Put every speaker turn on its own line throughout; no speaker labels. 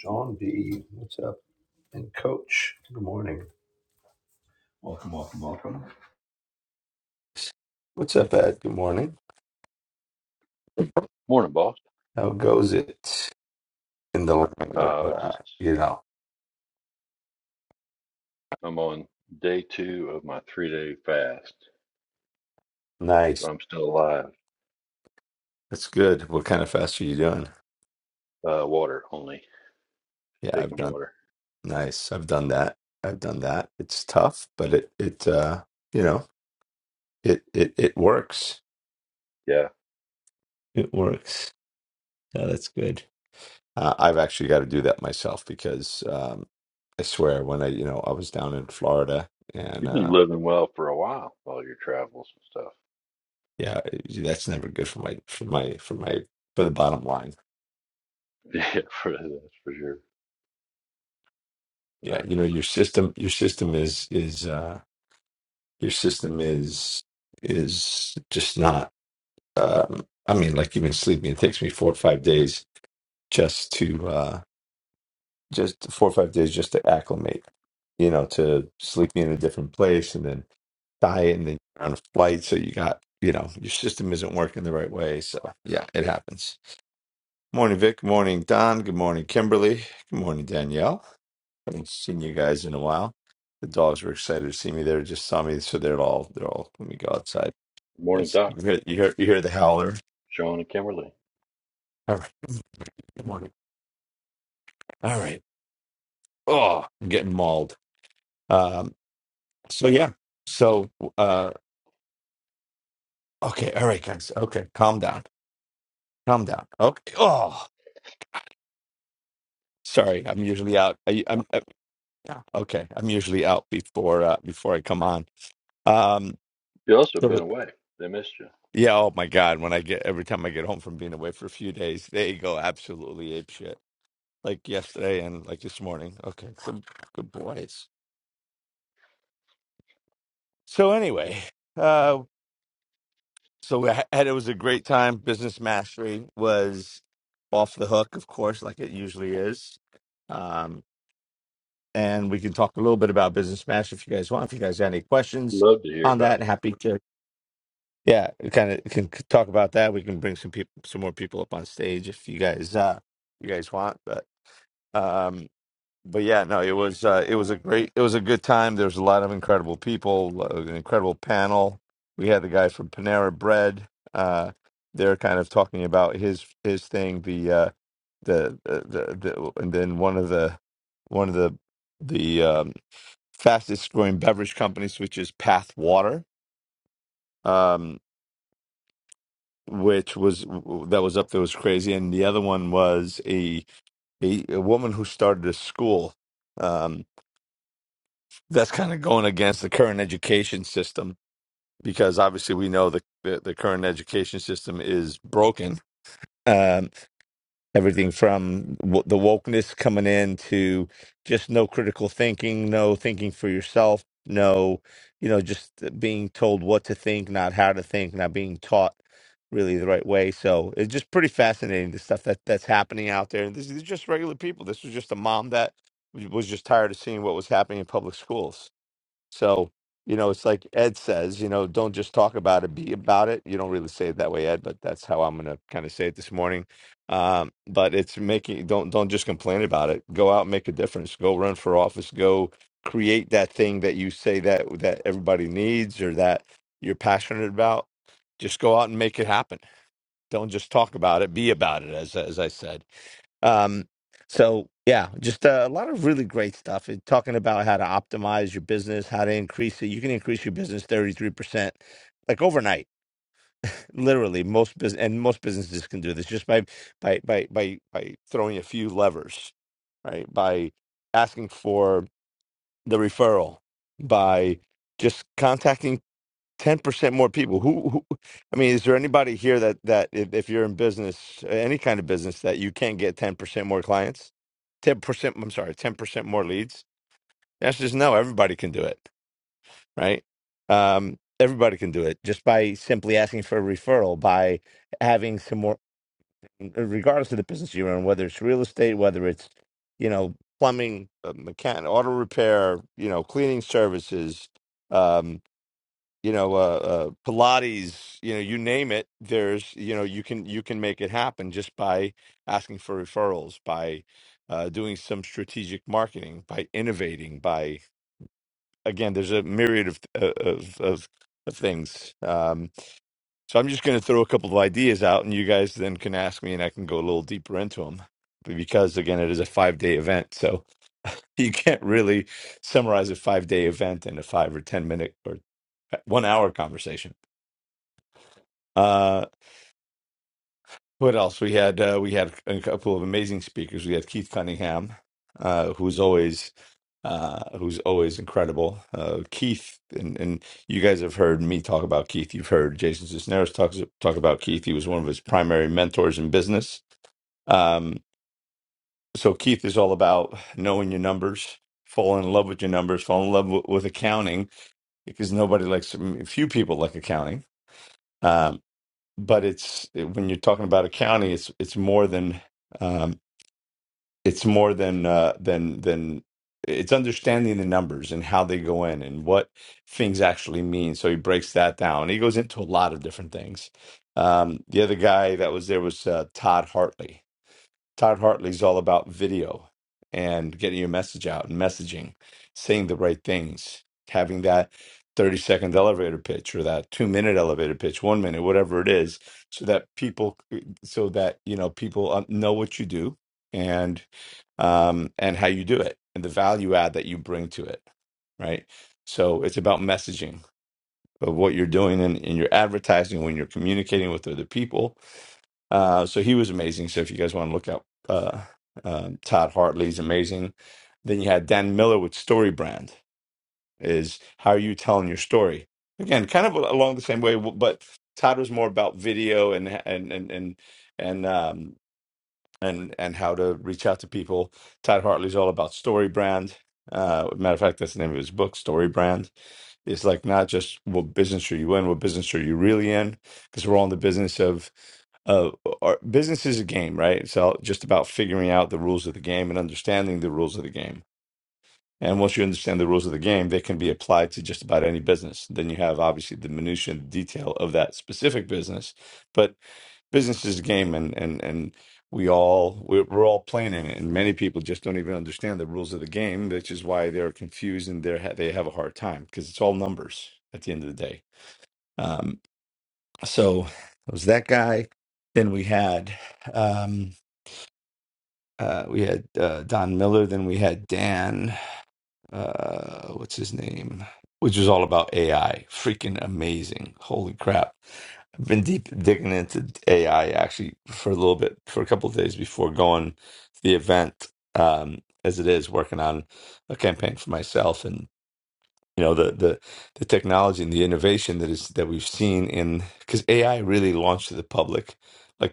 John B. What's up? And Coach, good morning. Welcome, welcome, welcome. What's up, Ed? Good morning.
Morning, boss.
How goes it in the land of,
Uh,
uh,
just
you know,
I'm on day two of my three day fast.
nice.
I'm still alive.
That's good. What kind of fast are you doing?
Uh, water only,
Yeah, I've
taking
done
water.
nice. I've done that. I've done that. It's tough, but it it uh you know it it it works.
Yeah,
It works. Yeah, that's good. Uh, I've actually got to do that myself because um, I swear when I you know I was down in Florida and.
you've been
uh,
living well for a while, all your travels and stuff.
Yeah, that's never good for my for my for my for the bottom line.
Yeah, for, that's for sure.
Yeah,
That's
you know
for
your system your system is is uh your system is is just not um I mean like even sleeping it takes me four or five days just to uh just four or five days just to acclimate, you know, to sleeping in a different place and then diet and then you're on a flight so you got you know your system isn't working the right way so yeah it happens. Morning Vic, morning Don, good morning Kimberly, good morning Danielle. haven't seen you guys in a while. The dogs were excited to see me. They just saw me, so they're all they're all. Let me go outside.
sure. Morning,
It's, you
Doc,
hear you hear you hear the howler.
Sean, and Kimberly.
All right, good morning. All right. Oh, I'm getting mauled. Um. So yeah. So uh. Okay. All right, guys. Okay. Calm down. Calm down. Okay. Oh, sorry. I'm usually out. I, I'm, i okay. I'm usually out before uh before I come on. Um.
You also
so,
been away. They missed you.
Yeah, oh my God. When I get every time I get home from being away for a few days, they go absolutely ape shit. Like yesterday and like this morning. Okay, some good boys. So anyway, uh so I had, it was a great time. Business mastery was off the hook, of course, like it usually is. Um and we can talk a little bit about business mastery if you guys want. If you guys have any questions
Love to hear
on
about
that,
it.
happy to Yeah, kind of can c- talk about that. We can bring some people, some more people up on stage if you guys, uh, you guys want. But, um, but yeah, no, it was, uh, it was a great, it was a good time. There was a lot of incredible people, uh, an incredible panel. We had the guy from Panera Bread. Uh, they're kind of talking about his his thing, the uh, the, the the the, and then one of the one of the the um, fastest growing beverage companies, which is Path Water. Um, which was that was up there was crazy, and the other one was a a, a woman who started a school. Um, that's kind of going against the current education system because obviously we know the the, the current education system is broken. Um, everything from w- the wokeness coming in to just no critical thinking, no thinking for yourself, no, you know, just being told what to think, not how to think, not being taught really the right way. So it's just pretty fascinating the stuff that that's happening out there. And this is just regular people. This was just a mom that was just tired of seeing what was happening in public schools. So, you know, it's like Ed says, you know, don't just talk about it, be about it. You don't really say it that way, Ed, but that's how I'm gonna kind of say it this morning. Um, but it's making don't don't just complain about it. Go out and make a difference. Go run for office. Go create that thing that you say that that everybody needs or that you're passionate about. Just go out and make it happen. Don't just talk about it, be about it, as as I said. Um, so yeah, just uh, a lot of really great stuff. It, talking about how to optimize your business, how to increase it. You can increase your business thirty three percent, like overnight. Literally, most business and most businesses can do this just by by by by by throwing a few levers, right? By asking for the referral, by just contacting Ten percent more people. Who, who? I mean, is there anybody here that that if, if you're in business, any kind of business, that you can't get ten percent more clients? Ten percent. I'm sorry, ten percent more leads. The answer is no. Everybody can do it, right? Um, everybody can do it just by simply asking for a referral, by having some more, regardless of the business you're in, whether it's real estate, whether it's you know plumbing, uh, mechan auto repair, you know cleaning services. um, you know uh, uh pilates you know you name it there's you know you can you can make it happen just by asking for referrals by uh doing some strategic marketing by innovating by again there's a myriad of uh, of of, of things um so i'm just going to throw a couple of ideas out and you guys then can ask me and i can go a little deeper into them because again it is a 5 day event so you can't really summarize a 5 day event in a 5 or 10 minute or uh, 1 hour conversation Uh, what else? We had uh, we had a couple of amazing speakers. We had Keith Cunningham, uh, who's always uh, who's always incredible. Uh, Keith and and you guys have heard me talk about Keith. You've heard Jason Cisneros talk talk about Keith. He was one of his primary mentors in business. Um, so Keith is all about knowing your numbers, falling in love with your numbers, falling in love with, with accounting because nobody likes few people like accounting. Um, but it's when you're talking about a county, it's it's more than um, it's more than uh, than than it's understanding the numbers and how they go in and what things actually mean. So he breaks that down. He goes into a lot of different things. Um, the other guy that was there was uh, Todd Hartley Todd Hartley's all about video and getting your message out and messaging, saying the right things, having that 30 second elevator pitch or that two minute elevator pitch, one minute, whatever it is, so that people, eh, so that, you know, people uh, know what you do and, um, and how you do it and the value add that you bring to it. Right. So it's about messaging of what you're doing and in in your advertising, when you're communicating with other people, uh, so he was amazing. So if you guys want to look up uh, um, Todd Hartley's amazing. Then you had Dan Miller with Story Brand. Is how are you telling your story? Again, kind of along the same way, but Todd was more about video and and and and and um, and and how to reach out to people. Todd Hartley's all about story brand. Uh, matter of fact, that's the name of his book, Story Brand. It's like not just what business are you in, what business are you really in, because we're all in the business of uh, our business is a game, right? It's all just about figuring out the rules of the game and understanding the rules of the game. And once you understand the rules of the game, they can be applied to just about any business. Then you have obviously the minutia and detail of that specific business, but business is a game, and and and we all we're, we're all playing in it. And many people just don't even understand the rules of the game, which is why they're confused and they they have a hard time because it's all numbers at the end of the day. Um, so it was that guy. Then we had um, uh, we had uh, Don Miller. Then we had Dan uh what's his name which is all about ai freaking amazing holy crap i've been deep digging into ai actually for a little bit for a couple of days before going to the event um as it is working on a campaign for myself and you know the the the technology and the innovation that is that we've seen in because ai really launched to the public like,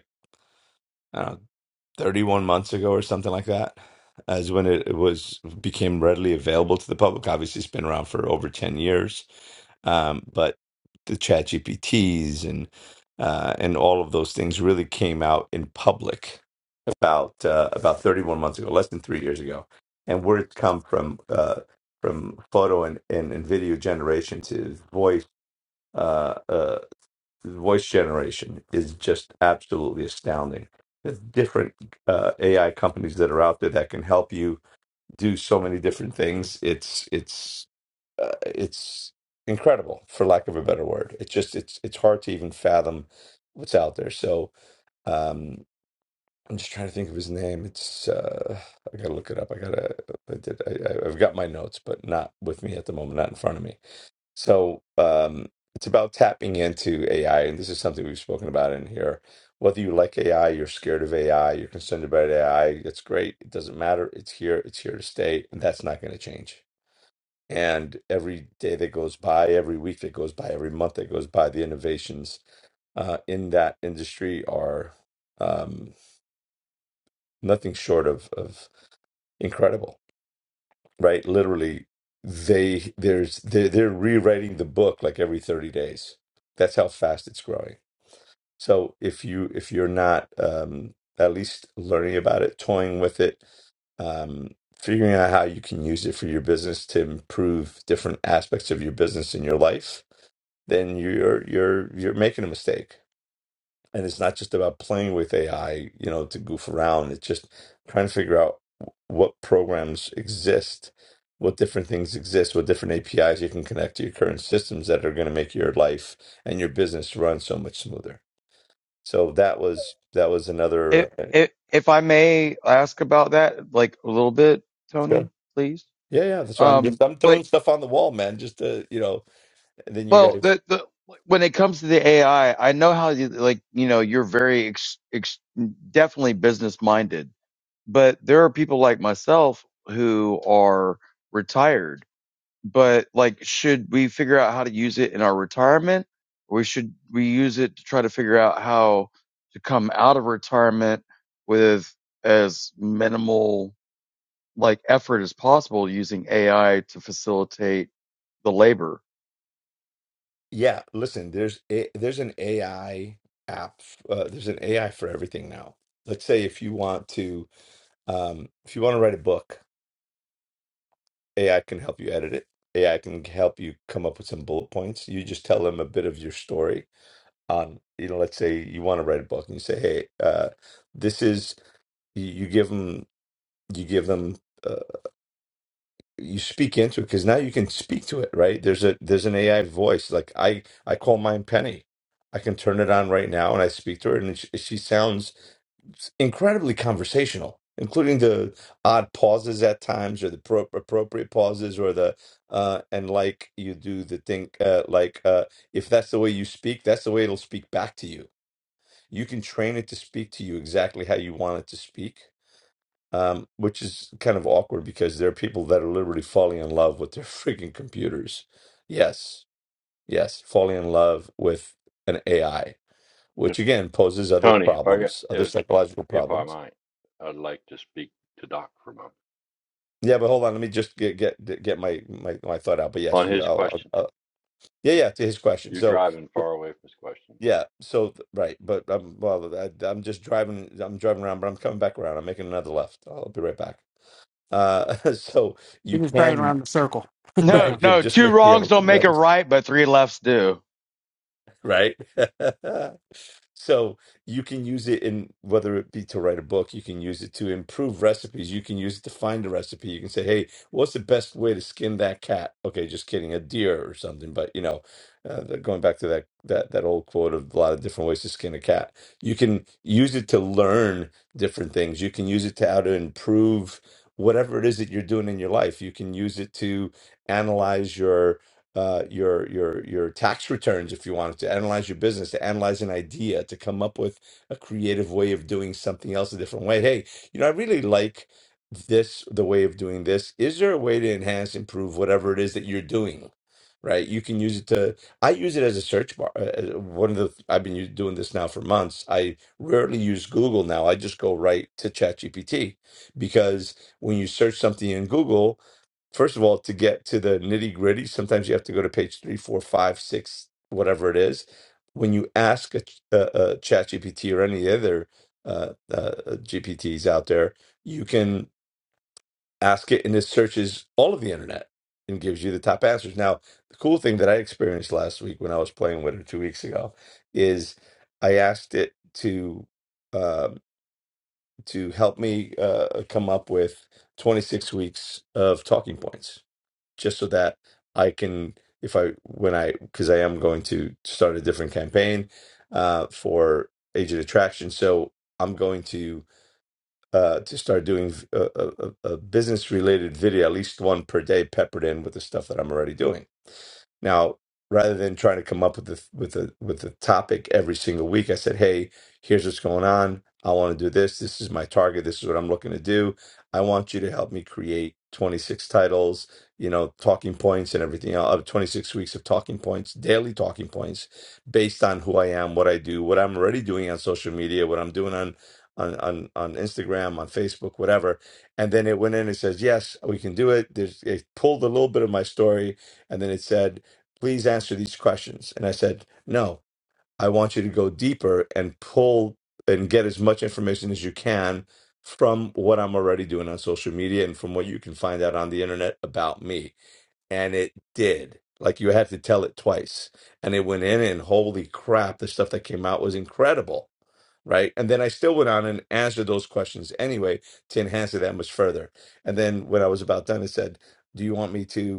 I don't know, 31 months ago or something like that as when it, it was became readily available to the public obviously it's been around for over 10 years um, but the chat gpts and uh, and all of those things really came out in public about uh, about 31 months ago less than three years ago and words come from uh, from photo and, and, and video generation to voice Uh, uh, the voice generation is just absolutely astounding. There's different uh, AI companies that are out there that can help you do so many different things. It's it's uh, it's incredible, for lack of a better word. It's just it's it's hard to even fathom what's out there. So um, I'm just trying to think of his name. It's uh, I gotta look it up. I gotta I did I, I- I've got my notes, but not with me at the moment, not in front of me so um, it's about tapping into AI, and this is something we've spoken about in here. Whether you like AI, you're scared of AI, you're concerned about AI, it's great. It doesn't matter. It's here. It's here to stay, and that's not going to change. And every day that goes by, every week that goes by, every month that goes by, the innovations uh, in that industry are um, nothing short of, of incredible right? Literally, they there's they're, they're rewriting the book like every 30 days. That's how fast it's growing. So if you if you're not um, at least learning about it, toying with it, um, figuring out how you can use it for your business to improve different aspects of your business in your life, then you're you're you're making a mistake and it's not just about playing with AI, you know, to goof around. It's just trying to figure out what programs exist, what different things exist, what different APIs you can connect to your current systems that are going to make your life and your business run so much smoother. So that was that was another.
If,
Uh,
if if I may ask about that, like a little bit,
sure.
Tony, please.
Yeah, yeah. That's why I'm
Um,
just I'm
like,
throwing stuff on the wall, man. Just to you know, and then you
well,
guys.
the the when it comes to the AI, I I know how you like, you know, you're very ex, ex, definitely business minded, but there are people like myself who are retired. But like, should we figure out how to use it in our retirement, or should we use it to try to figure out how to come out of retirement with as minimal like effort as possible using AI to facilitate the labor.
Yeah, listen. There's a, there's an AI app. Uh, there's an AI for everything now. Let's say if you want to Um, if you want to write a book, AI can help you edit it. AI can help you come up with some bullet points. You just tell them a bit of your story on, you know, let's say you want to write a book and you say, hey, uh, this is, you, you give them, you give them, uh, you speak into it because now you can speak to it, right? There's a, there's an AI voice. Like I, I call mine Penny. I can turn it on right now and I speak to her and she, she sounds incredibly conversational, including the odd pauses at times, or the pro- appropriate pauses, or the uh, and like you do the thing uh, like uh, if that's the way you speak, that's the way it'll speak back to you. You can train it to speak to you exactly how you want it to speak, um, which is kind of awkward because there are people that are literally falling in love with their freaking computers. Yes, yes, falling in love with an AI, which
T-
again poses other
Tony, if I got
problems, other
if
psychological
if I
problems
might, I'd like to speak to Doc for a moment
Yeah, but hold on. Let me just get get get my my, my thought out. But yes,
on
you.
his
I'll, I'll,
question.
I'll- yeah, yeah. To his question.
You're
So,
driving far away from his question.
yeah. So th- right. But I'm well. I, I'm just driving. I'm driving around, but I'm coming back around. I'm making another left. I'll be right back. Uh, so
He
you
was driving
can
around the circle.
No,
right. You
no,
just
two
make
wrongs don't
yeah.
make a right, but three lefts do.
right? So you can use it in whether it be to write a book, you can use it to improve recipes, you can use it to find a recipe. You can say, "Hey, what's the best way to skin that cat?" Okay, just kidding, a deer or something. But you know, uh, the- going back to that that that old quote of a lot of different ways to skin a cat. You can use it to learn different things. You can use it to how to improve whatever it is that you're doing in your life. You can use it to analyze uh, your your your tax returns if you wanted to analyze your business, to analyze an idea, to come up with a creative way of doing something else a different way. Hey, you know, I really like this the way of doing this. Is there a way to enhance, improve whatever it is that you're doing? Right, you can use it to. I use it as a search bar. uh, uh, One of the I've been u- doing this now for months. I rarely use Google now. I just go right to ChatGPT because when you search something in Google, first of all, to get to the nitty gritty, sometimes you have to go to page three, four, five, six, whatever it is. When you ask a, ch- a, a chat GPT or any other uh, uh, GPTs out there, you can ask it and it searches all of the internet and gives you the top answers. Now, the cool thing that I experienced last week when I was playing with it two weeks ago is I asked it to um to help me uh, come up with 26 weeks of talking points just so that I can, if I, when I, because I am going to start a different campaign uh, for Agent Attraction. So I'm going to uh, to start doing a, a, a business related video, at least one per day, peppered in with the stuff that I'm already doing. Now, rather than trying to come up with the with a with a topic every single week, I said, "Hey, here's what's going on. I want to do this. This is my target. This is what I'm looking to do. I want you to help me create 26 titles, you know, talking points and everything else of 26 weeks of talking points, daily talking points, based on who I am, what I do, what I'm already doing on social media, what I'm doing on." On, on on Instagram, on Facebook, whatever, and then it went in and says, "Yes, we can do it." There's, it pulled a little bit of my story, and then it said, please answer these questions. And I said, no, I want you to go deeper and pull and get as much information as you can from what I'm already doing on social media and from what you can find out on the internet about me. And it did. Like you had to tell it twice. And it went in, and holy crap, the stuff that came out was incredible. Right. And then I still went on and answered those questions anyway to enhance it that much further. And then when I was about done, it said, Do you want me to?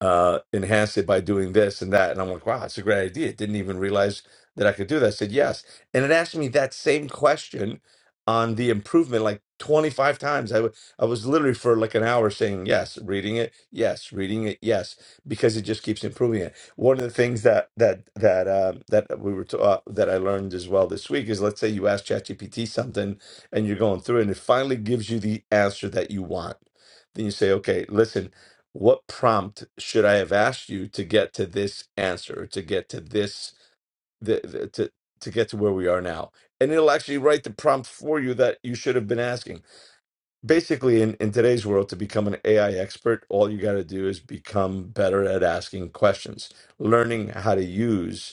uh, enhanced it by doing this and that. And I'm like, wow, that's a great idea. Didn't even realize that I could do that. I said, yes. And it asked me that same question on the improvement like 25 times. I wa- I was literally for like an hour saying yes, reading it, yes, reading it, yes, because it just keeps improving it. One of the things that that that uh, that we were ta- uh, that I learned as well this week is let's say you ask ChatGPT something and you're going through it and it finally gives you the answer that you want. Then you say, okay, listen, what prompt should I have asked you to get to this answer, to get to this, the, the, to to get to where we are now? And it'll actually write the prompt for you that you should have been asking. Basically, in, in today's world, to become an AI expert, all you got to do is become better at asking questions, learning how to use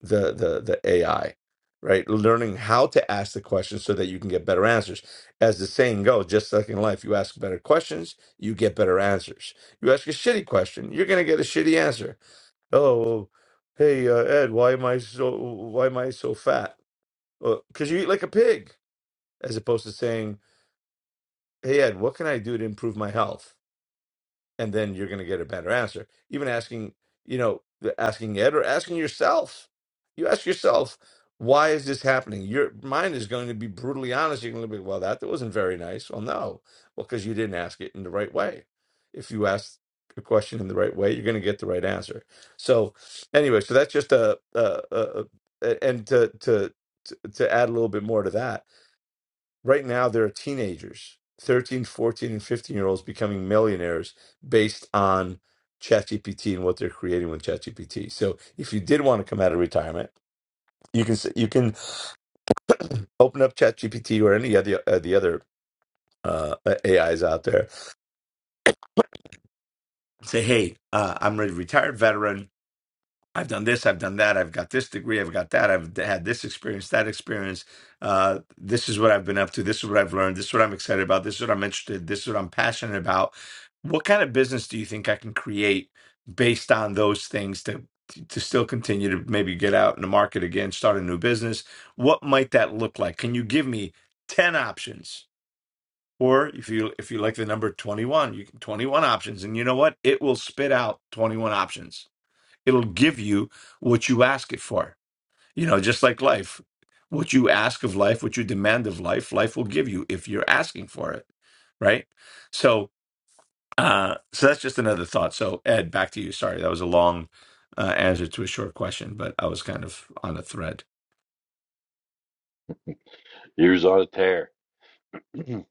the the the AI, right? Learning how to ask the questions so that you can get better answers. As the saying goes, just like in life, you ask better questions, you get better answers. You ask a shitty question, you're gonna get a shitty answer. Oh, well, hey uh, Ed, why am I so why am I so fat? Because you eat like a pig, as opposed to saying, Hey Ed, what can I do to improve my health? and then you're going to get a better answer. Even asking, you know, the- asking Ed or asking yourself, you ask yourself, why is this happening? Your mind is going to be brutally honest. You're going to be, well, that, that wasn't very nice. Well, no, well, because you didn't ask it in the right way. If you ask a question in the right way, you're going to get the right answer. So, anyway, so that's just a, a, a, a and to to to to add a little bit more to that Right now, there are teenagers, 13, 14, and 15 year olds becoming millionaires based on ChatGPT and what they're creating with ChatGPT. So if you did want to come out of retirement, you can s- you can open up ChatGPT or any of the, uh, the other uh, AIs out there. Say, hey, uh, I'm a retired veteran. I've done this, I've done that, I've got this degree, I've got that, I've d- had this experience, that experience. Uh, this is what I've been up to. This is what I've learned. This is what I'm excited about. This is what I'm interested. This is what I'm passionate about. What kind of business do you think I can create based on those things to to still continue to maybe get out in the market again, start a new business? What might that look like? Can you give me ten options? Or if you if you like the number 21, you can 21 options. And you know what? It will spit out 21 options it'll give you what you ask it for. You know, just like life. What you ask of life, what you demand of life, life will give you if you're asking for it, right? So uh, so that's just another thought. So Ed, back to you. Sorry, that was a long uh, answer to a short question, but I was kind of on a thread.
He was on a tear. Mm.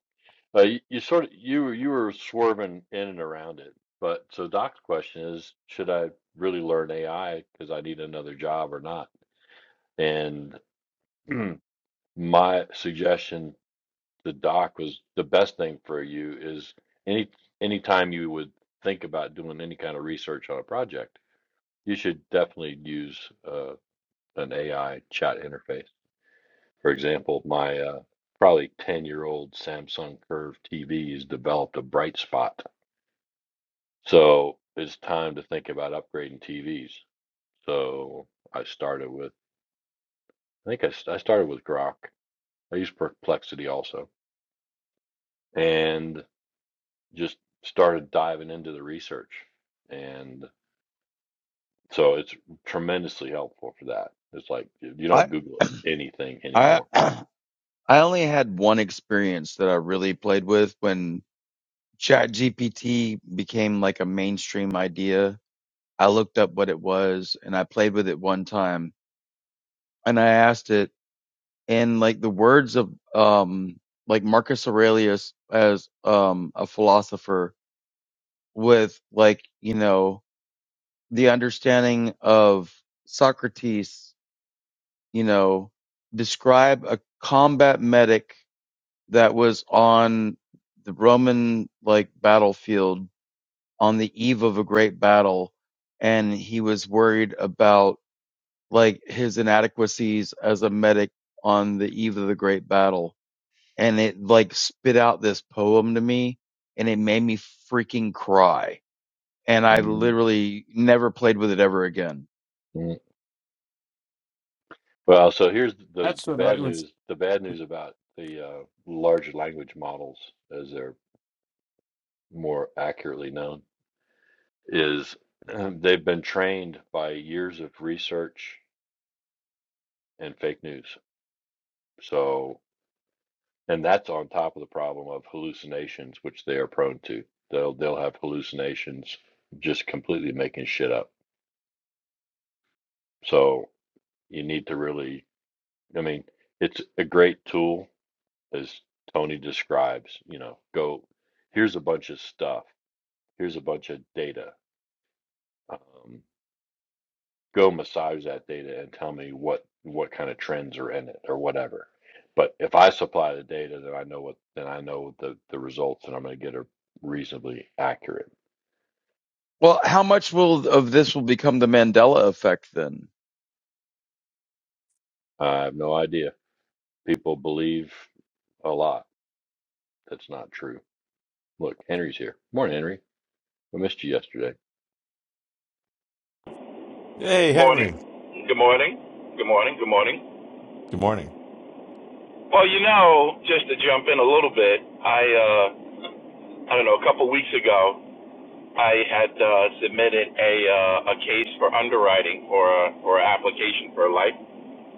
But you, you sort of you were you were swerving in and around it. But so Doc's question is, should I really learn AI because I need another job or not? And my suggestion to Doc was the best thing for you is any anytime you would think about doing any kind of research on a project, you should definitely use uh, an AI chat interface. For example, my uh, probably 10 year old Samsung Curve TV has developed a bright spot So it's time to think about upgrading TVs. So I started with, I think I, s- I started with Grok. I used Perplexity also, and just started diving into the research. And so it's tremendously helpful for that. It's like you you
I
don't Google anything
I
anymore.
I only had one experience that I really played with when ChatGPT became like a mainstream idea. I looked up what it was and I played with it one time and I asked it in like the words of um like Marcus Aurelius as um a philosopher with like you know the understanding of Socrates, you know, describe a combat medic that was on the Roman like battlefield on the eve of a great battle and he was worried about like his inadequacies as a medic on the eve of the great battle and it like spit out this poem to me and it made me freaking cry and I
Mm,
literally never played with it ever again
mm. Well, so here's the
That's
the
what
bad
I was.
news. The bad news about the uh, large language models, as they're more accurately known is um, they've been trained by years of research and fake news. So, and that's on top of the problem of hallucinations, which they are prone to. They'll they'll have hallucinations, just completely making shit up. So you need to really, I mean, it's a great tool as Tony describes. You know, go here's a bunch of stuff, here's a bunch of data. Um, go massage that data and tell me what what kind of trends are in it or whatever. But if I supply the data, then I know what then I know the the results, and I'm going to get are reasonably accurate.
Well, how much will of this will become the Mandela effect then?
I have no idea. People believe a lot that's not true. Look, Henry's here. Morning, Henry. I missed you yesterday.
Hey,
Good
Henry.
morning. Good morning. Good morning. Good morning.
Morning.
Well, you know, just to jump in a little bit, I uh, I don't know. A couple weeks ago, I had uh, submitted a uh, a case for underwriting for a for an application for a life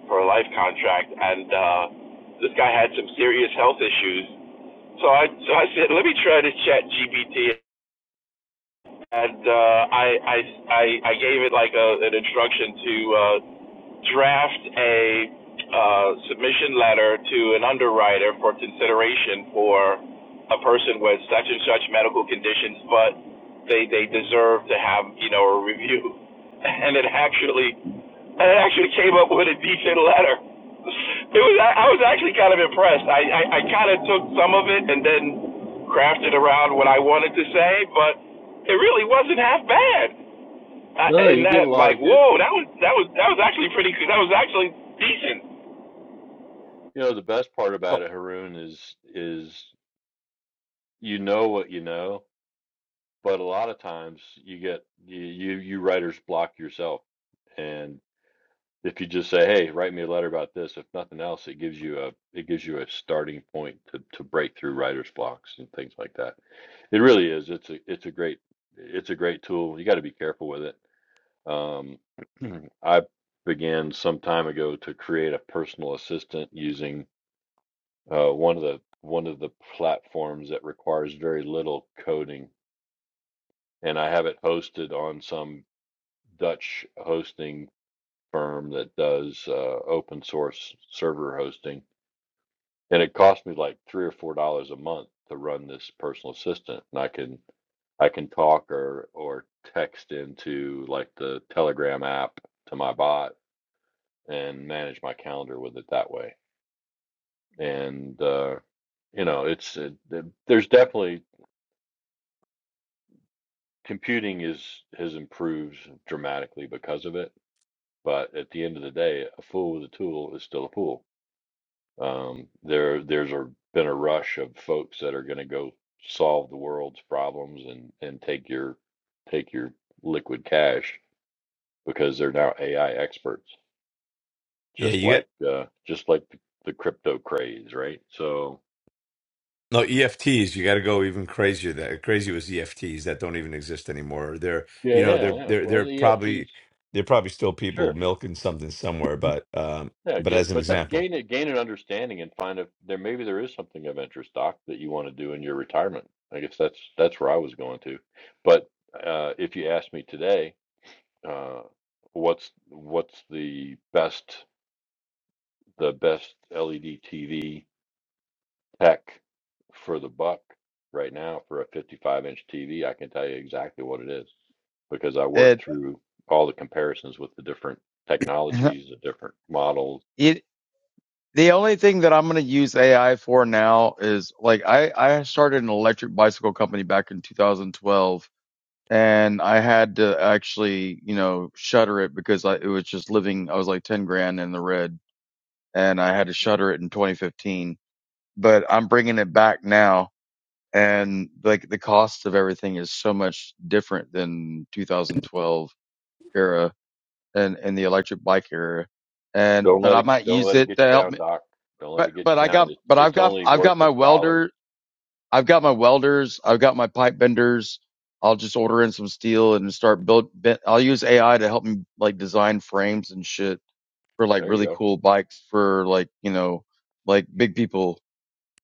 for a life contract, and uh, this guy had some serious health issues. So I so I said, let me try to chat GPT, and uh, I, I I I gave it like a, an instruction to uh, draft a uh, submission letter to an underwriter for consideration for a person with such and such medical conditions, but they they deserve to have you know a review, and it actually and it actually came up with a decent letter. It was I, I was actually kind of impressed. I I, I kind of took some of it and then crafted around what I wanted to say, but it really wasn't half bad. I,
No,
and
you get a
that
lot
like
of good.
whoa that was that was that was actually pretty cool. that was actually decent
You know, the best part about it, Haroon, is is you know what you know, but a lot of times you get you you, you writers block yourself and. If you just say, "Hey, write me a letter about this," if nothing else, it gives you a it gives you a starting point to to break through writer's blocks and things like that. It really is. It's a it's a great it's a great tool. You got to be careful with it. Um, I began some time ago to create a personal assistant using uh, one of the one of the platforms that requires very little coding, and I have it hosted on some Dutch hosting firm that does uh, open source server hosting, and it cost me like three or four dollars a month to run this personal assistant, and I can I can talk or or text into like the Telegram app to my bot and manage my calendar with it that way. And uh, you know, it's uh, there's definitely computing is has improved dramatically because of it. But at the end of the day, a fool with a tool is still a fool. Um, there, there's a, been a rush of folks that are going to go solve the world's problems and and take your take your liquid cash because they're now AI experts,
Yeah,
just
you got
like uh, just like the, the crypto craze, right? So
no EFTs. You got to go even crazier. That crazy was EFTs that don't even exist anymore. They're you
yeah,
know
yeah,
they're
yeah.
they're
Well,
they're
the
probably
EFTs,
they're probably still people
sure,
milking something somewhere. But um,
yeah,
but as
get
an
but
That,
example,
gain it, gain an understanding and find if there maybe there is something of interest, Doc, that you want to do in your retirement. I guess that's that's where I was going to, but uh, if you asked me today. uh, what's what's the best the best LED TV tech for the buck right now for a 55 inch TV? I can tell you exactly what it is because I worked
It
through all the comparisons with the different technologies, the different models.
it the only thing that I'm going to use AI for now is like I I started an electric bicycle company back in 2012 and I had to actually, you know, shutter it because I it was just living I was like 10 grand in the red and I had to shutter it in 2015, but I'm bringing it back now and like the cost of everything is so much different than 2012 era in, in the electric bike area. And,
Don't
but
let
I
it
might
don't
use
let it
it
get
to
you
help
down,
me.
Doc. Don't let
But,
it get
but
you
I
down.
got,
It's
but I've
it's
got,
only
I've got my
worthless dollars.
welder. I've got my welders. I've got my pipe benders. I'll just order in some steel and start build. ben- I'll use AI to help me like design frames and shit for like
There you
really
go.
cool bikes for like, you know, like big people,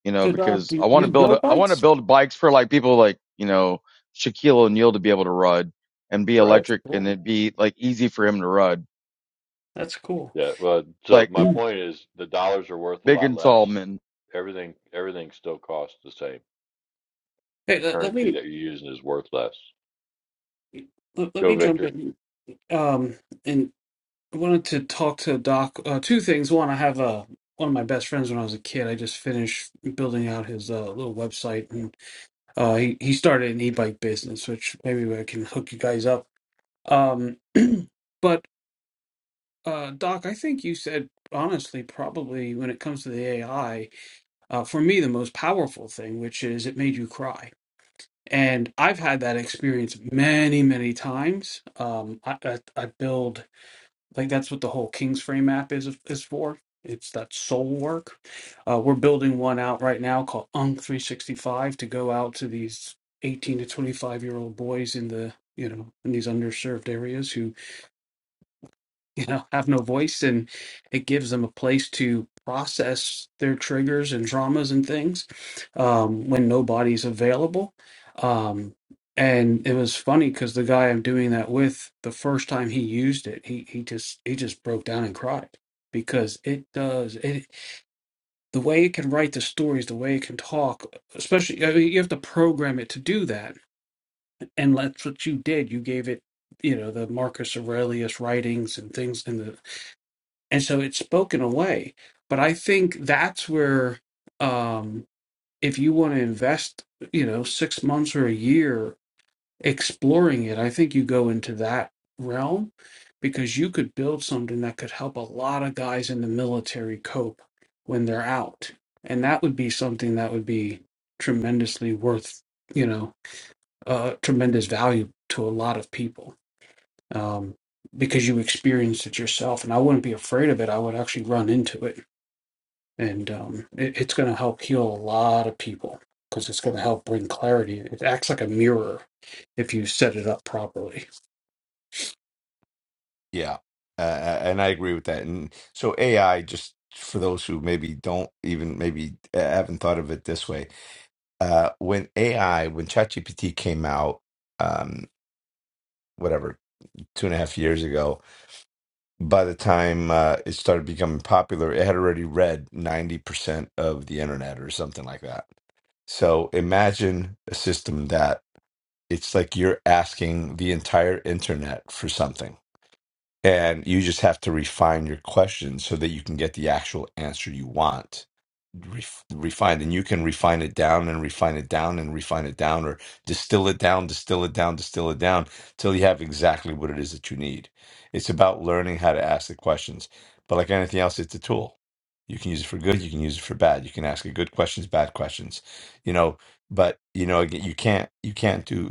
you know,
so, Doc,
because I
do
want to
you
build,
build
I want to
bikes?
build bikes for like people like, you know, Shaquille O'Neal to be able to ride and be
Right?
That's
electric and
cool.
it'd be like easy for him to ride
That's cool.
Yeah. Well, so
like.
my
hey,
point is the dollars are worth a
Big
lot
and
less.
Tallman.
Everything everything still costs the same the
let, let
currency
me
that you're using is worth less.
let, let
Go,
me jump
Victor.
in. Um, and I wanted to talk to Doc. Uh, two things. One, I have uh one of my best friends when I was a kid. I just finished building out his uh, little website, and uh, he he started an e-bike business, which maybe I can hook you guys up. Um, but uh, Doc, I think you said honestly, probably when it comes to the AI. uh, for me the most powerful thing, which is it made you cry. And I've had that experience many, many times. Um, I, I, I build like that's what the whole King's Frame app is is for. It's that soul work. Uh, we're building one out right now called Unc 365 to go out to these 18 to 25 year old boys in the you know in these underserved areas who you know have no voice and it gives them a place to process their triggers and traumas and things um, when nobody's available um, and it was funny because the guy i'm doing that with the first time he used it he he just he just broke down and cried because it does it the way it can write the stories the way it can talk especially I mean, you have to program it to do that and that's what you did you gave it you know the marcus aurelius writings and things in the and so it's spoken away but i think that's where um if you want to invest you know 6 months or a year exploring it i think you go into that realm because you could build something that could help a lot of guys in the military cope when they're out and that would be something that would be tremendously worth you know uh tremendous value to a lot of people um because you experienced it yourself and i wouldn't be afraid of it i would actually run into it and um, it, it's going to help heal a lot of people because it's going to help bring clarity. It acts like a mirror if you set it up properly.
yeah, uh, and I agree with that. And so AI, just for those who maybe don't even maybe uh, haven't thought of it this way, uh, when AI when ChatGPT came out, um, whatever two and a half years ago. By the time uh, it started becoming popular, it had already read 90% of the internet or something like that. So imagine a system that it's like you're asking the entire internet for something and you just have to refine your questions so that you can get the actual answer you want ref- refined. And you can refine it down and refine it down and refine it down or distill it down, distill it down, distill it down till you have exactly what it is that you need. It's about learning how to ask the questions. But like anything else, it's a tool. You can use it for good, you can use it for bad. You can ask it good questions, bad questions. You know, but you know, again, you can't you can't do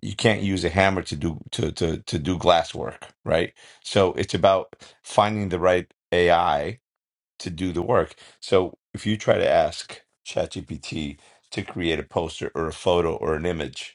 you can't use a hammer to do to to to do glass work, right? So it's about finding the right AI to do the work. So if you try to ask ChatGPT to create a poster or a photo or an image,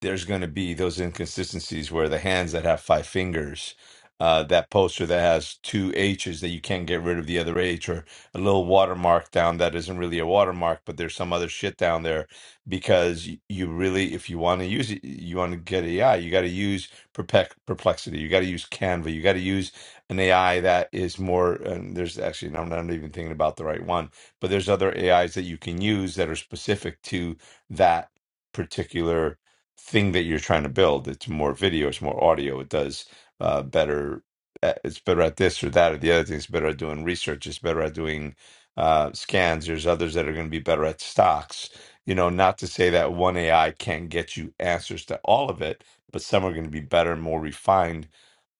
there's going to be those inconsistencies where the hands that have five fingers, uh, that poster that has two H's that you can't get rid of the other H, or a little watermark down that isn't really a watermark, but there's some other shit down there because y- you really, if you want to use it, you want to get AI, you got to use Perpec- Perplexity, you got to use Canva, you got to use an AI that is more, and there's actually, I'm not even thinking about the right one, but there's other AIs that you can use that are specific to that particular thing that you're trying to build. It's more video, it's more audio. It does uh, better. at- It's better at this or that or the other thing. It's better at doing research. It's better at doing uh, scans. There's others that are going to be better at stocks. You know, not to say that one AI can't get you answers to all of it, but some are going to be better and more refined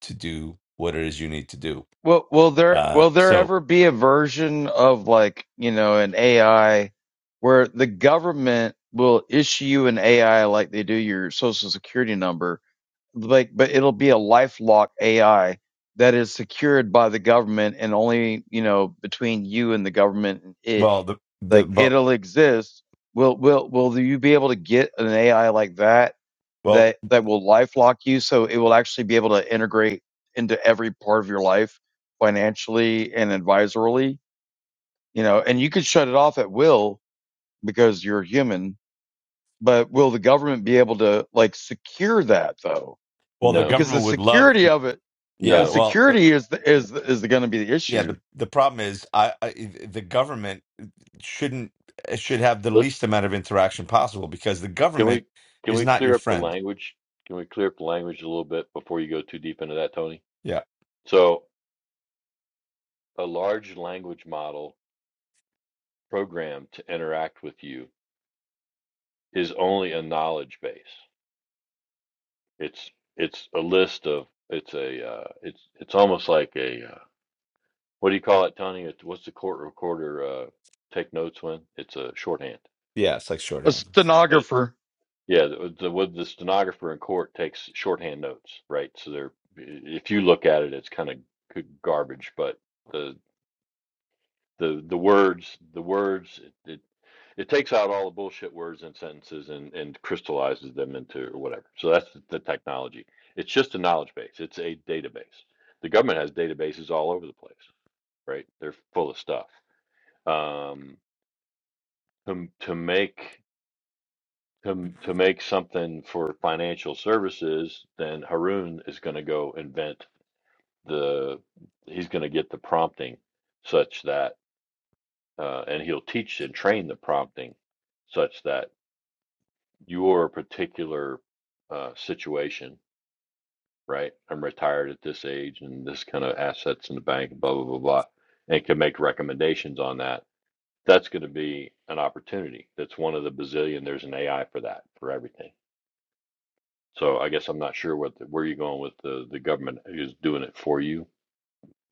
to do what it is you need to do.
Will will there
Uh,
will there
so,
ever be a version of like you know an AI where the government will issue you an AI like they do your social security number, like but it'll be a lifelock AI that is secured by the government and only you know between you and the government and it
well, the the
like
well,
it'll exist. Will will will you be able to get an AI like that?
well,
that that will lifelock you so it will actually be able to integrate into every part of your life financially and advisorily you know and you could shut it off at will because you're human but will the government be able to like secure that though
well, the
No,
because the
government would love.
security of it the
Yeah,
no.
well, the-
security is the, is is going to be the
yeah.
issue
The the problem is, I, I the government shouldn't it should have the
Let's
least amount of interaction possible because the
can
government
we can
is
we
not your
clear up the
friend.
language? Can we clear up the language a little bit before you go too deep into that, Tony?
Yeah.
So a large language model programmed to interact with you is only a knowledge base. It's it's a list of it's a uh, it's it's almost like a uh, what do you call it, Tony? It's, what's the court recorder uh, take notes when? It's a shorthand.
Yeah, it's like
a
shorthand.
It's
stenographer
Yeah, the, uh, the what the stenographer in court takes shorthand notes, right? So they're if you look at it, it's kind of garbage, but the the the words, the words, it, it it takes out all the bullshit words and sentences and and crystallizes them into or whatever. So that's the, the technology. It's just a knowledge base. It's a database. The government has databases all over the place, right? They're full of stuff. Um, to to make to to make something for financial services, then Haroon is going to go invent the he's going to get the prompting such that uh, and he'll teach and train the prompting such that your particular uh, situation, right? I'm retired at this age and this kind of assets in the bank, blah blah blah blah, and can make recommendations on that. That's going to be an opportunity. That's one of the bazillion. There's an AI for that for everything So I guess I'm not sure what where you're going with the the government is doing it for you.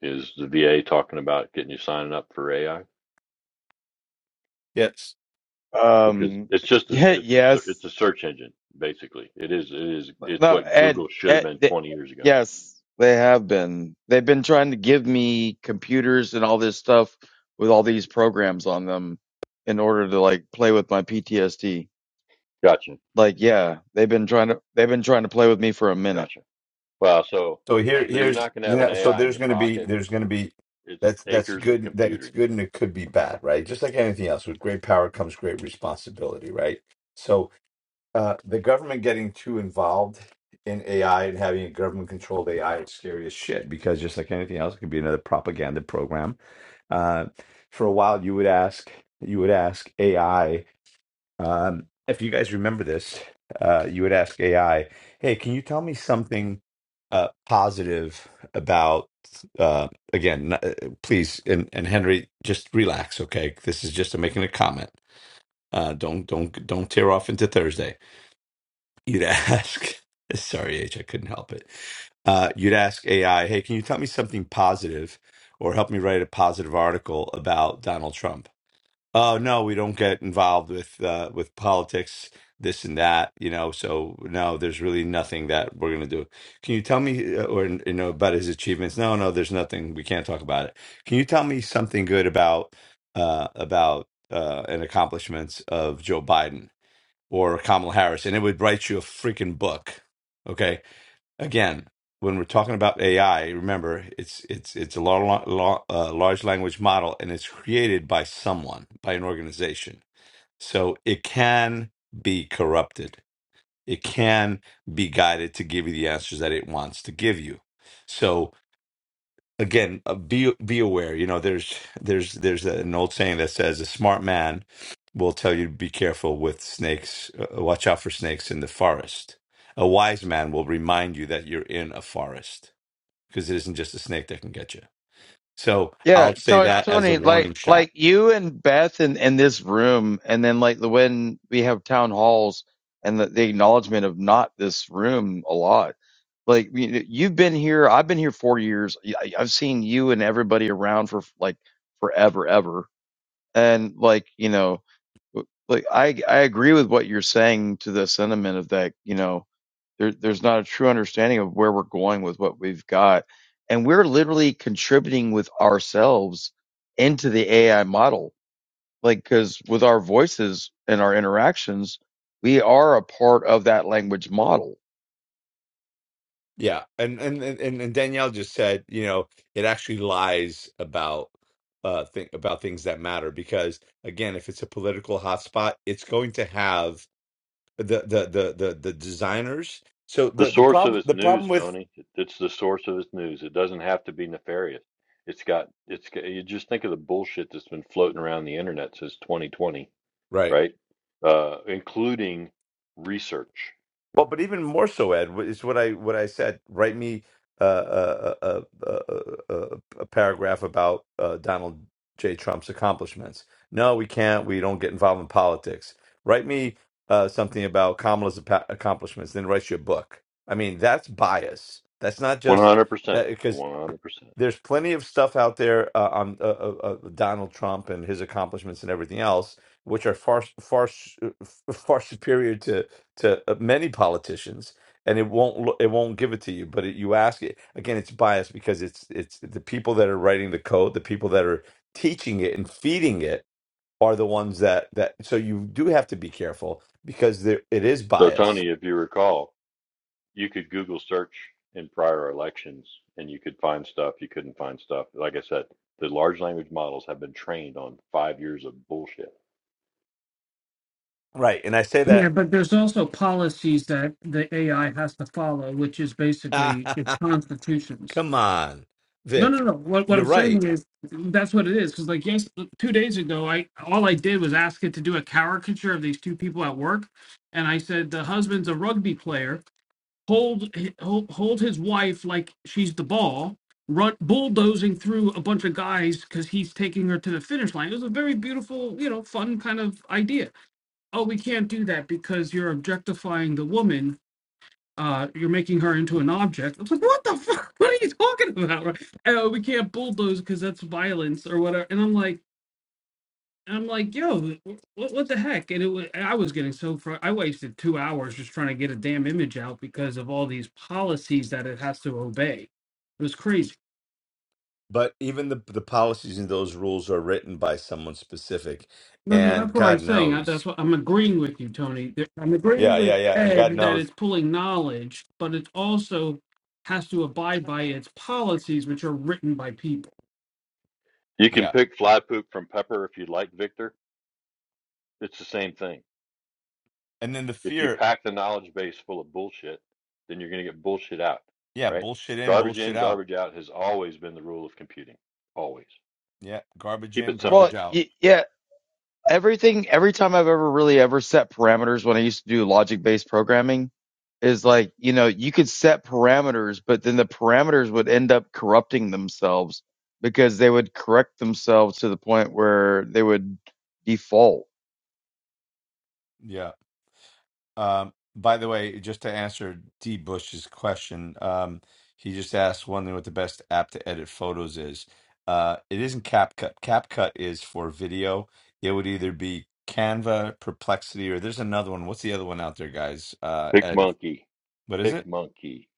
Is the VA talking about getting you signing up for AI?
Yes.
Because
um
it's just a,
yeah
it's it's a,
yes
it's a search engine basically. It is it is
But
it's
No,
what
Ed,
Google should have
Ed,
been
th-
20 years ago.
yes, they have been. They've been trying to give me computers and all this stuff with all these programs on them in order to like play with my PTSD.
Gotcha,
Like, yeah, they've been trying to they've been trying to play with me for a minute.
gotcha. Wow. So
So here
so you're
here's
not going to have an
yeah, so
AI in
there's
your
gonna be
pocket.
there's gonna be
It's
that's that's
acres of
good that's
computing.
good and it could be bad, right? Just like anything else. With great power comes great responsibility, right? So Uh, the government getting too involved in AI and having a government controlled AI is scary as shit because just like anything else, it could be another propaganda program. Uh, for a while, you would ask, you would ask AI, um, if you guys remember this, uh, you would ask AI, hey, can you tell me something uh, positive about, uh, again, n- uh, please, and, and Henry, just relax, okay? This is just a, making a comment. Uh, don't don't don't tear off into Thursday You'd ask, sorry, H, I couldn't help it. Uh, you'd ask AI, hey, can you tell me something positive or help me write a positive article about Donald Trump? Oh, no, we don't get involved with uh, with politics, this and that, you know. So no, there's really nothing that we're gonna do. Can you tell me, uh, or you know, about his achievements? No, no, there's nothing. We can't talk about it. Can you tell me something good about uh, about uh, and accomplishments of Joe Biden? or Kamala Harris, and it would write you a freaking book. Okay. Again, when we're talking about AI, remember it's it's it's a large, large language model, and it's created by someone, by an organization. So it can be corrupted. It can be guided to give you the answers that it wants to give you. So again uh, be be aware you know there's there's there's an old saying that says a smart man will tell you to be careful with snakes uh, watch out for snakes in the forest a wise man will remind you that you're in a forest because it isn't just a snake that can get you so
Yeah,
i'll say
Tony,
that as a
Tony, like
warning shot
like you and Beth in in this room, and then like the when we have town halls and the, the acknowledgement of not this room a lot. Like you know, you've been here, I've been here four years. y- I- I've seen you and everybody around for like forever, ever. And like you know, like I I agree with what you're saying to the sentiment of that. You know, there there's not a true understanding of where we're going with what we've got, and we're literally contributing with ourselves into the AI model. Like because with our voices and our interactions, we are a part of that language model.
yeah and and and, and danielle just said you know it actually lies about uh think about things that matter because again if it's a political hotspot it's going to have the the the the, the designers. So
The
the the
source of
problem
its
the
news,
problem with
Tony. It- It's the source of its news. It doesn't have to be nefarious. It's got, it's got, you just think of the bullshit that's been floating around the internet since 2020,
right.
right? Uh, including research.
Well, but even more so, Ed, is what I what I said. Write me uh, a, a, a, a, a a paragraph about uh, Donald J. Trump's accomplishments. No, we can't. We don't get involved in politics. Write me uh, something about Kamala's apa- accomplishments. Then write your book. I mean, that's bias. That's not just
100%.
that because
100%.
there's plenty of stuff out there uh, on uh, uh, uh, Donald Trump and his accomplishments and everything else, which are far far s- far superior to to uh, many politicians. And it won't lo- it won't give it to you, but it, you ask it again. It's biased because it's it's the people that are writing the code, the people that are teaching it and feeding it are the ones that that. So you do have to be careful because there, it is
So,
biased,
Tony, if you recall, you could Google search in prior elections and you could find stuff you couldn't find stuff. Like I said, the large language models have been trained on five years of bullshit.
right? And I say
Yeah,
that.
but there's also policies that the AI has to follow, which is basically its constitutions.
Come on,
No, no,
Vic,
no. What what
you're
I'm
right
saying is that's what it is. Because like yes, two days ago, I all I did was ask it to do a caricature of these two people at work, and I said the husband's a rugby player. Hold hi- hold, hold his wife like she's the ball. Run bulldoze. because he's near to the finish line. It was a very beautiful, you know, kind of idea. Oh, we can't do that because you're objectifying the woman. Uh, you're making her into an object. I was like, what the fuck? What are you talking about? Right? Oh, we can't bulldoze because that's violence or whatever. And I'm like, and I'm like, yo, what, what the heck? And it was, I was getting so fr- I wasted two hours just trying to get a damn image out because of all these policies that it has to obey. It was crazy.
but even the the policies and those rules are written by someone specific
No, no,
and
that's what I'm
god
saying. I, that's
knows
what I'm agreeing with you, Tony. There- I'm
yeah
agreeing with
yeah yeah and god
Ed that
knows
it's pulling knowledge, but it also has to abide by its policies, which are written by people.
You can
yeah
pick fly poop from pepper if you'd like, Victor It's the same thing.
and then the
If you
fear
pack the knowledge base full of bullshit, then you're going to get bullshit out,
yeah
right?
bullshit in
Garbage
bullshit
in,
out
garbage out has always been the rule of computing. Always.
yeah garbage
Keep
in
it
Well,
simple.
garbage out
y- yeah, everything every time I've ever really ever set parameters when I used to do logic based programming is like, you know, you could set parameters, but then the parameters would end up corrupting themselves because they would correct themselves to the point where they would default.
yeah um by the way just to answer d bush's question um he just asked wondering what the best app to edit photos is uh it isn't capcut capcut is for video it would either be canva perplexity or there's another one what's the other one out there guys uh
Pick
ed if
monkey,
what is it?
pick monkey,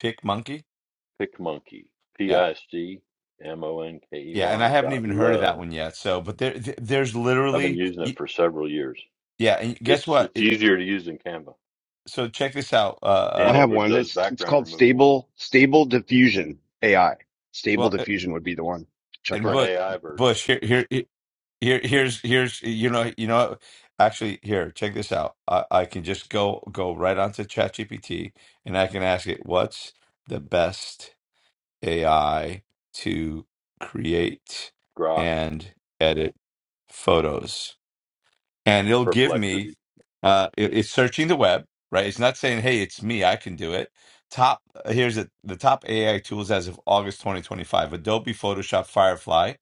Pick Monkey?
pick monkey. P
Yeah,
I S G M O N K E
yeah. And I
Y
haven't
dot
even heard of
love.
that one yet. So, but there, th- there's
I've been
literally,
using it
y-
for several years.
yeah. And guess
It's
what?
it's
It,
easier to use than Canva,
so check this out. Uh,
I
and
uh
it
have
re-
one.
does
It's it's
background
called
removal
Stable Stable Diffusion AI. Stable
well, uh,
Diffusion would be the one to check
and
for an
out.
but
AI version.
Bush here, here, here, here's, here's, you know, you know. what? Actually, here, check this out. I, I can just go go right onto ChatGPT and I can ask it, what's the best AI to create
Grok,
and edit photos? and it'll give me
Perplexity,
uh it- it's searching the web right it's not saying hey it's me i can do it top here's it the top ai tools as of august 2025 adobe photoshop firefly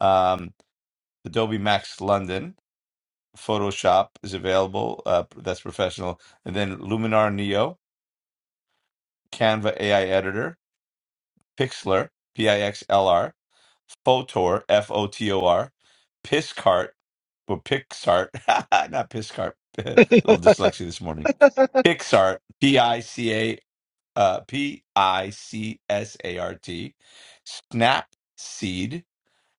um adobe max london photoshop is available uh that's professional and then luminar neo canva ai editor pixlr pixlr photor f-o-t-o-r piscart or pixart not piscart little dyslexia this morning Pixart, P I C A, uh, P I C S A R T, Snapseed,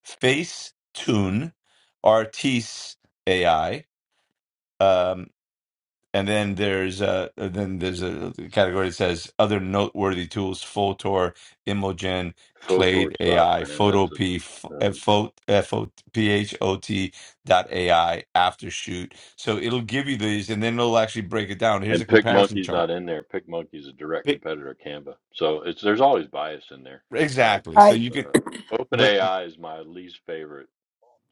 Facetune, Artis AI, um, and then there's a then there's a category that says other noteworthy tools: Photor, Imogen,
Photor
Clade
sucks,
AI,
man. That's
Photop,
a uh,
F O F O P H O T dot AI, AfterShoot. So it'll give you these, and then it'll actually break it down. Here's a
And Pick
comparison
Monkey's not
chart.
in there. Pick Monkey's a direct competitor of Canva, so it's there's always bias in there. Uh,
Exactly. So
I
you could,
uh,
but
OpenAI is my least favorite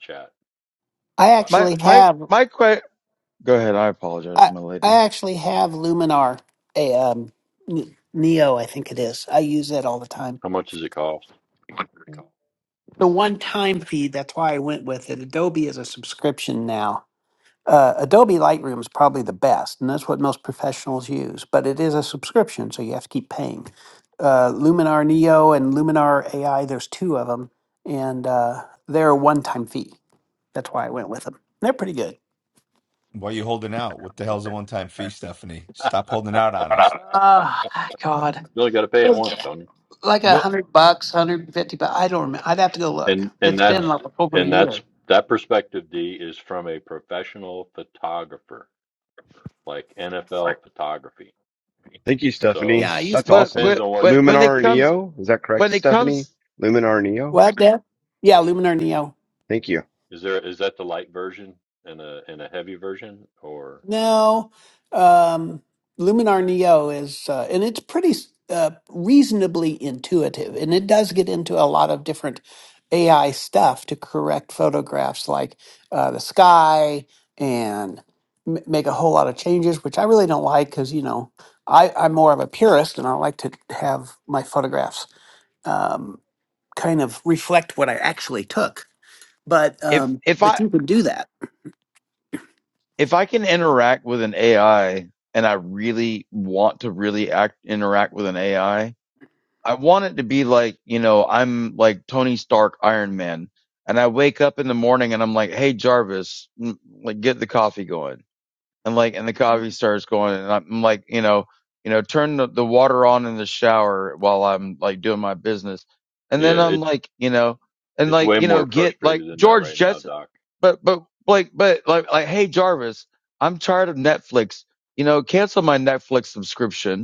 chat,
I
by the
My
way.
actually
my
have
my que- go ahead, I apologize,
I
my lady.
I actually have Luminar a um N- Neo I think it is. I use that all the time.
How much does it cost?
The one time fee that's why I went with it. Adobe is a subscription now. Uh, Adobe Lightroom is probably the best, and that's what most professionals use. But it is a subscription, so you have to keep paying. Uh, Luminar Neo and Luminar AI, there's two of them, and uh, they're a one-time fee. That's why I went with them. They're pretty good.
why you holding out? What the hell's a one time fee, Stephanie? Stop holding out on us.
Ah, God,
You only got to pay
it
it
was
once, don't you?
like a
Yep.
hundred bucks, hundred and fifty. But I don't remember. I'd have to go look.
And and
It's
All
been
right.
that's
like over a
and
year.
that's that perspective D is from a professional photographer, like NFL photography.
Thank you,
So
Stephanie.
Yeah, I used
That's
it
But
awesome.
depends
but
on what you
but
want
when
to
it
Luminar
do
comes
with it.
Neo, is that correct,
when it
Stephanie?
comes
Luminar Neo.
what that? Yeah, Luminar Neo.
Thank you.
Is there is that the light version and a and a heavy version or
No, um, Luminar Neo is, uh, and it's pretty uh, reasonably intuitive, and it does get into a lot of different AI stuff to correct photographs like uh, the sky and m- make a whole lot of changes, which I really don't like because, you know, I, I'm more of a purist and I like to have my photographs um, kind of reflect what I actually took. But
if
um,
if
but
I
you can do that.
if I can interact with an AI and I really want to really act interact with an AI, I want it to be like, you know, I'm like Tony Stark, Iron Man, and I wake up in the morning and I'm like, hey, Jarvis, m- like get the coffee going. And like, and the coffee starts going and I'm like, you know, you know, turn the, the water on in the shower while I'm like doing my business. And then
yeah,
I'm
it's
like, you know, and
It's
like,
way
you know,
more
get like
frustrated than that
George
right now,
Jetson,
Doc.
but, but like, but like, like, hey, Jarvis, I'm tired of Netflix, you know, cancel my Netflix subscription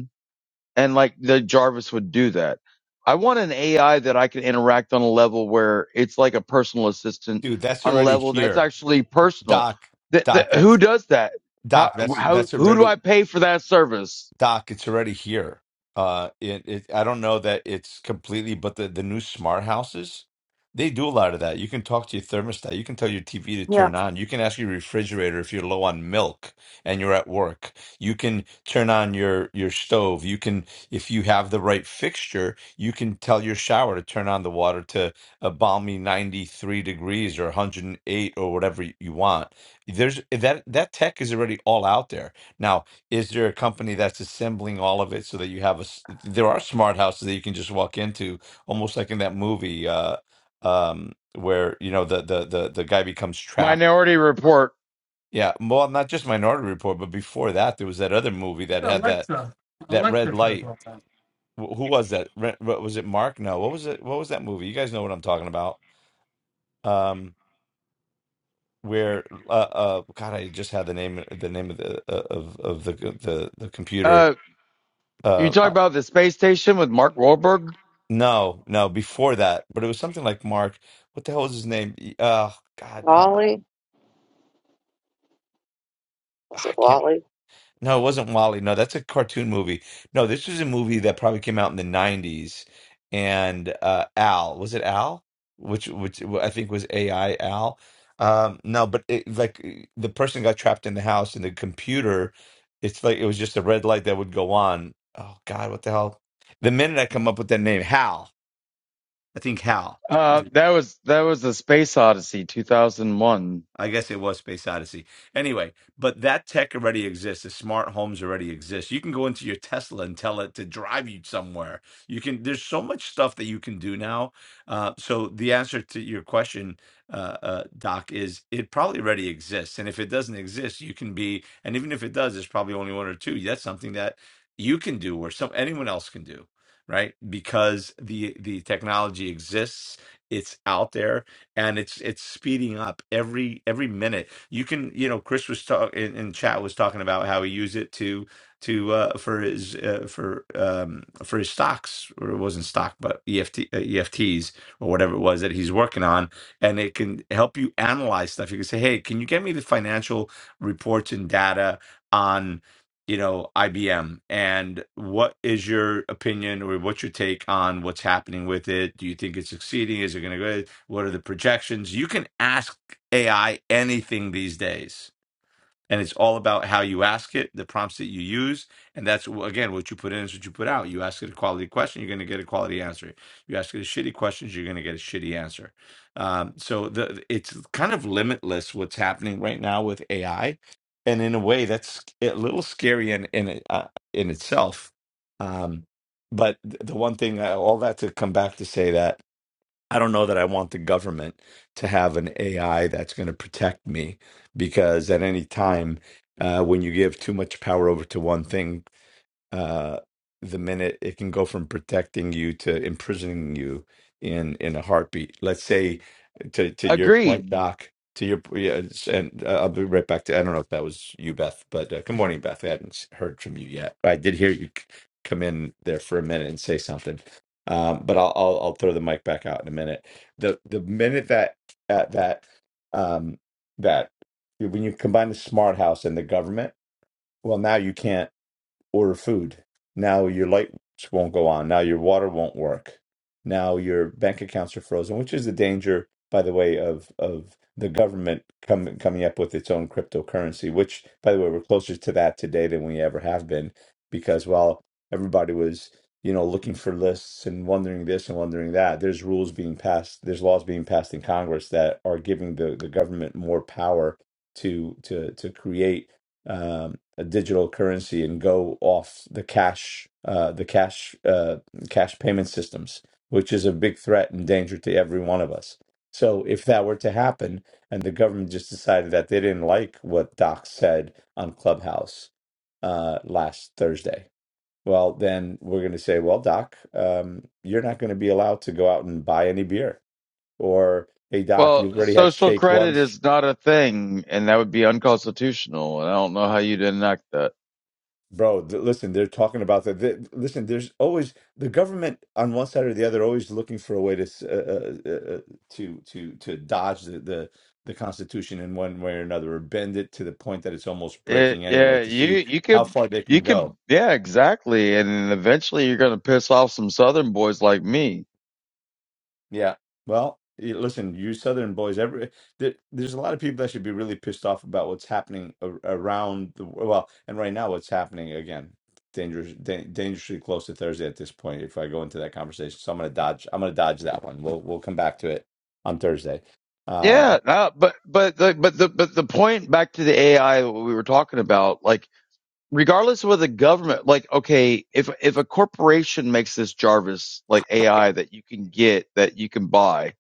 and like the Jarvis would do that. I want an AI that I can interact on a level where it's like a personal assistant
Dude, that's
on a
already
level that's
here.
actually personal.
Doc,
Th- th-
Doc,
who
that's
does that? How,
Doc, that's
how,
that's
who do
already
I pay for that service?
Doc, it's already here. Uh, it, it I don't know that it's completely, but the the new smart houses, they do a lot of that. You can talk to your thermostat. You can tell your TV to
Yeah.
turn on. You can ask your refrigerator if you're low on milk and you're at work. You can turn on your your stove. You can, if you have the right fixture, you can tell your shower to turn on the water to a balmy 93 degrees or 108 or whatever you want. There's that that tech is already all out there now is there a company that's assembling all of it so that you have a s- there are smart houses that you can just walk into almost like in that movie uh um where you know the the the, the guy becomes trapped
Minority Report.
yeah well not just minority report but before that there was that other movie that had that
Alexa,
that red
Alexa says
light
all that.
Wh- who was that Re- what was it mark no what was it what was that movie you guys know what i'm talking about um where uh, uh god i just had the name the name of the uh, of of the the the computer
Uh, you
uh,
talk about the space station with Mark Wahlberg.
No, no, before that, but it was something like Mark. What the hell was his name? E- Oh God, uh,
Wally? Was
I
it
can't.
Wally?
No, it wasn't Wally. No, that's a cartoon movie. No, this was a movie that probably came out in the '90s. And uh, Al, was it Al? Which, which I think was AI Al. Um, no, but it, like e, the person got trapped in the house and the computer. It's like it was just a red light that would go on. Oh God, what the hell? The minute I come up with that name, Hal. I think Hal.
Uh, that was, that was the Space Odyssey 2001.
I guess it was Space Odyssey. Anyway, but that tech already exists. The smart homes already exist. You can go into your Tesla and tell it to drive you somewhere. You can. There's so much stuff that you can do now. Uh, so the answer to your question, uh, uh, Doc, is it probably already exists. And if it doesn't exist, you can be. And even if it does, it's probably only one or two. That's something that you can do, or some anyone else can do, right? Because the the technology exists. It's out there and it's it's speeding up every every minute. You can you know Chris was talk in, in chat was talking about how he used it to to uh, for his uh, for um for his stocks or it wasn't stock but EFT uh, EFTs or whatever it was that he's working on, and it can help you analyze stuff. You can say, hey, can you get me the financial reports and data? on? you know, IBM. And what is your opinion or what's your take on what's happening with it? Do you think it's succeeding? Is it going to go? What are the projections? You can ask AI anything these days and it's all about how you ask it, the prompts that you use, and that's again what you put in is what you put out. You ask it a quality question, you're going to get a quality answer. You ask it a shitty question, you're going to get a shitty answer. Um, so the it's kind of limitless what's happening right now with AI, and in a way that's a little scary in in uh, in itself. Um, but th- the one thing, uh, all that to come back to say that. I don't know that I want the government to have an AI that's going to protect me because at any time, uh, when you give too much power over to one thing, uh, the minute it can go from protecting you to imprisoning you in in a heartbeat. Let's say to to your point,
Agreed.
Doc. To your yeah, it's- and uh, I'll be right back to. I don't know if that was you, Beth, but uh, good morning, Beth. I hadn't s- heard from you yet. I did hear you c- come in there for a minute and say something, um, but I'll, I'll I'll throw the mic back out in a minute. the The minute that uh, that um, that when you combine the smart house and the government, well, now you can't order food. Now your lights won't go on. Now your water won't work. Now your bank accounts are frozen, which is the danger, by the way, of of the government coming coming up with its own cryptocurrency. Which, by the way, we're closer to that today than we ever have been, because while everybody was you know looking for lists and wondering this and wondering that, there's rules being passed, there's laws being passed in Congress that are giving the the government more power to to to create um, a digital currency and go off the cash, uh, the cash, uh, cash payment systems, which is a big threat and danger to every one of us. So, if that were to happen, and the government just decided that they didn't like what Doc said on Clubhouse uh, last Thursday, well, then we're going to say, well, Doc, um, you're not going to be allowed to go out and buy any beer, or hey, Doc,
Well,
you've already had
social
steak
credit
once
is not a thing and that would be unconstitutional. And I don't know how you'd enact that.
Bro, th- listen, they're talking about that. Th- listen, there's always the government on one side or the other always looking for a way to s- uh, uh, uh, uh, to to to dodge the, the the Constitution in one way or another, or bend it to the point that it's almost
Yeah,
breaking anyway
yeah,
to
you
see
you
how
can
far they
you
can go.
can yeah, exactly. And then eventually you're gonna piss off some southern boys like me.
Yeah. Well, y- listen, you Southern boys, every there, there's a lot of people that should be really pissed off about what's happening a, around the wo- well, and right now what's happening again. Dangerous, da- dangerously close to Thursday at this point. If I go into that conversation, so I'm gonna dodge. I'm gonna dodge that one. We'll we'll come back to it on Thursday. Um,
Yeah, no, but but the but the but the point back to the AI what we were talking about, like regardless of what the government like, okay, if if a corporation makes this Jarvis like AI that you can get that you can buy,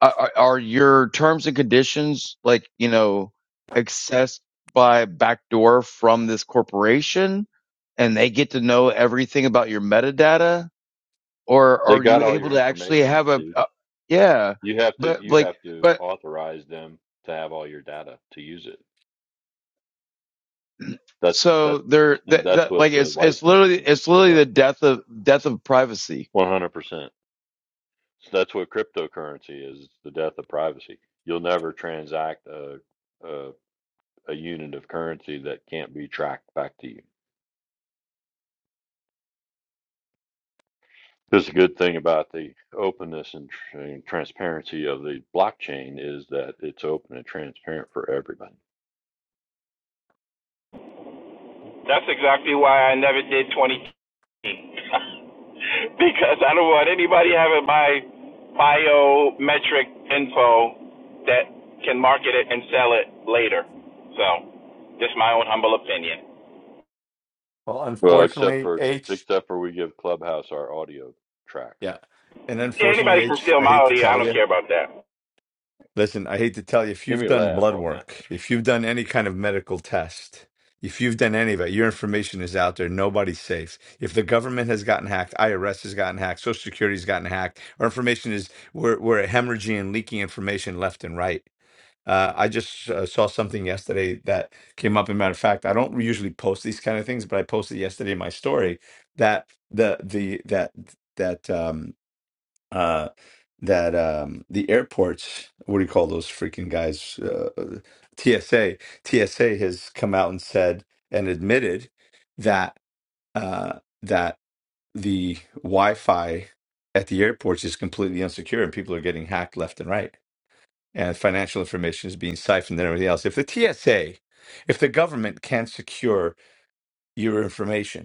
Are, are are your terms and conditions like you know accessed by backdoor from this corporation, and they get to know everything about your metadata, or
They
are you
got all
able
your
to actually
information,
have a,
dude.
a yeah?
You have to
But
you
like,
have to
but
authorize them to have all your data to use it. That's
so
that's
they're that,
that's
that
what
like
the
it's it's
license
literally it's
conditions
literally
are.
the death of death of privacy.
One hundred percent. So that's what cryptocurrency is. the death of privacy. You'll never transact a a, a unit of currency that can't be tracked back to you. That's a good thing about the openness and, tr- and transparency of the blockchain is that it's open and transparent for everybody.
that's exactly why i never did 20 K because i don't want anybody having my biometric info that can market it and sell it later so just my own humble opinion
well,
Well, except
unfortunately,
for
H,
except for we give Clubhouse our audio tracks.
yeah, and
yeah,
unfortunately,
anybody can
H,
steal
I
my
hate to
idea i
tell
don't
you.
care about that
Listen, I hate to tell you, if
Give
you've
me a
done
laugh
blood
on that.
work, if you've done any kind of medical test, if you've done any of it, your information is out there. Nobody's safe. If the government has gotten hacked, IRS has gotten hacked, Social Security's gotten hacked, our information is we're we're hemorrhaging, leaking information left and right. Uh, I just uh, saw something yesterday that came up. As a matter of fact, I don't usually post these kind of things, but I posted yesterday in my story that the the that that um, uh that um the airports what do you call those freaking guys uh, TSA TSA has come out and said and admitted that uh that the Wi-Fi at the airports is completely insecure and people are getting hacked left and right and financial information is being siphoned and everything else if the TSA if the government can't secure your information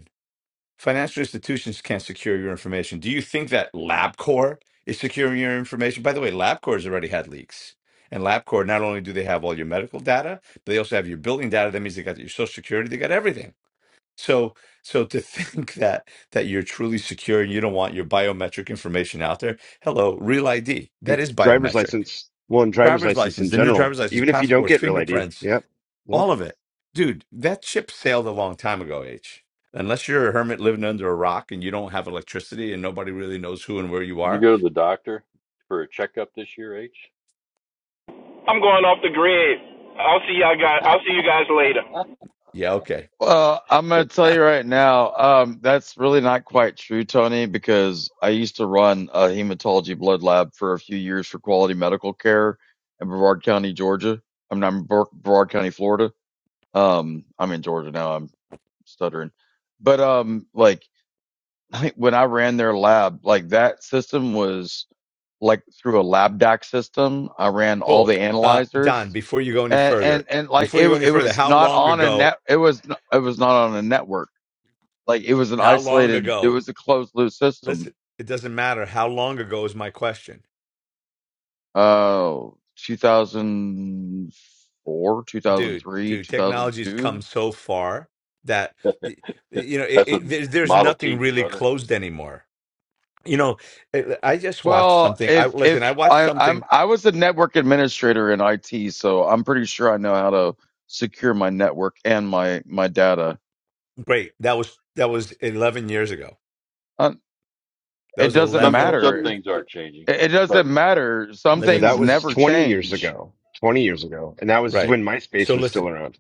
Financial institutions can't secure your information. Do you think that LabCorp is securing your information? By the way, LabCorp has already had leaks. And LabCorp, not only do they have all your medical data, but they also have your building data. That means they got your social security, they got everything. So so to think that that you're truly secure and you don't want your biometric information out there, hello, real ID.
Your
That is
driver's
biometric.
license. Well, and driver's
Driver's
license in
license, the new
general,
driver's license,
even if you don't
passports,
get Real ID.
fingerprints
Yep. Yep.
all of it. Dude, that ship sailed a long time ago, H. Unless you're a hermit living under a rock and you don't have electricity and nobody really knows who and where you
Did you
are.
go to the doctor for a checkup this year, H?
i'm going off the grid i'll see y'all guys i'll see you guys later
Yeah, okay.
Well, I'm going to tell you right now, um, that's really not quite true, Tony, because I used to run a hematology blood lab for a few years for quality medical care in Brevard County, Georgia. I'm not in Brevard Brevard County, Florida. Um, I'm in Georgia now. I'm stuttering. But, um, like when I ran their lab, like that system was like through a lab doc system. I ran all
Cool.
the
Uh Don,
analyzers
before you go any
and,
further,
and, and like
before
it,
you go any
it
further,
was
how
not
long
on a
ago?
net. It was, n- it was not on a network like it was an
How long
isolated, it
ago?
was a closed loop system.
Listen, it doesn't matter how long ago is my question.
Uh, 2004,
Dude,
2003,
dude, technology's come
2002.
so far that you know, it,
That's a
it, there's there's
Model
nothing
T,
really
brother.
closed anymore. You know, I I just watched
Well,
something. I
if,
listen,
if
I watched
I, I'm,
something
I was a network administrator in IT, so I'm pretty sure I know how to secure my network and my, my data.
Wait, that was that was 11 years ago.
Uh,
That
it
was
I
doesn't
just
Some
11.
don't
some
matter.
understand.
things are changing,
It it doesn't
but
matter. Some
No, that
things
Listen,
was
never
20 years
change.
ago. 20 years ago. And that was
right.
when MySpace
So
was still
listen,
around.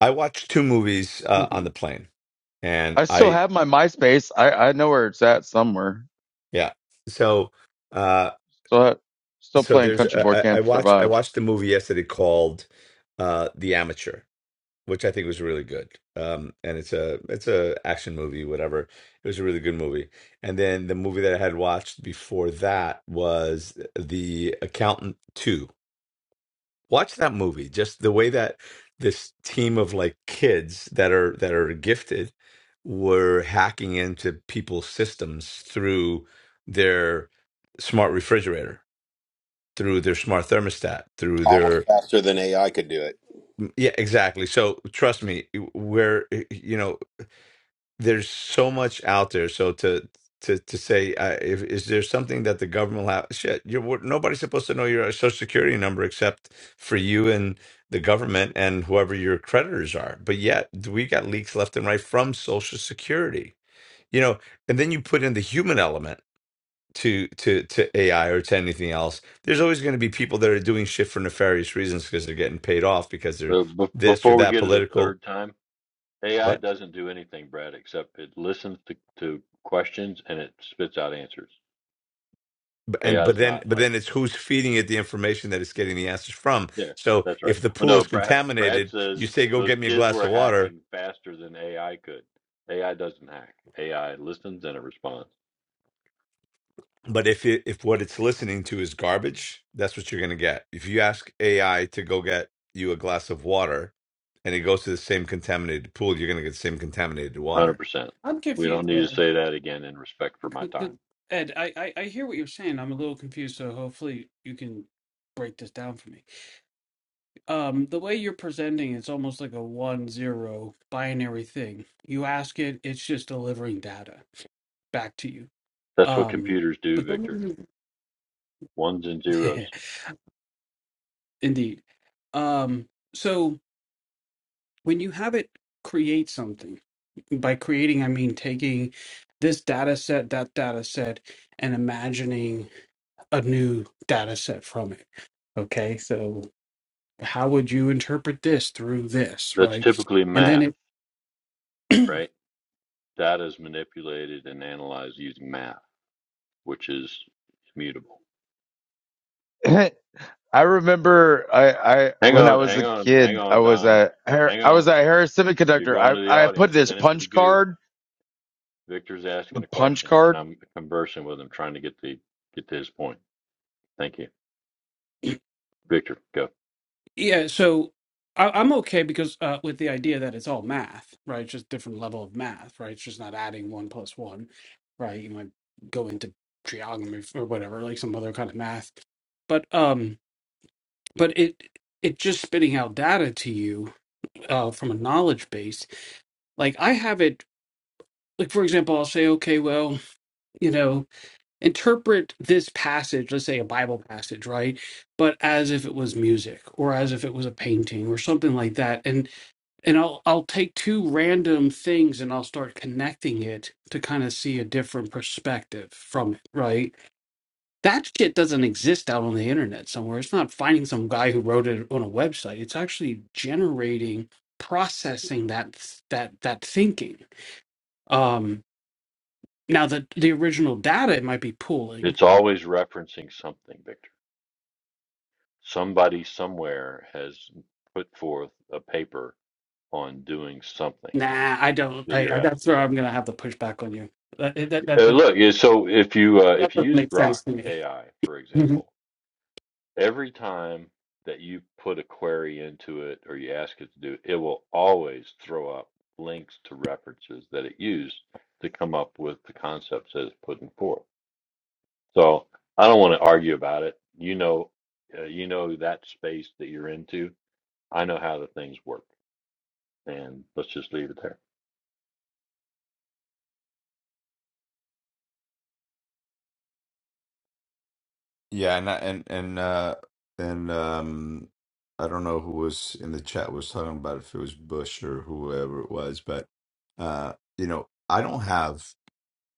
I watched two movies uh, on the plane, and
I still
I
have my MySpace. I, I know where it's at somewhere.
yeah. So uh,
Still, ha- still
so
playing
there's
Country Boy
I, I I
Camp
watched I
Survive.
watched the movie yesterday called uh, The Amateur, which I think was really good. Um, and it's a it's a action movie, whatever. It was a really good movie. And then the movie that I had watched before that was The Accountant 2 Watch that movie. Just the way that this team of like kids that are that are gifted were hacking into people's systems through their smart refrigerator, through their smart thermostat, through
almost
their
faster than AI could do it.
yeah, exactly. So trust me, we're you know there's so much out there. So to to to say, uh, if is there something that the government will have? Shit, you're we're- nobody's supposed to know your social security number except for you and the government and whoever your creditors are. But yet we got leaks left and right from social security. You know, and then you put in the human element to to to AI or to anything else. There's always going to be people that are doing shit for nefarious reasons because they're getting paid off because they're
uh, b-
this or
before we
that
get it a
political.
third time,
What?
AI doesn't do anything, Brad, except it listens to, to questions and it spits out answers.
B- and
AI
but
is
then
not
but
like
then it's who's feeding it the information that it's getting the answers from
Yeah,
so
that's right.
if the
Well,
pool
no,
is
Brad. Brad
contaminated you
says
say go
those
get me a
kids
glass
were
of water
hacking faster than AI could. AI doesn't hack. AI listens and it responds.
but if it, if what it's listening to is garbage that's what you're going to get if you ask ai to go get you a glass of water and it goes to the same contaminated pool you're going to get the same contaminated
one Hundred
water
percent.
I'm
We don't
confused
need to
there.
say that again in respect for my
Because the-
time.
Ed, I, I, I hear what you're saying. I'm a little confused, so hopefully you can break this down for me. Um, the way you're presenting it's almost like a one zero binary thing. You ask it, it's just delivering data back to you.
That's what
Um,
computers do,
but
Victor.
then,
Ones and zeros.
indeed. Um, so when you have it create something, by creating, I mean taking this data set, that data set, and imagining a new data set from it. Okay. So how would you interpret this through this?
That's
Right.
typically
And then
math, right? Data is manipulated and analyzed using math, which is immutable.
I remember I, I
Hang
when I
on,
was
hang
a
on, hang
kid, I
on,
was
Don.
at Har-
Hang
I was
on.
at Harris
You're
Semiconductor.
going to the
I, I put
audience.
this
Send him to the
punch
goo.
card,
Victor's
the
asking the
punch
question, and
card.
I'm conversing with him, trying to get the get to his point. Thank you, Victor. Go.
Yeah, so I, I'm okay because uh, with the idea that it's all math, right? It's just different level of math, right? It's just not adding one plus one, right? You might go into trigonometry or whatever, like some other kind of math, but um, but it it just spitting out data to you uh, from a knowledge base. Like I have it, like for example, I'll say, okay, well, you know, interpret this passage, let's say a Bible passage, right? But as if it was music or as if it was a painting or something like that, and I'll I'll take two random things and I'll start connecting it to kind of see a different perspective from it, right? That shit doesn't exist out on the internet somewhere. It's not finding some guy who wrote it on a website. It's actually generating, processing that that that thinking. Um now the the original data it might be pooling.
It's always referencing something, Victor. Somebody somewhere has put forth a paper on doing something
Nah, I don't
that you're
I, I that's
asking
where I'm
about.
going to have to push back on you. That that that,
Uh,
that,
look, yeah, so if you uh, if
that
you
doesn't
use
make
Grok
sense to me.
AI, for example, Every time that you put a query into it or you ask it to do, it will always throw up links to references that it used to come up with the concepts that it's putting forth. So I don't want to argue about it. You know, uh, you know that space that you're into. I know how the things work, and let's just leave it there.
Yeah, and I- and and uh and um I don't know who was in the chat was talking about if it was Bush or whoever it was, but uh you know, I don't have.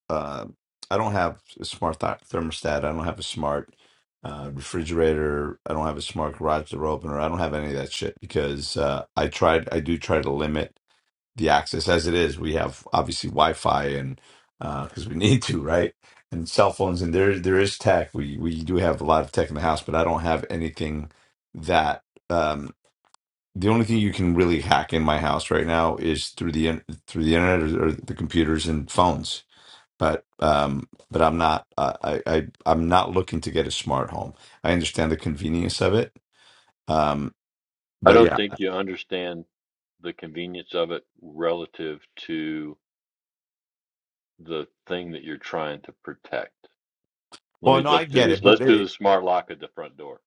uh, I don't have a smart th- thermostat. I don't have a smart uh, refrigerator. I don't have a smart garage door opener. I don't have any of that shit because uh, I tried. I do try to limit the access as it is. We have obviously Wi-Fi and because we need to, right? And cell phones and there there is tech. We we do have a lot of tech in the house, but I don't have anything that. Um, the only thing you can really hack in my house right now is through the in- through the internet or, or the computers and phones but um but i'm not uh, I, I i'm not looking to get a smart home i understand the convenience of it um
I
but
don't
yeah
think you understand the convenience of it relative to the thing that you're trying to protect. Let
well
me
no i
let's do
get it
this.
but
Let's do the
it,
smart lock at the front door.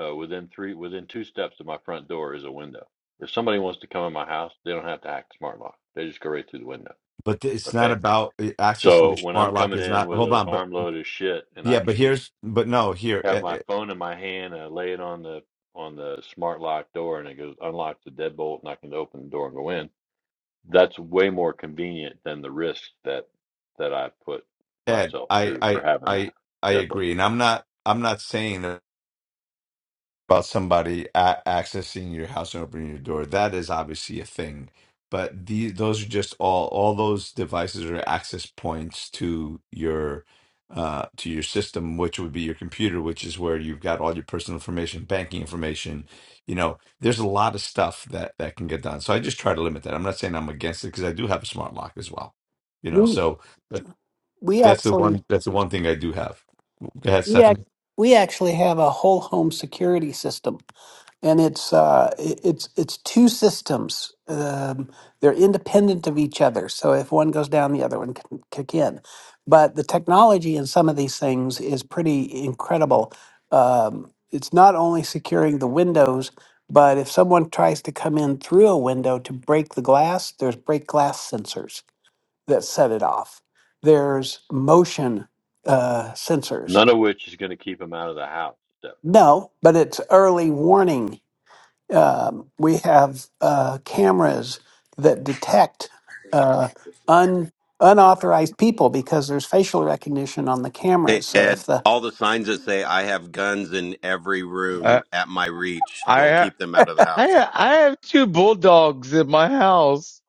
Uh, within three, within two steps of my front door is a window. If somebody wants to come in my house, they don't have to hack the smart lock. They just go right through the window.
but it's not
Okay.
about eh, accessing
So
your
when I'm
smart lock
coming
is
in
not
with
hold
an
on but
armload of shit, and I
yeah but
can just
here's but no here
have
E-
my
E-
phone in my hand, and I lay it on the on the smart lock door, and it goes unlocks the deadbolt, and I can open the door and go in. That's way more convenient than the risk that that I put
ed
myself
i
through for
i
having
i
that
i
deadbolt.
agree and i'm not i'm not saying that about somebody a- accessing your house and opening your door. That is obviously a thing, but the those are just all all those devices are access points to your uh to your system which would be your computer which is where you've got all your personal information banking information you know there's a lot of stuff that that can get done so i just try to limit that i'm not saying i'm against it because i do have a smart lock as well you know
We
so but
we
that's the
actually
one that's the one thing i do have go ahead
We
Stephanie.
act, we actually have a whole home security system, and it's uh, it- it's it's two systems. Um, they're independent of each other, so if one goes down, the other one can kick in. But the technology in some of these things is pretty incredible. Um, it's not only securing the windows, but if someone tries to come in through a window to break the glass, there's break glass sensors that set it off. There's motion uh, sensors
None of which is going to keep him out of the house.
no, but it's early warning. Um, we have uh, cameras that detect uh, un, unauthorized people because there's facial recognition on the
Hey,
cameras. So
Ed,
if the
all the signs that say I have guns in every
Uh,
room at my reach
I
will
ha-
keep them out of the house.
I ha- I have two bulldogs in my house.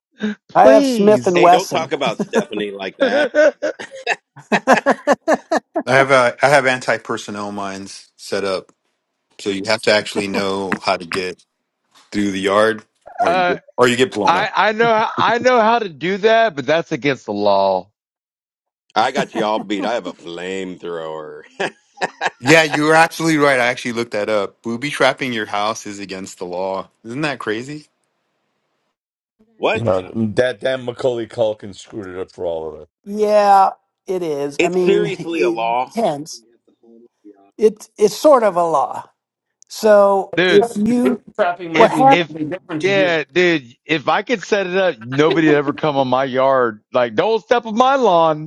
I have Smith and
Please.
Hey, don't
Wesson,
talk about Stephanie like that.
uh,
I have uh, I have anti personnel mines set up, so you have to actually know how to get through the yard, or you
I
get or you get blown up.
I know how- I know how to do that, but that's against the law,
I got you all beat. I have a flamethrower.
Yeah, you're absolutely right. I actually looked that up. Booby trapping your house is against the law. Isn't that crazy?
You
what?
know that that Macaulay Culkin screwed it up for all of us.
yeah, it is. I
It's
mean,
seriously a
it
law.
depends. It it's sort of a law. So
dude.
if you
Bootstrapping
what
might
If
mean
happened?
if
something different to you.
yeah, dude, if I could set it up, nobody'd ever come on my yard. Like, don't step on my lawn.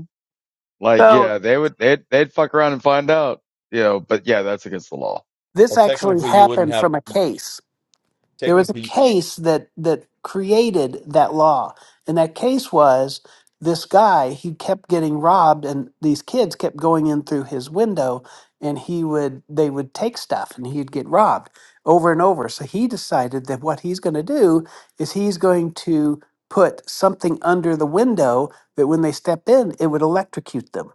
Like,
So
yeah, they would, they'd, they'd fuck around and find out, you know, but yeah, that's against the law.
this
Well,
actually
technically, you wouldn't
happened
have
from a case. there was a
technically,
case that that created that law and that case was this guy he kept getting robbed and these kids kept going in through his window and he would they would take stuff and he'd get robbed over and over so he decided that what he's going to do is he's going to put something under the window that when they step in it would electrocute them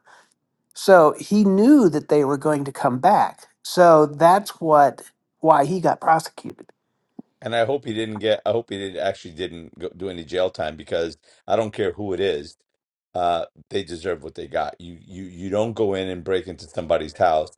so he knew that they were going to come back so that's what why he got prosecuted
and I hope he didn't get. I hope he did actually didn't go, do any jail time because I don't care who it is. Uh, they deserve what they got. You you you don't go in and break into somebody's house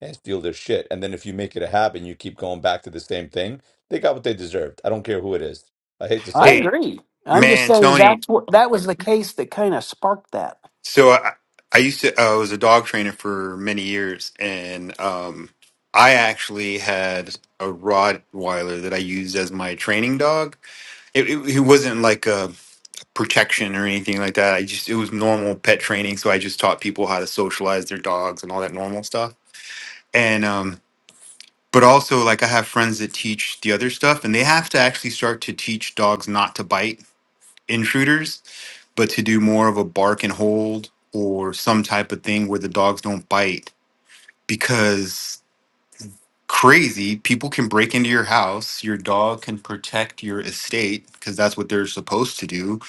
and steal their shit, and then if you make it a habit, and you keep going back to the same thing. They got what they deserved. I don't care who it is. I hate to
I
say it,
Hey,
agree. I'm just
man,
saying
Tony.
that's what that was the
Sorry.
case that kind of sparked that.
So I, I used to I was a dog trainer for many years, and um, I actually had a Rottweiler that I used as my training dog. It, it, it wasn't like a protection or anything like that. I just it was normal pet training, so I just taught people how to socialize their dogs and all that normal stuff. And um but also like I have friends that teach the other stuff and they have to actually start to teach dogs not to bite intruders, but to do more of a bark and hold or some type of thing where the dogs don't bite because crazy people can break into your house your dog can protect your estate because that's what they're supposed to do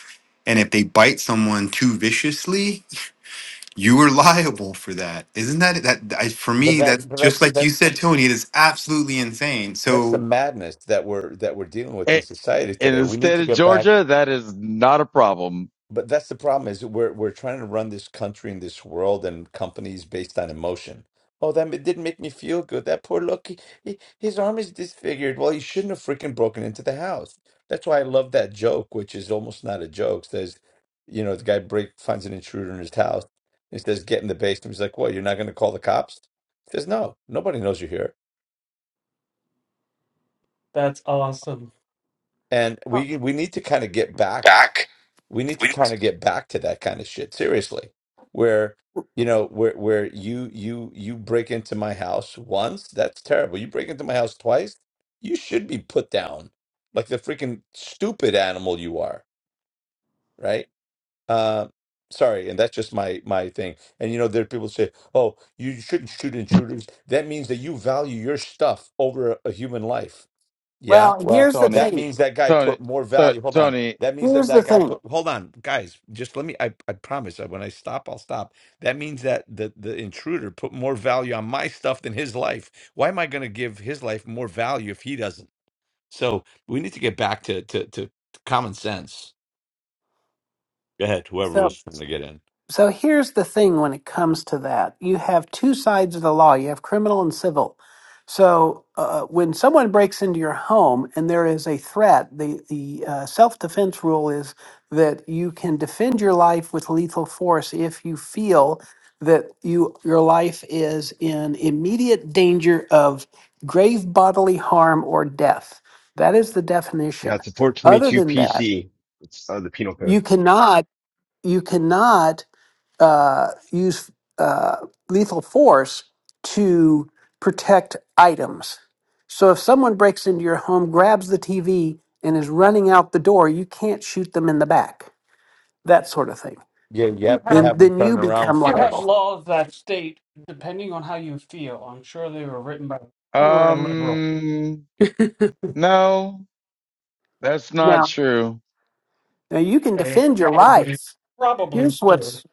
and if they bite someone too viciously You were liable for that. Isn't that that I, for
but
me?
that
That's
but that's
just like you
that's
said, Tony. It is absolutely insane.
that's the
So
madness that we're that we're dealing with in
A-
society
in
today.
the
We need
state
to
of
get back
Georgia, that is not a problem.
But that's the problem is we're we're trying to run this country and this world and companies based on emotion. Oh, that it didn't make me feel good. That poor look, he, he- his arm is disfigured. Well, he shouldn't have freaking broken into the house. That's why I love that joke, which is almost not a joke. Says, you know, the guy break finds an intruder in his house. He says, "Get in the basement." He's like, "What? You're not going to call the cops?" He says, "No, nobody knows you're here."
That's awesome.
And we we need to kind of get back.
Back.
we need to
We
kind of get back to that kind of shit seriously where you know where where you you you break into my house once that's terrible you break into my house twice you should be put down like the freaking stupid animal you are right uh sorry and that's just my my thing and you know there are people say oh you shouldn't shoot intruders that means that you value your stuff over a, a human life yeah.
Well,
Well,
here's the
Tony,
that
thing.
means that guy
Tony,
put more
t-
value. Hold on.
Tony,
That means that
Here's the
that guy
thing.
put. Hold on, guys. Just let me. I I promise. uh, When I stop, I'll stop. That means that the the intruder put more value on my stuff than his life. Why am I going to give his life more value if he doesn't? So we need to get back to to to common sense. Go ahead. Whoever
So
was trying to get in.
So here's the thing when it comes to that. You have two sides of the law. You have criminal and civil. So uh, when someone breaks into your home and there is a threat, the, the uh, self-defense rule is that you can defend your life with lethal force if you feel that you your life is in immediate danger of grave bodily harm or death. That is the
Yeah,
definition.
it's a
Other
422
than that,
PC. It's uh, the penal code.
you cannot you cannot uh, use uh, lethal force to protect items. So if someone breaks into your home, grabs the TV, and is running out the door, you can't shoot them in the back. That sort of thing.
Yeah, you
You
have to
have
Then
have him
then you
turn around
become
you have
first.
liable.
laws that state, depending on how you feel. I'm sure they were written by a or a liberal.
um, no, that's not
Now
true.
now you can
They
defend your
probably
life.
probably
Here's
true.
what's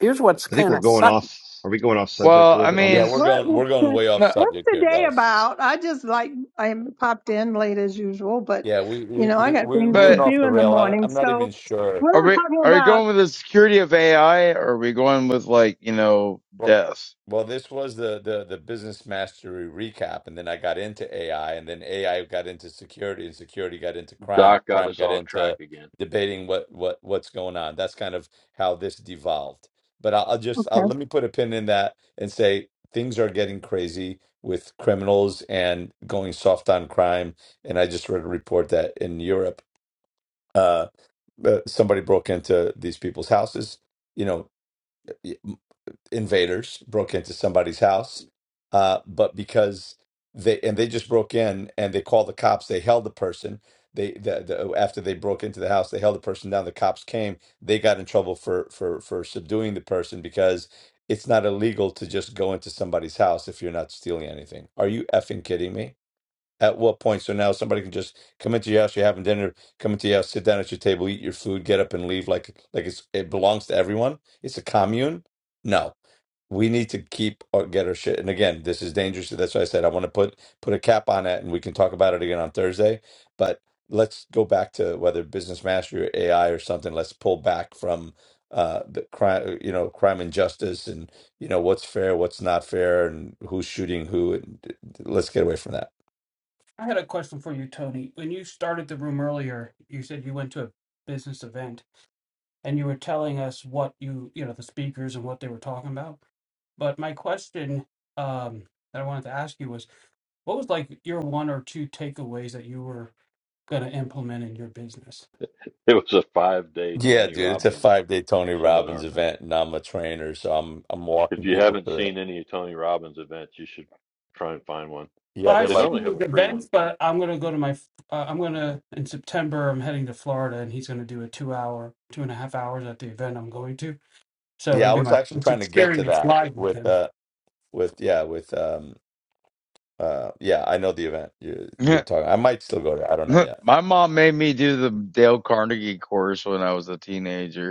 here's what's
I think we're
kind
going
of
off. Are we going off
Well,
subject a little
I
bit on
Yeah,
mean,
we're
this?
What
going
was
we're going
the,
way off
no,
what's
subject
the
here,
day
guys.
about? I just like I popped in late as usual, but
Yeah, we
you
we
know I
we
got
we
things
we
to
went
but
off
do
the
in the
rail. I,
morning.
I'm not
So
even sure.
we
are
were
we,
talking
are we
about.
going with the security of AI or are we going with like, you know,
Well,
death?
Well, this was the the the business mastery recap, and then I got into AI, and then AI got into security, and security got into crime,
Doc got
crime
us
got
off
into
track again.
debating what what what's going on. That's kind of how this devolved. But I'll, I'll just
okay,
I'll, let me put a pin in that and say things are getting crazy with criminals and going soft on crime. And I just read a report that in Europe, uh, uh, somebody broke into these people's houses. You know, invaders broke into somebody's house, uh, but because they and they just broke in and they called the cops, they held the person. They the, the, after they broke into the house, they held the person down. The cops came. They got in trouble for for for subduing the person because it's not illegal to just go into somebody's house if you're not stealing anything. Are you effing kidding me? At what point? So now somebody can just come into your house, you're having dinner, come into your house, sit down at your table, eat your food, get up and leave like like it's it belongs to everyone. It's a commune. No, we need to keep uh, get our shit. And again, this is dangerous. That's why I said I want to put put a cap on it, and we can talk about it again on Thursday. But let's go back to whether business mastery or AI or something. Let's pull back from uh the crime you know crime and justice and you know what's fair what's not fair and who's shooting who and d- d- let's get away from that
I had a question for you, Tony. When you started the room earlier, you said you went to a business event and you were telling us what you you know the speakers and what they were talking about. But my question um, that I wanted to ask you was, what was like your one or two takeaways that you were going to implement in your business?
It was a five day
yeah
Tony
dude it's a
Robbins
five day tony robbins
seminar, man.
event and i'm a trainer so i'm i'm
If
walking
you
people
haven't
through it
seen any of Tony Robbins events, you should try and find one.
yeah
Well,
they're
I've
They
like
normally
seen
have
these
a free one
events, but I'm gonna go to my. Uh, I'm gonna in September. I'm heading to Florida, and he's gonna do a two-hour, two and a half hours at the event I'm going to. So
yeah
it'll
i
be
was
my
actually
first
trying to get to
experience
that
live with
with
him.
uh with yeah with um uh yeah i know the event you're, you're talking i might still go there i don't know yet
My mom made me do the Dale Carnegie course when I was a teenager.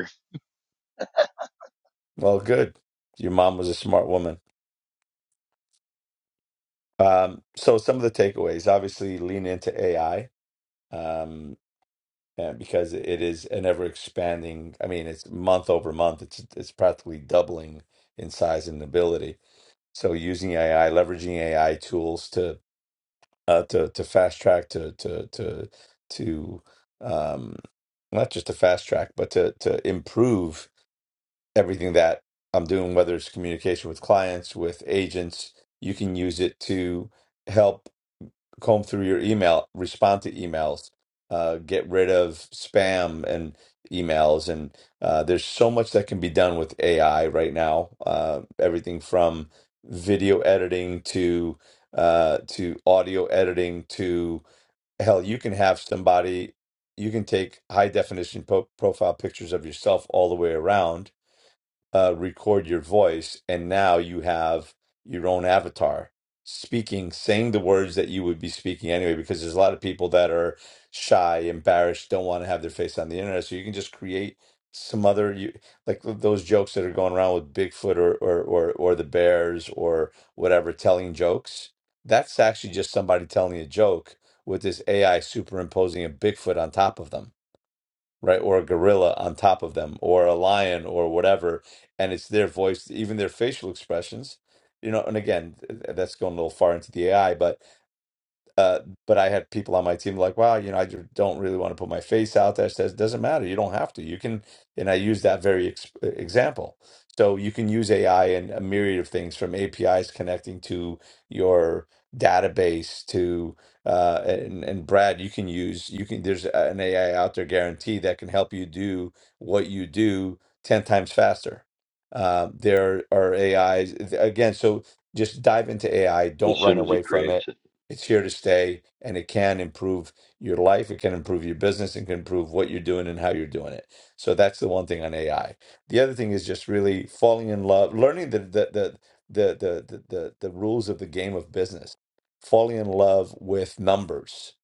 well good your mom was a smart woman um so some of the takeaways obviously lean into ai um and because it is an ever expanding i mean it's month over month it's it's practically doubling in size and ability so using ai leveraging ai tools to uh, to to fast track to to to to um not just to fast track but to to improve everything that I'm doing, whether it's communication with clients, with agents, you can use it to help comb through your email, respond to emails, uh, get rid of spam and emails. And uh, there's so much that can be done with AI right now. Uh, everything from video editing to uh, to audio editing to hell, you can have somebody. You can take high definition po- profile pictures of yourself all the way around uh, record your voice, and now you have your own avatar speaking, saying the words that you would be speaking anyway. Because there's a lot of people that are shy, embarrassed, don't want to have their face on the internet, so you can just create some other you like those jokes that are going around with Bigfoot or or or, or the bears or whatever telling jokes. That's actually just somebody telling a joke with this AI superimposing a Bigfoot on top of them right? Or a gorilla on top of them, or a lion, or whatever. And it's their voice, even their facial expressions, you know. And again, th- that's going a little far into the AI, but uh, but I had people on my team like, wow, you know, I just don't really want to put my face out there. Says doesn't matter. You don't have to. You can, and I use that very ex- uh, example. So you can use AI in a myriad of things, from APIs connecting to your database to uh, and and Brad, you can use you can. There's a- an AI out there guarantee that can help you do what you do ten times faster. Uh, there are AIs again. So just dive into AI.
as
Don't run
soon as he
away from it
creates it.
it's here to stay and it can improve your life. It can improve your business and can improve what you're doing and how you're doing it. So that's the one thing on AI. The other thing is just really falling in love, learning the, the, the, the, the, the, the, the rules of the game of business, falling in love with numbers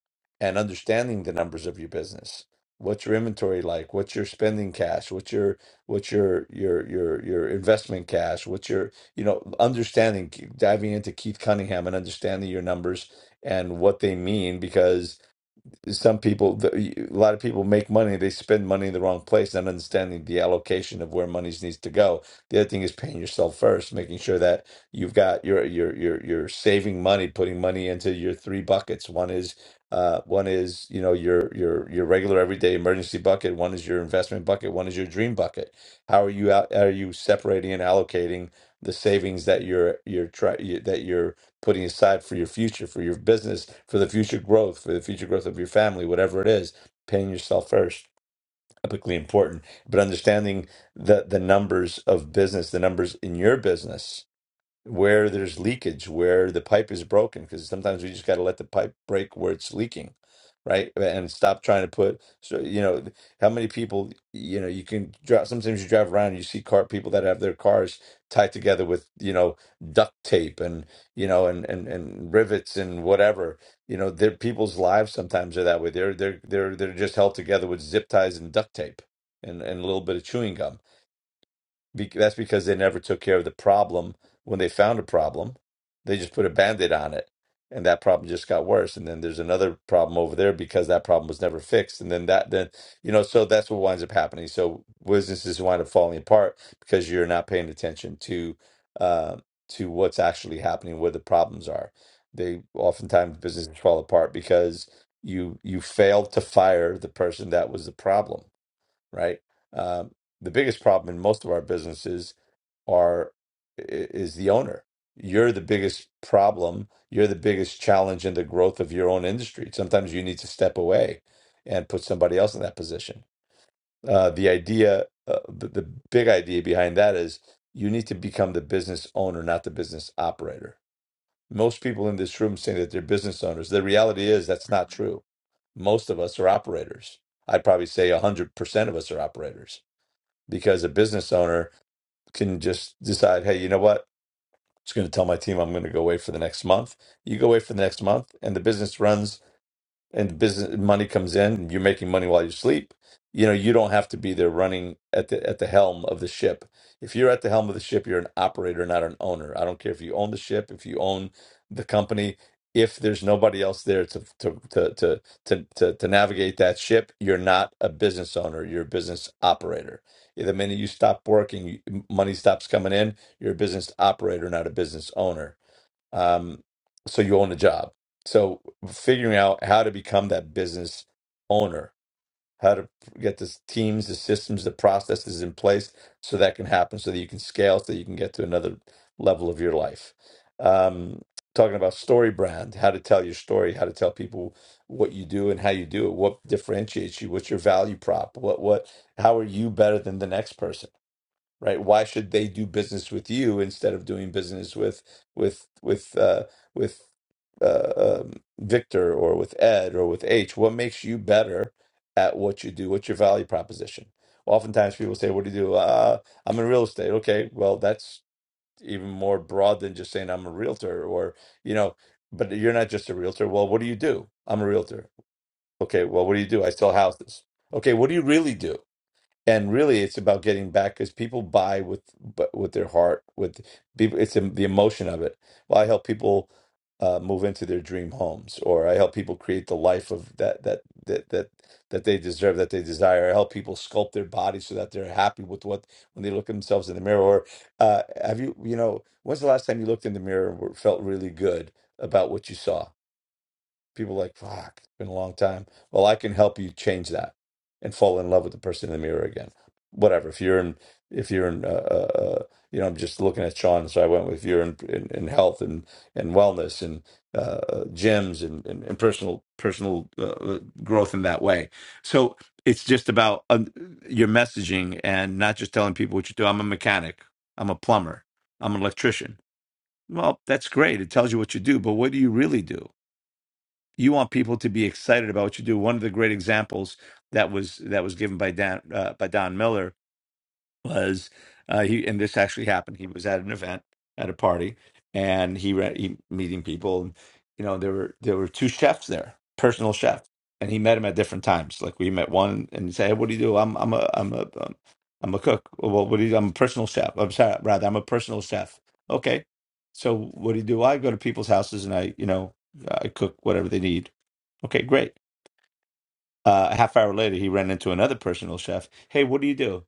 and understanding the numbers of your business. What's your inventory like? What's your spending cash? What's your what's your your your your investment cash? What's your you know understanding diving into Keith Cunningham and understanding your numbers and what they mean because some people the- a lot of people make money they spend money in the wrong place not understanding the allocation of where money needs to go the other thing is paying yourself first making sure that you've got your your your you're saving money putting money into your three buckets one is uh one is you know your your your regular everyday emergency bucket one is your investment bucket one is your dream bucket how are you out are you separating and allocating the savings that you're you're trying that you're putting aside for your future, for your business, for the future growth, for the future growth of your family, whatever it is, paying yourself first, epically important. But understanding the the numbers of business, the numbers in your business where there's leakage, where the pipe is broken, because sometimes we just got to let the pipe break where it's leaking, right? And stop trying to put, so, you know, th- how many people, you know, you can drive, sometimes you drive around and you see car people that have their cars tied together with, you know, duct tape and, you know, and, and, and rivets and whatever, you know, their people's lives sometimes are that way. They're, they're, they're, they're just held together with zip ties and duct tape and, and a little bit of chewing gum be- that's because they never took care of the problem when they found a problem. They just put a band-aid on it, and that problem just got worse. And then there's another problem over there because that problem was never fixed. And then that, then you know, so that's what winds up happening. So businesses wind up falling apart because you're not paying attention to uh, to what's actually happening, where the problems are. They oftentimes businesses fall apart because you you failed to fire the person that was the problem right? Um, the biggest problem in most of our businesses are i- is the owner. You're the biggest problem. You're the biggest challenge in the growth of your own industry. Sometimes you need to step away and put somebody else in that position. Uh, the idea, uh, the, the big idea behind that is you need to become the business owner, not the business operator. Most people in this room say that they're business owners. The reality is that's not true. Most of us are operators. I'd probably say 100% of us are operators because a business owner can just decide, hey, you know what? It's going to tell my team I'm going to go away for the next month. You go away for the next month, and the business runs and business money comes in and you're making money while you sleep you know you don't have to be there running at the at the helm of the ship if you're at the helm of the ship you're an operator not an owner i don't care if you own the ship if you own the company if there's nobody else there to to to to to, to, to navigate that ship you're not a business owner you're a business operator the minute you stop working you- money stops coming in you're a business operator not a business owner um, so you own a job. So figuring out how to become that business owner, how to get the teams, the systems, the processes in place so that can happen, so that you can scale, so that you can get to another level of your life. Um, talking about story brand, how to tell your story, how to tell people what you do and how you do it, what differentiates you, what's your value prop, what what how are you better than the next person? right? Why should they do business with you instead of doing business with with with uh, with uh, um, Victor or with Ed or with H? What makes you better at what you do? What's your value proposition? Oftentimes, people say, "What do you do?" Uh, I'm in real estate. Okay, well, that's even more broad than just saying I'm a realtor, or you know. But you're not just a realtor. Well, what do you do? I'm a realtor. Okay, well, what do you do? I sell houses. Okay, what do you really do? and really it's about getting back because people buy with bu- with their heart with people it's em- the emotion of it well i help people uh, move into their dream homes or i help people create the life of that that that that that they deserve that they desire i help people sculpt their body so that they're happy with what when they look at themselves in the mirror or uh, have you you know when's the last time you looked in the mirror and were- felt really good about what you saw people are like fuck it's been a long time well i can help you change that and fall in love with the person in the mirror again whatever if you're in if you're in uh, uh, uh, you know i'm just looking at sean so i went with you're in in, in health and and wellness and uh, uh, gyms and, and, and personal personal uh, uh, growth in that way so it's just about um, your messaging and not just telling people what you do i'm a mechanic i'm a plumber i'm an electrician well that's great it tells you what you do but what do you really do you want people to be excited about what you do. One of the great examples that was that was given by Dan uh, by Don Miller was uh, he and this actually happened. He was at an event at a party and he, re- he meeting people and you know there were there were two chefs there, personal chef, and he met him at different times. Like we met one and he said, hey, "What do you do? I'm I'm a I'm a um, I'm a cook. Well, what do you? do? I'm a personal chef. I'm sorry, rather I'm a personal chef. Okay, so what do you do? "Well, I go to people's houses and I you know I cook whatever they need." Okay, great. Uh, a half hour later, he ran into another personal chef. Hey, what do you do?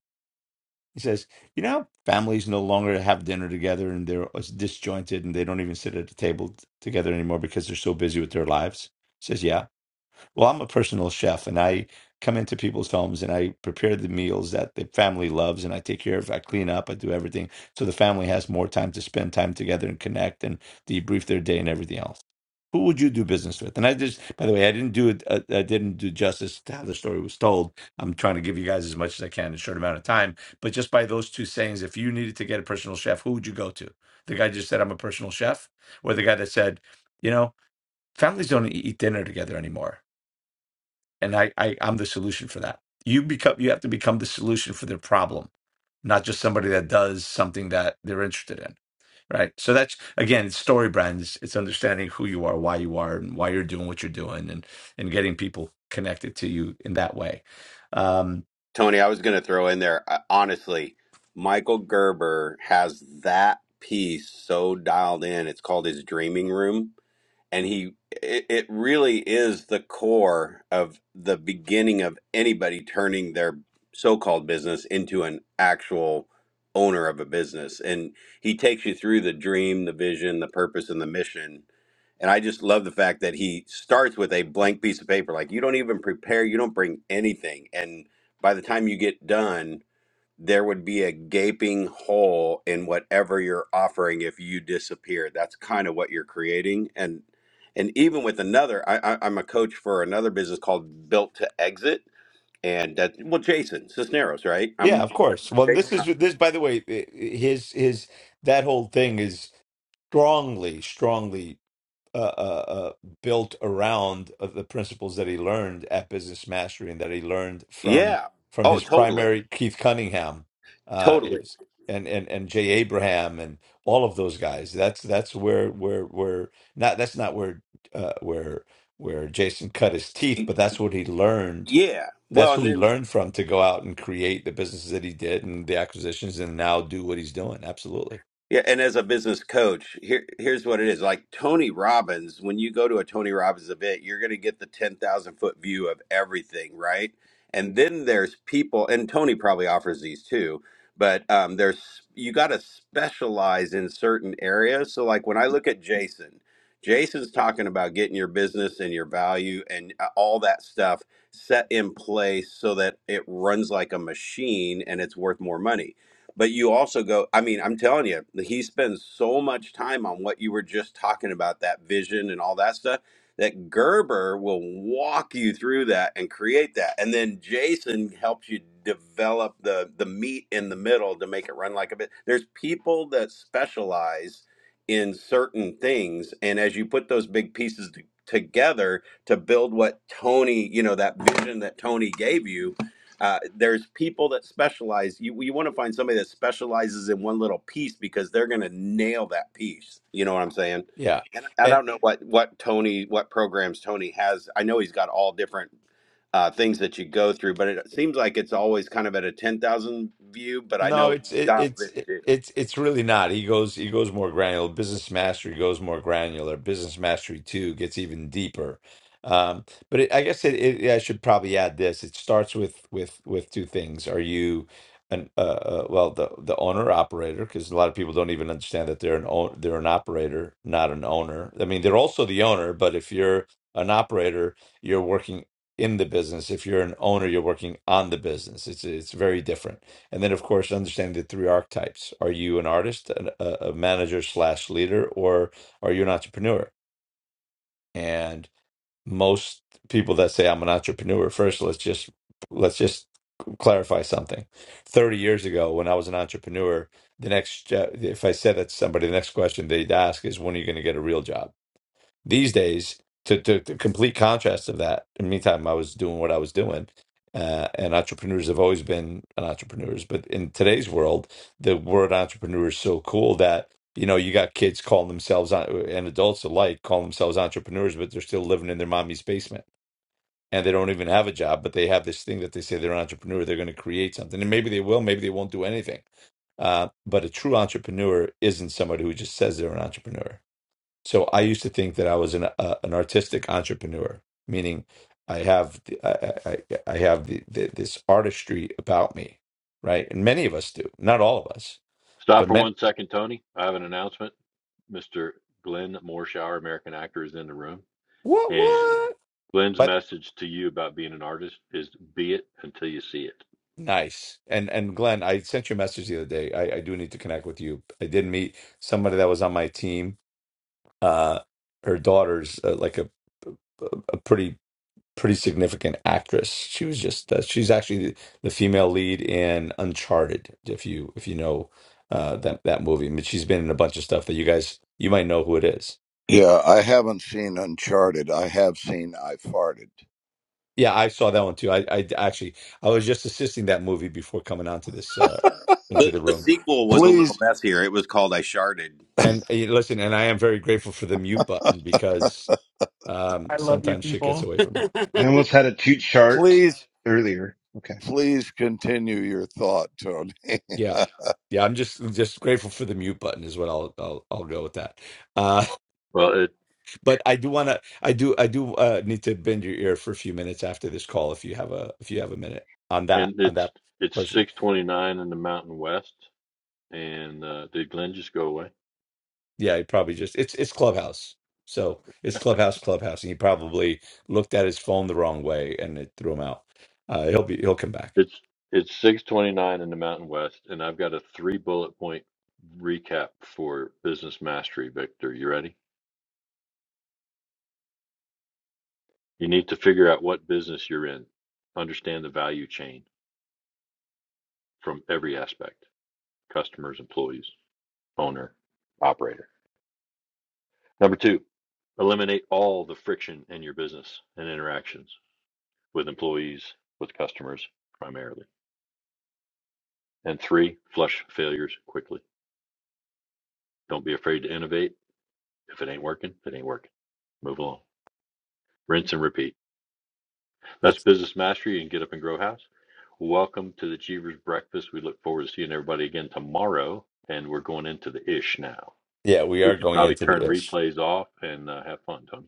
He says, You know, how families no longer have dinner together and they're disjointed and they don't even sit at a table t- together anymore because they're so busy with their lives. He says, Yeah. Well, I'm a personal chef and I come into people's homes and I prepare the meals that the family loves and I take care of, I clean up, I do everything so the family has more time to spend time together and connect and debrief their day and everything else. Who would you do business with? And I just, by the way, I didn't do it, uh, I didn't do justice to how the story was told. I'm trying to give you guys as much as I can in a short amount of time. But just by those two sayings, if you needed to get a personal chef, who would you go to? The guy just said, I'm a personal chef, or the guy that said, you know, families don't eat dinner together anymore and I, I I'm the solution for that. You become you have to become the solution for their problem, not just somebody that does something that they're interested in, right? So that's again, it's story brands. It's understanding who you are, why you are, and why you're doing what you're doing, and and getting people connected to you in that way. Um,
Tony, I was going to throw in there. uh, Honestly, Michael Gerber has that piece so dialed in. It's called his dreaming room and he it, it really is the core of the beginning of anybody turning their so-called business into an actual owner of a business and he takes you through the dream the vision the purpose and the mission and i just love the fact that he starts with a blank piece of paper like you don't even prepare you don't bring anything and by the time you get done there would be a gaping hole in whatever you're offering if you disappear. That's kind of what you're creating. And and even with another, I, I, I'm a coach for another business called Built to Exit, and that well, Jason Cisneros, right? I'm
yeah, of
working
course.
with
Well, this
Jason.
is
on-
this. By the way, eh, eh, his his that whole thing is strongly, strongly. uh, uh, uh, built around of the principles that he learned at Business Mastery and that he learned from
Yeah.
from
Oh,
his
totally,
primary Keith Cunningham, uh,
totally.
it's, and and and Jay Abraham and all of those guys. That's that's where where where not that's not where uh, where where Jason cut his teeth, but that's what he learned.
Yeah.
That's
Well, and
who he
then
learned from to go out and create the businesses that he did and the acquisitions, and now do what he's doing. Absolutely,
Yeah, and as a business coach, here here's what it is. Like Tony Robbins, when you go to a Tony Robbins event, you're going to get the 10,000 foot view of everything, right? And then there's people, and Tony probably offers these too, but um, there's you got to specialize in certain areas. So like when I look at Jason, Jason's talking about getting your business and your value and uh, all that stuff set in place so that it runs like a machine and it's worth more money but you also go, I mean, I'm telling you, he spends so much time on what you were just talking about, that vision and all that stuff, that Gerber will walk you through that and create that. And then Jason helps you develop the the meat in the middle to make it run like a bit. There's people that specialize in certain things. And as you put those big pieces t- together to build what Tony, you know, that vision that Tony gave you, uh, there's people that specialize. You you want to find somebody that specializes in one little piece because they're going to nail that piece. You know what I'm saying? And
yeah
I don't know what what Tony what programs Tony has. I know he's got all different uh, things that you go through, but it seems like it's always kind of at a ten thousand view. But I
No,
know he
it's it,
dials
it's
in
it,
too.
it's it's really not. He goes he goes more granular. Business Mastery goes more granular. Business Mastery 2 gets even deeper. Um, but it, I guess it, it yeah, I should probably add this. It starts with with with two things. Are you an uh, uh well the the owner operator because a lot of people don't even understand that they're an own they're an operator, not an owner. I mean, they're also the owner, but if you're an operator, you're working in the business. If you're an owner, you're working on the business. It's it's very different. And then, of course, understanding the three archetypes. Are you an artist, an, a, a manager slash leader, or are you an entrepreneur? And most people that say I'm an entrepreneur, first let's just let's just clarify something. Thirty years ago, when I was an entrepreneur, the next uh, if I said that to somebody, the next question they'd ask is, "When are you going to get a real job?" these days to, to, to complete contrast of that in the meantime i was doing what i was doing uh, and entrepreneurs have always been an entrepreneurs but in today's world the word entrepreneur is so cool that you know you got kids calling themselves en- and adults alike calling themselves entrepreneurs but they're still living in their mommy's basement and they don't even have a job but they have this thing that they say they're an entrepreneur they're going to create something and maybe they will maybe they won't do anything uh, but a true entrepreneur isn't somebody who just says they're an entrepreneur so I used to think that I was an uh, an artistic entrepreneur, meaning I have the, I, I, I have the, the, this artistry about me, right? And many of us do, not all of us,
Stop
but
for
men.
one second, Tony. I have an announcement. Mr. Glenn Morshower, American actor, is in the room.
What
And
what?
Glenn's
But
message to you about being an artist is be it until you see it.
nice. And and Glenn, I sent you a message the other day. I, I do need to connect with you. I did meet somebody that was on my team. Uh, her daughter's uh, like a, a pretty pretty significant actress. She was just uh, she's actually the, the female lead in Uncharted, if you if you know uh, that that movie. I mean, she's been in a bunch of stuff that you guys you might know who it is.
Yeah, I haven't seen Uncharted. I have seen I Farted.
Yeah, I saw that one too. I, I actually I was just assisting that movie before coming onto this uh, into
The,
the
the
room.
sequel was a little
Please,
messier. It was called I Sharded.
And uh, listen, and I am very grateful for the mute button because um,
I love you,
sometimes shit gets
people.
away
hey,
from me.
I almost had a toot chart
please,
earlier. Okay.
please continue your thought, Tony.
Yeah, yeah, I'm just just grateful for the mute button is what I'll I'll I'll go with that. Uh,
Well,
but I do want to I do I do uh, need to bend your ear for a few minutes after this call if you have a if you have a minute on that
And
on
it's
that
it's
person.
six twenty nine in the Mountain West. And uh, did Glenn just go away?
Yeah, he probably just it's it's Clubhouse. So it's Clubhouse Clubhouse and he probably looked at his phone the wrong way and it threw him out. Uh, he'll be he'll come back.
It's it's six twenty nine in the Mountain West, and I've got a three bullet point recap for business mastery. Victor, you ready? You need to figure out what business you're in, understand the value chain from every aspect: customers, employees, owner, operator. Number two, eliminate all the friction in your business and interactions with employees, with customers, primarily. And three, flush failures quickly. Don't be afraid to innovate. If it ain't working, it ain't working. Move along. Rinse and repeat. That's
But
business mastery and get up and grow house. Welcome to the Achievers Breakfast. We look forward to seeing everybody again tomorrow. And we're going into the ish now.
yeah, we
We
are
could
going
probably
into the
turn
ish.
replays off and uh, have fun, Tony,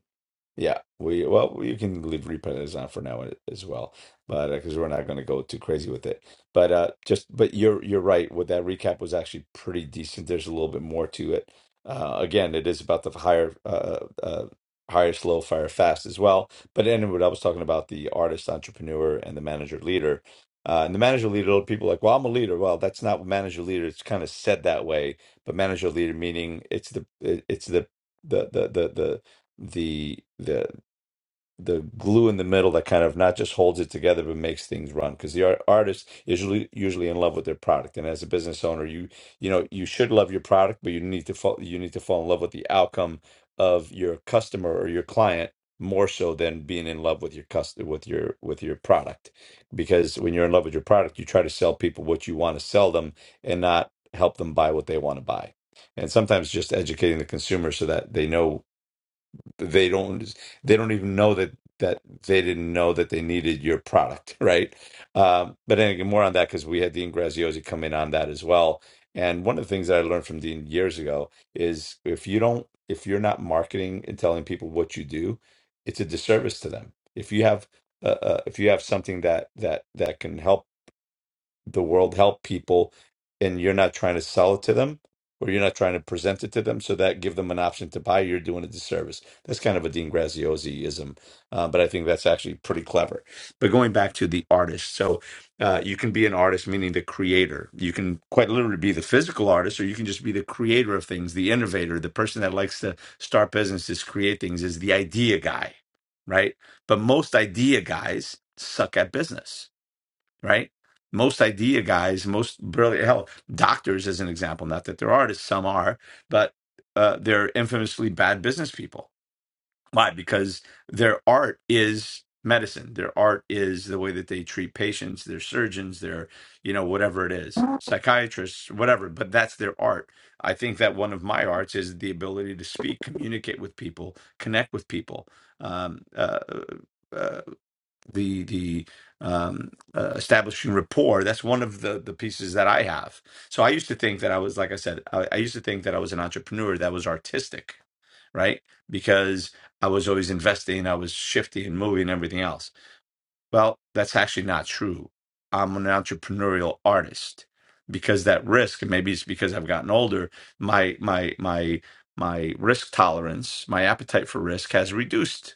Yeah, we well, you can leave repentance on for now uh, as well, but because we're not going to go too crazy with it. But uh, just but you're you're right. What that recap was actually pretty decent. There's a little bit more to it. Uh, again, it is about the higher uh, uh, higher slow fire fast as well. But anyway, I was talking about the artist entrepreneur and the manager leader. Uh, and the manager leader, people are like, well, I'm a leader. Well, that's not what manager leader. It's kind of said that way, but manager leader meaning it's the it- it's the the the the the the the the glue in the middle that kind of not just holds it together but makes things run because the art, artist is usually, usually in love with their product and as a business owner you you know you should love your product but you need to fall you need to fall in love with the outcome of your customer or your client more so than being in love with your cust with your with your product because when you're in love with your product you try to sell people what you want to sell them and not help them buy what they want to buy and sometimes just educating the consumer so that they know they don't they don't even know that that they didn't know that they needed your product right um, but anyway more on that because we had dean graziosi come in on that as well and one of the things that i learned from dean years ago is if you don't if you're not marketing and telling people what you do it's a disservice to them if you have uh, uh, if you have something that that that can help the world help people and you're not trying to sell it to them or you're not trying to present it to them so that give them an option to buy you're doing a disservice that's kind of a dean graziosi-ism uh, but i think that's actually pretty clever but going back to the artist so uh, you can be an artist meaning the creator you can quite literally be the physical artist or you can just be the creator of things the innovator the person that likes to start businesses create things is the idea guy right but most idea guys suck at business right? Most idea guys, most brilliant, hell, doctors as an example, not that there aren't, some are, but uh, they're infamously bad business people. Why? Because their art is medicine. Their art is the way that they treat patients, their surgeons, their, you know, whatever it is, psychiatrists, whatever, but that's their art. I think that one of my arts is the ability to speak, communicate with people, connect with people. Um, uh, uh, the the um, uh, establishing rapport. That's one of the the pieces that I have. So I used to think that I was, like I said, I, I used to think that I was an entrepreneur that was artistic, right? Because I was always investing, I was shifting and moving and everything else. Well, that's actually not true. I'm an entrepreneurial artist because that risk, and maybe it's because I've gotten older, my my my my risk tolerance, my appetite for risk has reduced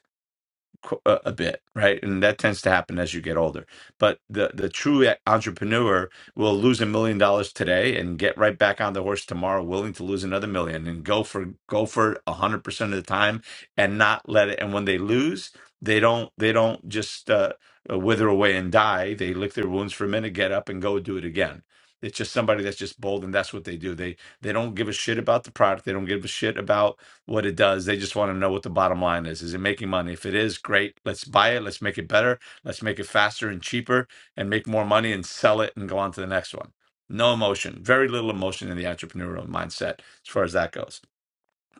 qu- a a bit, right? And that tends to happen as you get older. But the the true e, entrepreneur will lose a million dollars today and get right back on the horse tomorrow, willing to lose another million and go for go for a hundred percent of the time and not let it. And when they lose, they don't they don't just uh, uh, wither away and die. They lick their wounds for a minute, get up, and go do it again. It's just somebody that's just bold, and that's what they do. They they don't give a shit about the product. They don't give a shit about what it does. They just want to know what the bottom line is. Is it making money? If it is, great. Let's buy it. Let's make it better. Let's make it faster and cheaper and make more money and sell it and go on to the next one. No emotion, very little emotion in the entrepreneurial mindset as far as that goes.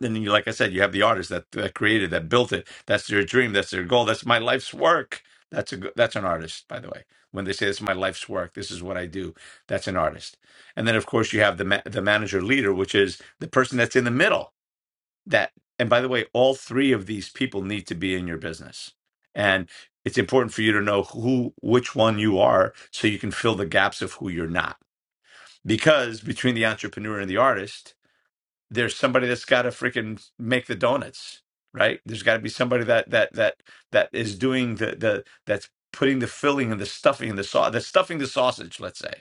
Then you, like I said, you have the artist that, that created, that built it. That's their dream. That's their goal. That's my life's work. That's a go- that's an artist, by the way. When they say it's my life's work, this is what I do. That's an artist. And then of course you have the ma- the manager leader, which is the person that's in the middle that and by the way all three of these people need to be in your business and it's important for you to know who which one you are so you can fill the gaps of who you're not because between the entrepreneur and the artist there's somebody that's got to freaking make the donuts right there's got to be somebody that that that that is doing the the that's putting the filling and the stuffing and the sauce that's stuffing the sausage let's say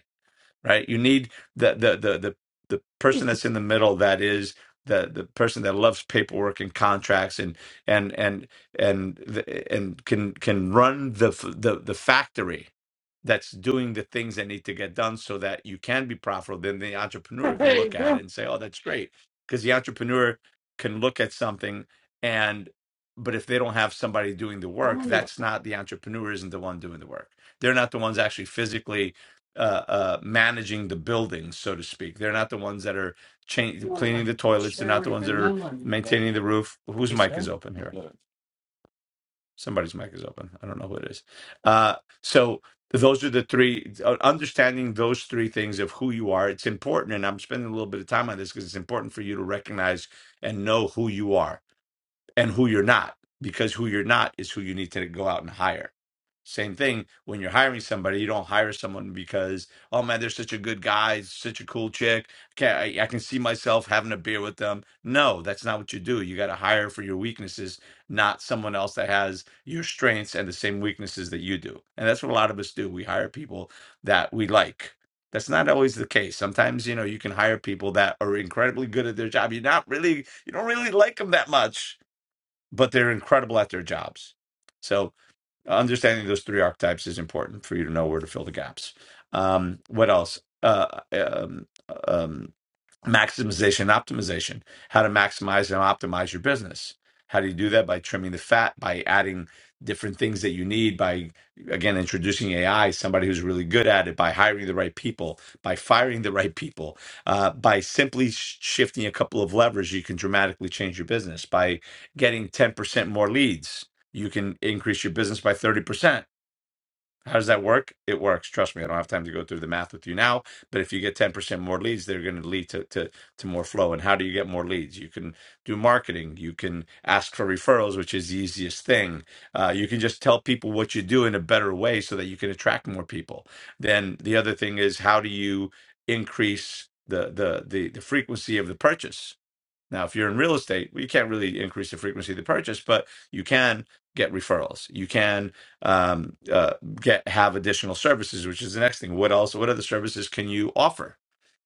right? You need the the the the the person that's in the middle that is the the person that loves paperwork and contracts and and and and the- and can can run the f- the the factory that's doing the things that need to get done so that you can be profitable then the entrepreneur can look at it
bro,
and say oh that's great because the entrepreneur can look at something and but if they don't have somebody doing the work
mommy, you
that's not the entrepreneur isn't the one doing the work they're not the ones actually physically uh, uh, managing the buildings, so to speak. They're not the ones that are cha-
know,
cleaning
like
the toilets. They're not the
cherry
ones that are
vanilla in here.
maintaining the roof. Whose mic is open here? Somebody's mic is open. I don't know who it is. Uh, so those are the three. uh, Understanding those three things of who you are, it's important. And I'm spending a little bit of time on this because it's important for you to recognize and know who you are and who you're not because who you're not is who you need to go out and hire same thing when you're hiring somebody you don't hire someone because oh man they're such a good guy such a cool chick can I, I can see myself having a beer with them no that's not what you do you got to hire for your weaknesses not someone else that has your strengths and the same weaknesses that you do and that's what a lot of us do we hire people that we like that's not always the case sometimes you know you can hire people that are incredibly good at their job you're not really you don't really like them that much but they're incredible at their jobs. So understanding those three archetypes is important for you to know where to fill the gaps. Um, what else? Uh, um, um, maximization and optimization how to maximize and optimize your business how do you do that by trimming the fat by adding different things that you need by again introducing ai somebody who's really good at it by hiring the right people by firing the right people uh, by simply sh- shifting a couple of levers you can dramatically change your business by getting 10% more leads you can increase your business by 30% how does that work? It works. Trust me, I don't have time to go through the math with you now. But if you get 10% more leads, they're going to lead to, to, to more flow. And how do you get more leads? You can do marketing. You can ask for referrals, which is the easiest thing. Uh, you can just tell people what you do in a better way so that you can attract more people. Then the other thing is how do you increase the the the, the frequency of the purchase? Now, if you're in real estate, well, you can't really increase the frequency of the purchase, but you can get referrals. You can um, uh, get have additional services, which is the next thing. What else? What other services can you offer?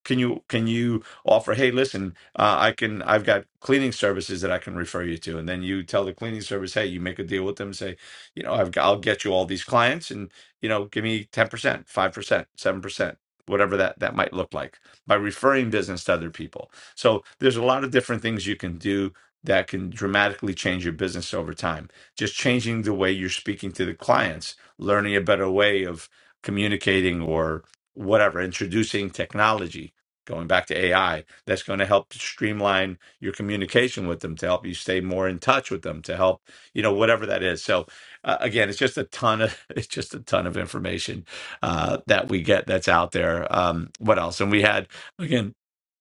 Can you can you offer? Hey, listen, uh, I can. I've got cleaning services that I can refer you to, and then you tell the cleaning service, hey, you make a deal with them. Say, you know, I've got, I'll get you all these clients, and you know, give me ten percent, five percent, seven percent, whatever that that might look like by referring business to other people. So there's a lot of different things you can do that can dramatically change your business over time. Just changing the way you're speaking to the clients, learning a better way of communicating or whatever, introducing technology going back to AI, that's going to help streamline your communication with them, to help you stay more in touch with them, to help you know whatever that is. So uh, again, it's just a ton of it's just a ton of information uh, that we get that's out there. Um, what else? And we had again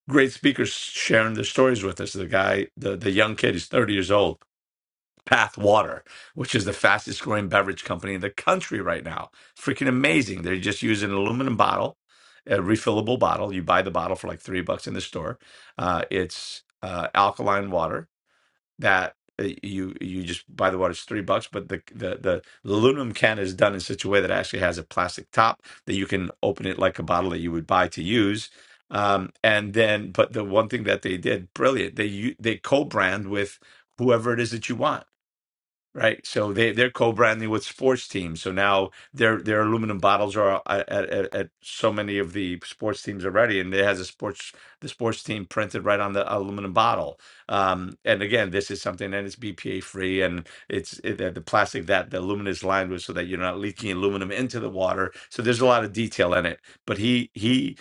great speakers sharing their stories with us. The guy, the the young kid, he's thirty years old Path Water, which is the fastest growing beverage company in the country right now. Freaking amazing. They just use an aluminum bottle, a refillable bottle. You buy the bottle for like three bucks in the store. Uh, it's uh, alkaline water that uh, you you just buy the water it's three bucks but the, the the the aluminum can is done in such a way that it actually has a plastic top that you can open it like a bottle that you would buy to use um and then but the one thing that they did brilliant they u- they co-brand with whoever it is that you want Right. So they they're co-branding with sports teams. So now their their aluminum bottles are uh, at, at at so many of the sports teams already, and it has a sports the sports team printed right on the aluminum bottle. Um, and again, this is something that is BPA free, and it's it, the the plastic that the aluminum is lined with, so that you're not leaking aluminum into the water. So there's a lot of detail in it. But he he.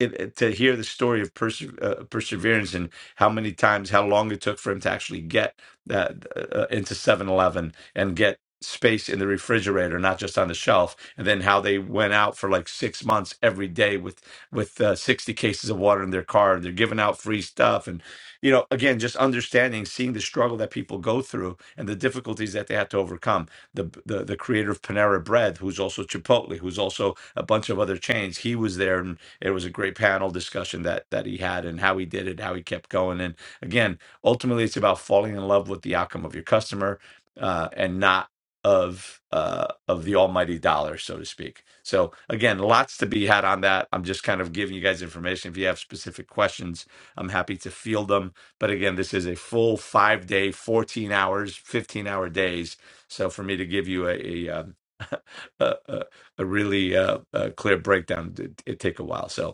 It, it- to hear the story of perse- uh, perseverance and how many times, how long it took for him to actually get uh, uh, into 7-Eleven and get space in the refrigerator, not just on the shelf. And then how they went out for like six months every day with with uh, 60 cases of water in their car. They're giving out free stuff, and you know, again, just understanding, seeing the struggle that people go through and the difficulties that they had to overcome. The the the creator of Panera Bread, who's also Chipotle, who's also a bunch of other chains, he was there, and it was a great panel discussion that that he had and how he did it, how he kept going, and again ultimately it's about falling in love with the outcome of your customer uh, and not of uh, of the almighty dollar, so to speak. So again, lots to be had on that. I'm just kind of giving you guys information. If you have specific questions, I'm happy to field them. But again, this is a full five day, 14 hours, 15 hour days. So for me to give you a a, um, a, a, a really uh, uh clear breakdown, it, it take a while. So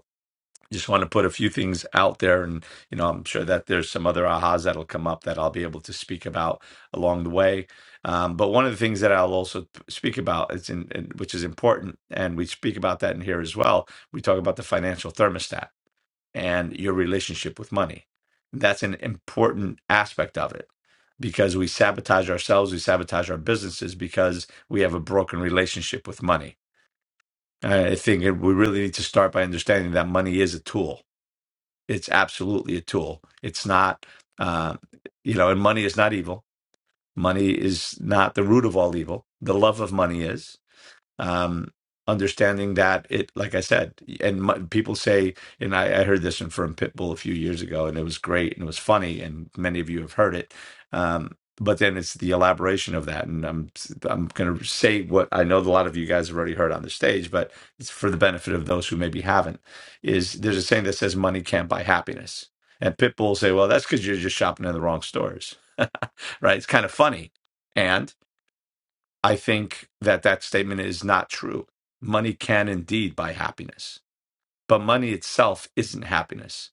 just want to put a few things out there and you know i'm sure that there's some other ahas that'll come up that i'll be able to speak about along the way um, but one of the things that i'll also p- speak about is in, in which is important and we speak about that in here as well we talk about the financial thermostat and your relationship with money that's an important aspect of it because we sabotage ourselves we sabotage our businesses because we have a broken relationship with money i think we really need to start by understanding that money is a tool it's absolutely a tool. It's not, uh, you know, and money is not evil. Money is not the root of all evil. The love of money is um, understanding that it, like I said, and m people say, and I, I heard this one from Pitbull a few years ago, and it was great and it was funny, and many of you have heard it. Um, but then it's the elaboration of that, and I'm I'm going to say what I know a lot of you guys have already heard on the stage, but it's for the benefit of those who maybe haven't. Is there's a saying that says money can't buy happiness, and Pitbull say, well, that's because you're just shopping in the wrong stores, right? It's kind of funny, and I think that that statement is not true. Money can indeed buy happiness, but money itself isn't happiness.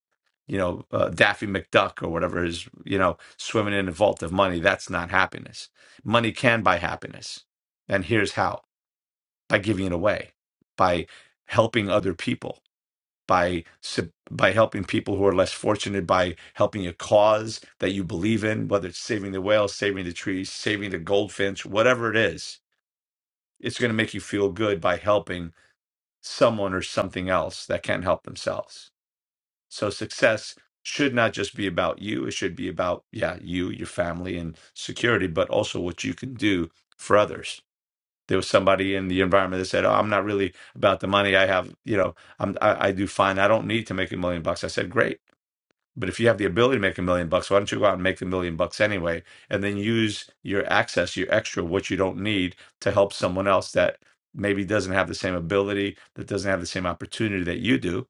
You know, uh, Daffy McDuck or whatever is, you know, swimming in a vault of money, that's not happiness. Money can buy happiness. And here's how by giving it away, by helping other people. By sup- by helping people who are less fortunate, by helping a cause that you believe in, whether it's saving the whales, saving the trees, saving the goldfinch, whatever it is, it's going to make you feel good by helping someone or something else that can't help themselves. So success should not just be about you. It should be about, yeah, you, your family, and security, but also what you can do for others. There was somebody in the environment that said, "Oh, I'm not really about the money I have. You know, I'm, I, I do fine. I don't need to make a million bucks." I said, "Great but if you have the ability to make a million bucks, why don't you go out and make the million bucks anyway, and then use your access, your extra, what you don't need, to help someone else that maybe doesn't have the same ability, that doesn't have the same opportunity that you do.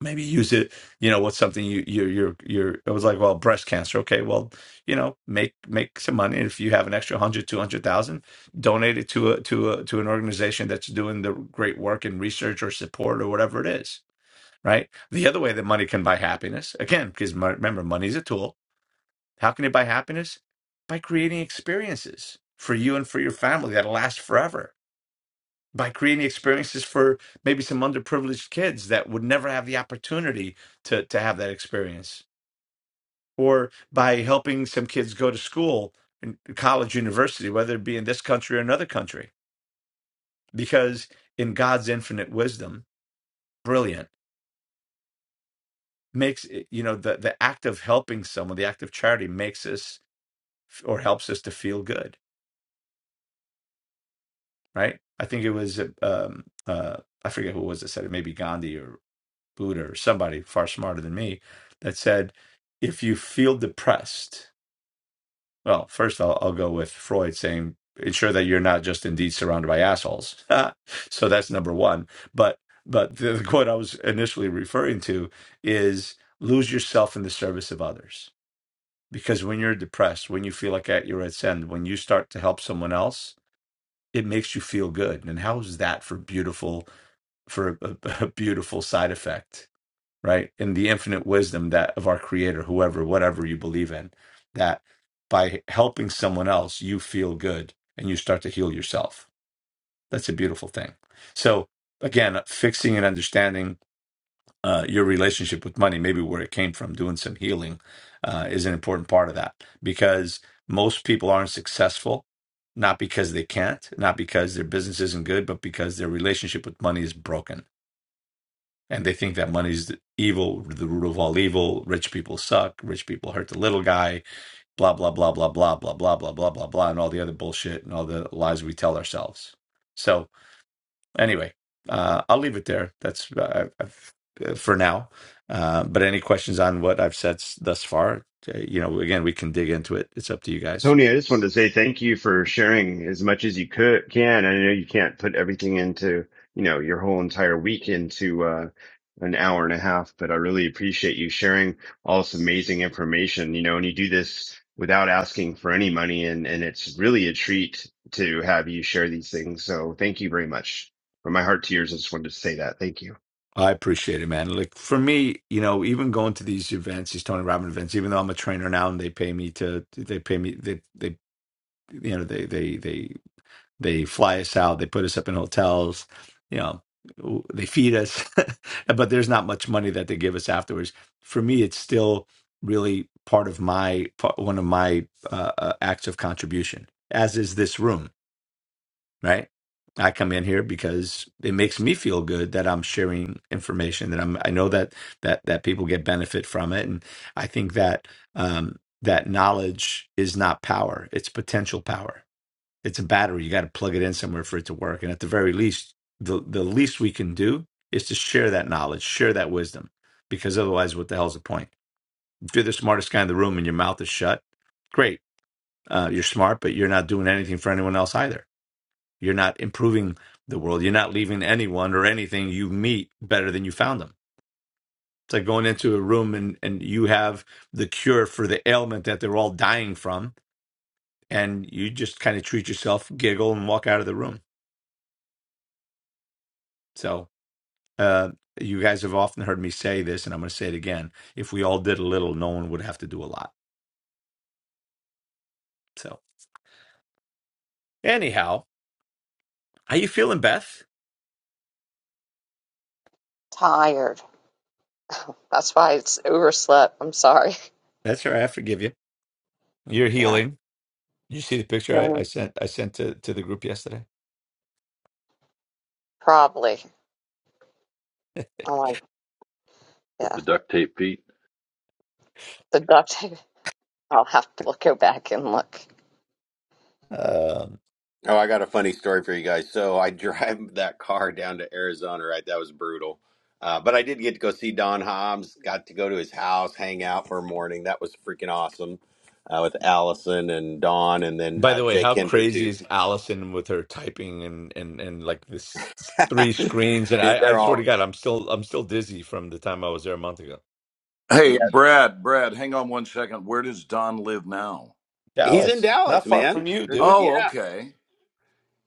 Maybe use it. You know, what's something you you you're you're. It was like, well, breast cancer. Okay, well, you know, make make some money. And if you have an extra one hundred, two hundred thousand, donate it to a to a to an organization that's doing the great work in research or support or whatever it is right? The other way that money can buy happiness, again, because mo- remember, money is a tool. How can it buy happiness? By creating experiences for you and for your family that'll last forever. By creating experiences for maybe some underprivileged kids that would never have the opportunity to, to have that experience. Or by helping some kids go to school, in college, university, whether it be in this country or another country. Because in God's infinite wisdom, brilliant makes it- you know the the act of helping someone the act of charity makes us f- or helps us to feel good right i think it was uh, um uh i forget who it was that said it maybe gandhi or buddha or somebody far smarter than me that said if you feel depressed well first i'll, I'll go with freud saying ensure that you're not just indeed surrounded by assholes so that's number one but but the, the quote i was initially referring to is lose yourself in the service of others Because when you're depressed, when you feel like at your wits end, when you start to help someone else, it makes you feel good. And how is that for beautiful, for a, a a beautiful side effect, right? In the infinite wisdom that of our Creator, whoever, whatever you believe in, that by helping someone else, you feel good and you start to heal yourself. That's a beautiful thing. So again, fixing and understanding uh, your relationship with money, maybe where it came from, doing some healing uh, is an important part of that because most people aren't successful, not because they can't, not because their business isn't good, but because their relationship with money is broken. And they think that money's the evil, the root of all evil. Rich people suck. Rich people hurt the little guy. Blah blah blah blah blah blah blah blah blah blah blah, and all the other bullshit and all the lies we tell ourselves. So anyway, uh, I'll leave it there. That's uh, I've, uh, for now. Uh, but any questions on what I've said s- thus far? uh, You know, again, we can dig into it. It's up to you guys.
Tony, I just wanted to say thank you for sharing as much as you could, can. I know you can't put everything into, you know, your whole entire week into, uh, an hour and a half, but I really appreciate you sharing all this amazing information, you know, and you do this without asking for any money. And, and it's really a treat to have you share these things. So thank you very much from my heart to yours. I just wanted to say that. Thank you.
I appreciate it, man. Like for me, you know, even going to these events, these Tony Robbins events, even though I'm a trainer now and they pay me to, they pay me, they, they, you know, they, they, they. They fly us out. They put us up in hotels. You know, w- they feed us, but there's not much money that they give us afterwards. For me, it's still really part of my part, one of my uh, uh, acts of contribution. As is this room, right? I come in here because it makes me feel good that I'm sharing information that I'm. I know that that that people get benefit from it, and I think that um, that knowledge is not power; it's potential power it's a battery. You got to plug it in somewhere for it to work. And at the very least, the, the least we can do is to share that knowledge, share that wisdom, because otherwise, what the hell's the point? If you're the smartest guy in the room and your mouth is shut, great. Uh, you're smart, but you're not doing anything for anyone else either. You're not improving the world. You're not leaving anyone or anything you meet better than you found them. It's like going into a room and, and you have the cure for the ailment that they're all dying from, and you just kind of treat yourself, giggle, and walk out of the room. So, Uh, you guys have often heard me say this, and I'm going to say it again. If we all did a little, no one would have to do a lot. So, anyhow, how you feeling, Beth?
Tired. That's why it's overslept. I'm sorry.
That's all right. I forgive you. You're
Yeah.
healing. You see the picture I,
Yeah.
I sent. I sent to to the group yesterday.
Probably. I'm like,
with
yeah.
the duct tape feet.
The duct I'll have to look, go back and look.
Um,
Oh, I got a funny story for you guys. So I drive that car down to Arizona, right? That was brutal. Uh, but I did get to go see Don Hobbs, got to go to his house, hang out for a morning. That was freaking awesome uh, with Allison and Don and then
by
uh,
the way,
Jake
how
Hinder,
crazy
too.
is Allison with her typing and and and like this three screens? And
Dude,
I, I
they're
swear to
all,
God, I'm still I'm still dizzy from the time I was there a month ago.
Hey,
yeah.
Brad, Brad, hang on one second. Where does Don live now?
He's in
Dallas,
Dallas,
not far
man.
from you, dude.
Oh,
Yeah.
okay.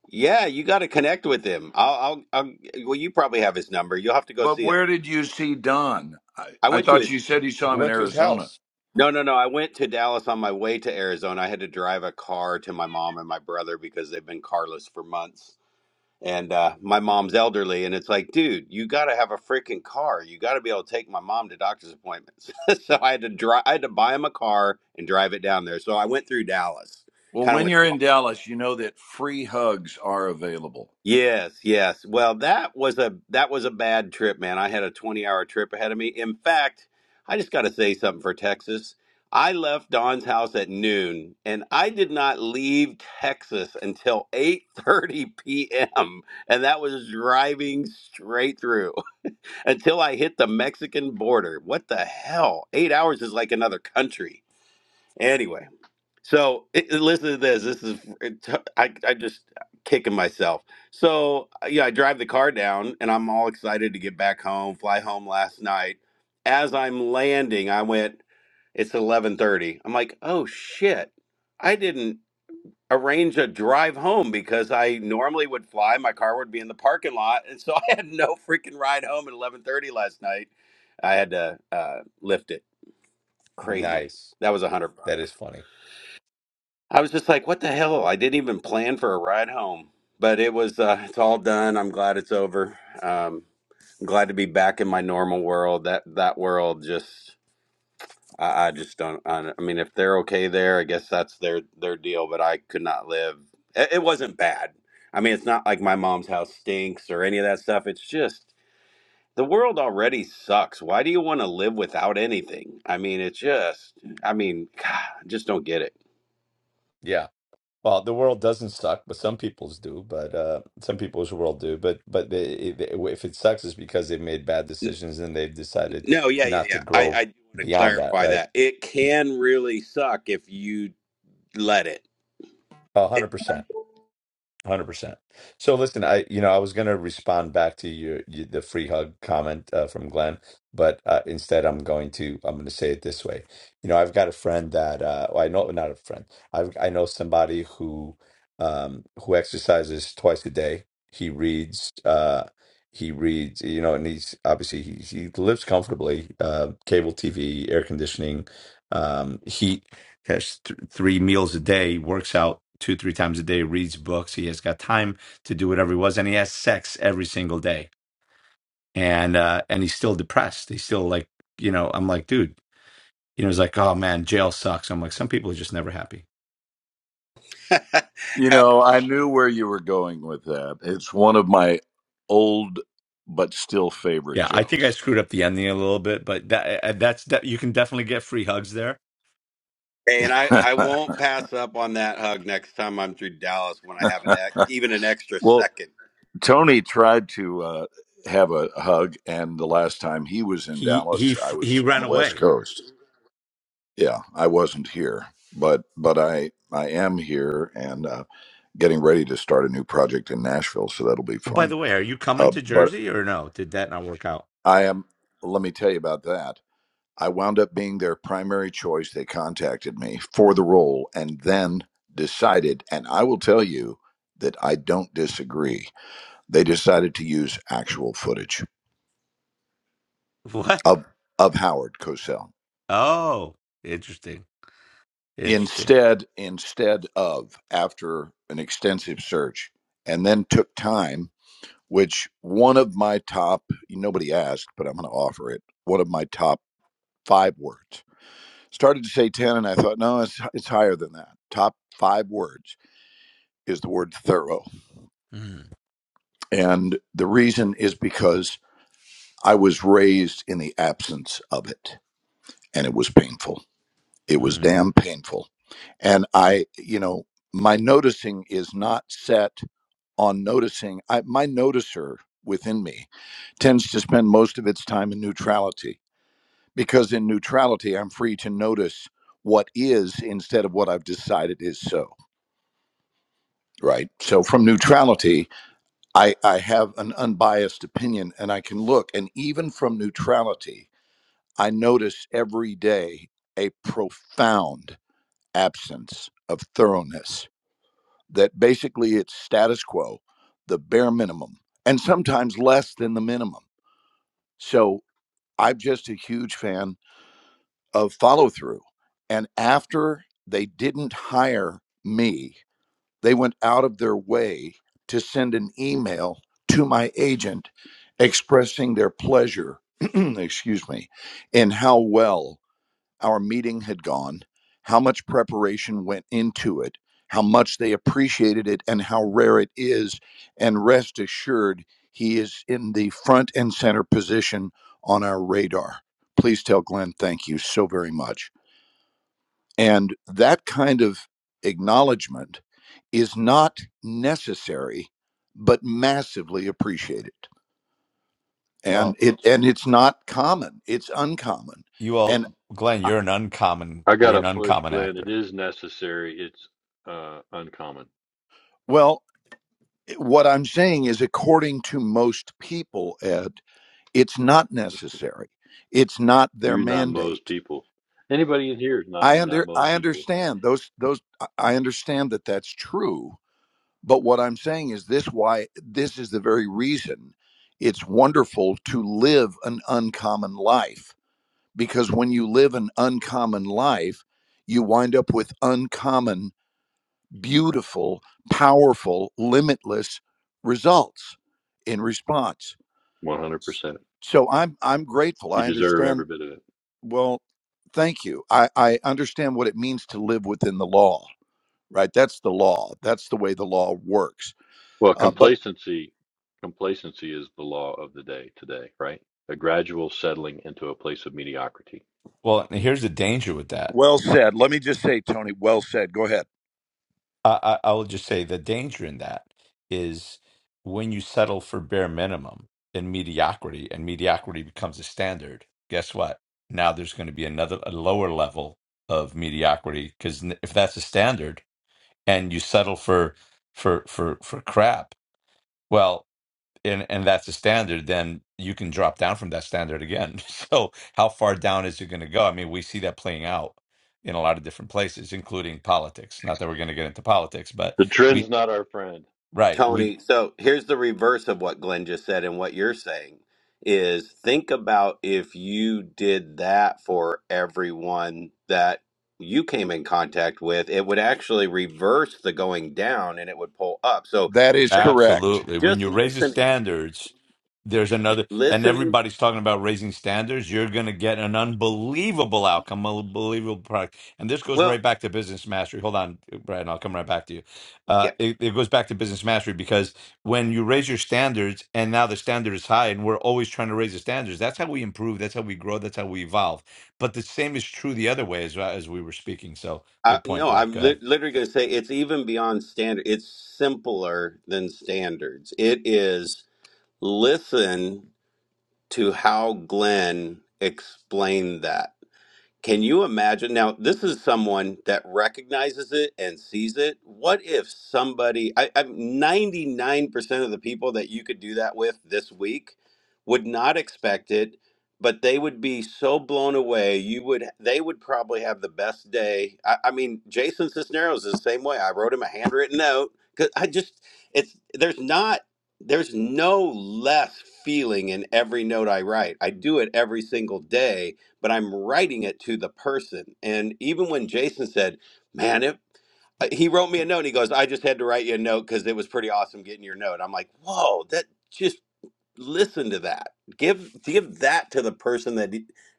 Yeah, you got to connect with him. I'll, I'll, I'll, well, you probably have his number. You'll have to go
But
see him.
where did you see Don? I,
I
I
went to his
thought you said you saw him in
Went to his
Arizona.
house.
No, no, no. I went to Dallas on my way to Arizona. I had to drive a car to my mom and my brother because they've been carless for months. And uh, my mom's elderly, and it's like, dude, you got to have a freaking car. You got to be able to take my mom to doctor's appointments. so I had to drive. I had to buy him a car and drive it down there. So I went through Dallas.
Well,
Kind of
when
went.
you're in Dallas, you know that free hugs are available.
Yes, yes. Well, that was a that was a bad trip, man. I had a 20-hour trip ahead of me. In fact, I just got to say something for Texas. I left Don's house at noon, and I did not leave Texas until 8:30 p.m., and that was driving straight through until I hit the Mexican border. What the hell? 8 hours is like another country. Anyway, so it, it- listen to this. This is it, I I just kicking myself. So uh, yeah, I drive the car down, and I'm all excited to get back home. Fly home last night. As I'm landing, I went. It's 11:30. I'm like, oh shit! I didn't arrange a drive home because I normally would fly. My car would be in the parking lot, and so I had no freaking ride home at 11:30 last night. I had to uh, lift it. Crazy.
Nice.
That was a hundred bucks.
That is funny.
I was just like, what the hell? I didn't even plan for a ride home, but it was, uh, it's all done. I'm glad it's over. Um, I'm glad to be back in my normal world. That, that world just, I, I just don't, I, don't- I mean, if they're okay there, I guess that's their, their deal, but I could not live. It, it wasn't bad. I mean, it's not like my mom's house stinks or any of that stuff. It's just, the world already sucks. Why do you want to live without anything? I mean, it's just, I mean, God, I just don't get it.
Yeah. Well, the world doesn't suck, but some people's do. But uh, some people's world do. But but they, they, if it sucks, it's because they've made bad decisions and they've decided
No, yeah, yeah,
not to
yeah. I,
grow
I do want to
beyond that,
clarify
right?
that. It can really suck if you let it.
A
it
hundred Hundred percent. So listen, I you know I was gonna respond back to your, your the free hug comment uh, from Glenn, but uh, instead I'm going to I'm gonna say it this way. You know I've got a friend that uh, well, I know not a friend. I I know somebody who um, who exercises twice a day. He reads. Uh, he reads. You know, and he's obviously he he lives comfortably. Uh, cable TV, air conditioning, um, heat has th- three meals a day, works out two, three times a day, reads books. He has got time to do whatever he was, and he has sex every single day. And uh, and he's still depressed. He's still like, you know, I'm like, dude, you know, he's like, oh man, jail sucks. I'm like, some people are just never happy.
You
Uh,
know, I knew where you were going with that. It's one of my old but still favorite
Yeah, I think I
jokes.
screwed up the ending a little bit, but that uh, uh, that's that you can definitely get free hugs there.
and I, I won't pass up on that hug next time I'm through Dallas when I have an ex, even an extra
Well,
second.
Tony tried to uh, have a hug, and the last time he was in
He he
Dallas, I
f- he
was on
ran
the West
away.
Coast. Yeah, I wasn't here, but but I I am here and uh, getting ready to start a new project in Nashville, so that'll be
Oh, by
fun.
the way, are you coming
Uh,
to
but
Jersey or no? Did that not work out?
I am. Let me tell you about that. I wound up being their primary choice. They contacted me for the role, and then decided. And I will tell you that I don't disagree They decided to use actual footage
What?
of of Howard Cosell
Oh, interesting, interesting.
instead instead of after an extensive search, and then took time. Which one of my top nobody asked, but I'm going to offer it. One of my top five words started to say ten, and I thought no, it's it's higher than that. Top five words is the word thorough,
Hmm.
and the reason is because I was raised in the absence of it, and it was painful It was
hmm.
damn painful. And I, you know, my noticing is not set on noticing. I, my noticer within me tends to spend most of its time in neutrality because in neutrality, I'm free to notice what is instead of what I've decided is so. Right. So from neutrality, I, I have an unbiased opinion and I can look. And even from neutrality, I notice every day a profound absence of thoroughness that basically it's status quo the bare minimum and sometimes less than the minimum so i'm just a huge fan of follow through and after they didn't hire me they went out of their way to send an email to my agent expressing their pleasure excuse me in how well our meeting had gone, how much preparation went into it, how much they appreciated it, and how rare it is. And rest assured, he is in the front and center position on our radar. Please tell Glenn thank you so very much. And that kind of acknowledgement is not necessary, but massively appreciated. And
Well,
it and it's not common. It's uncommon.
you all,
And
Glenn,
I-
you're an uncommon,
I got
you're
to
an
push,
uncommon
Glenn. It
actor.
is necessary. It's uh, uncommon.
well, what I'm saying is, according to most people, Ed, it's not necessary. It's not their
You're not most
mandate.
people. Anybody in here is not
I
not
under
most
I
people.
understand those those I I understand that that's true. But what I'm saying is this: why this is the very reason it's wonderful to live an uncommon life because when you live an uncommon life, you wind up with uncommon, beautiful, powerful, limitless results in response
100%.
S- So I'm I'm grateful.
You
I
deserve every
understand.
bit of it.
Well, thank you. I, I understand what it means to live within the law. Right. That's the law. That's the way the law works.
Well,
Uh, but
complacency, complacency is the law of the day today, right? A gradual settling into a place of mediocrity.
Well, and here's the danger with that.
Well said. Let me just say, Tony, well said. Go ahead.
I, I, I will just say the danger in that is when you settle for bare minimum and mediocrity, and mediocrity becomes a standard. Guess what? Now there's going to be another a lower level of mediocrity because if that's a standard and you settle for for for for crap, well. and and that's the standard, then you can drop down from that standard again. So how far down is it going to go? I mean, we see that playing out in a lot of different places, including politics. Not that we're going to get into politics, but
The trend's
we
not our friend.
right we
Tony, so here's the reverse of what Glenn just said and what you're saying is think about if you did that for everyone that you came in contact with, it would actually reverse the going down and it would pull up. So
that is correct,
Absolutely. When
just
you raise the
listening
standards, there's another, and
listening
everybody's talking about raising standards. You're going to get an unbelievable outcome, unbelievable product. And this goes
well
right back to business mastery. Hold on, Brad, I'll come right back to you. Uh,
yeah
it, it goes back to business mastery because when you raise your standards, and now the standard is high, and we're always trying to raise the standards, that's how we improve, that's how we grow, that's how we evolve. But the same is true the other way as, as we were speaking. So
I,
good point,
no
Brad. Go
i'm
ahead.
li- literally going to say it's even beyond standard it's simpler than standards it is listen to how glenn explained that Can you imagine? Now, this is someone that recognizes it and sees it. What if somebody, I, I'm 99% of the people that you could do that with this week would not expect it, but they would be so blown away. You would, they would probably have the best day. I, I mean, Jason Cisneros is the same way. I wrote him a handwritten note because I just, it's, there's not, there's no less feeling in every note I write. I do it every single day but I'm writing it to the person. And even when Jason said, man, it, uh, he wrote me a note. He goes, I just had to write you a note because it was pretty awesome getting your note. I'm like, whoa, that just listen to that give give that to the person that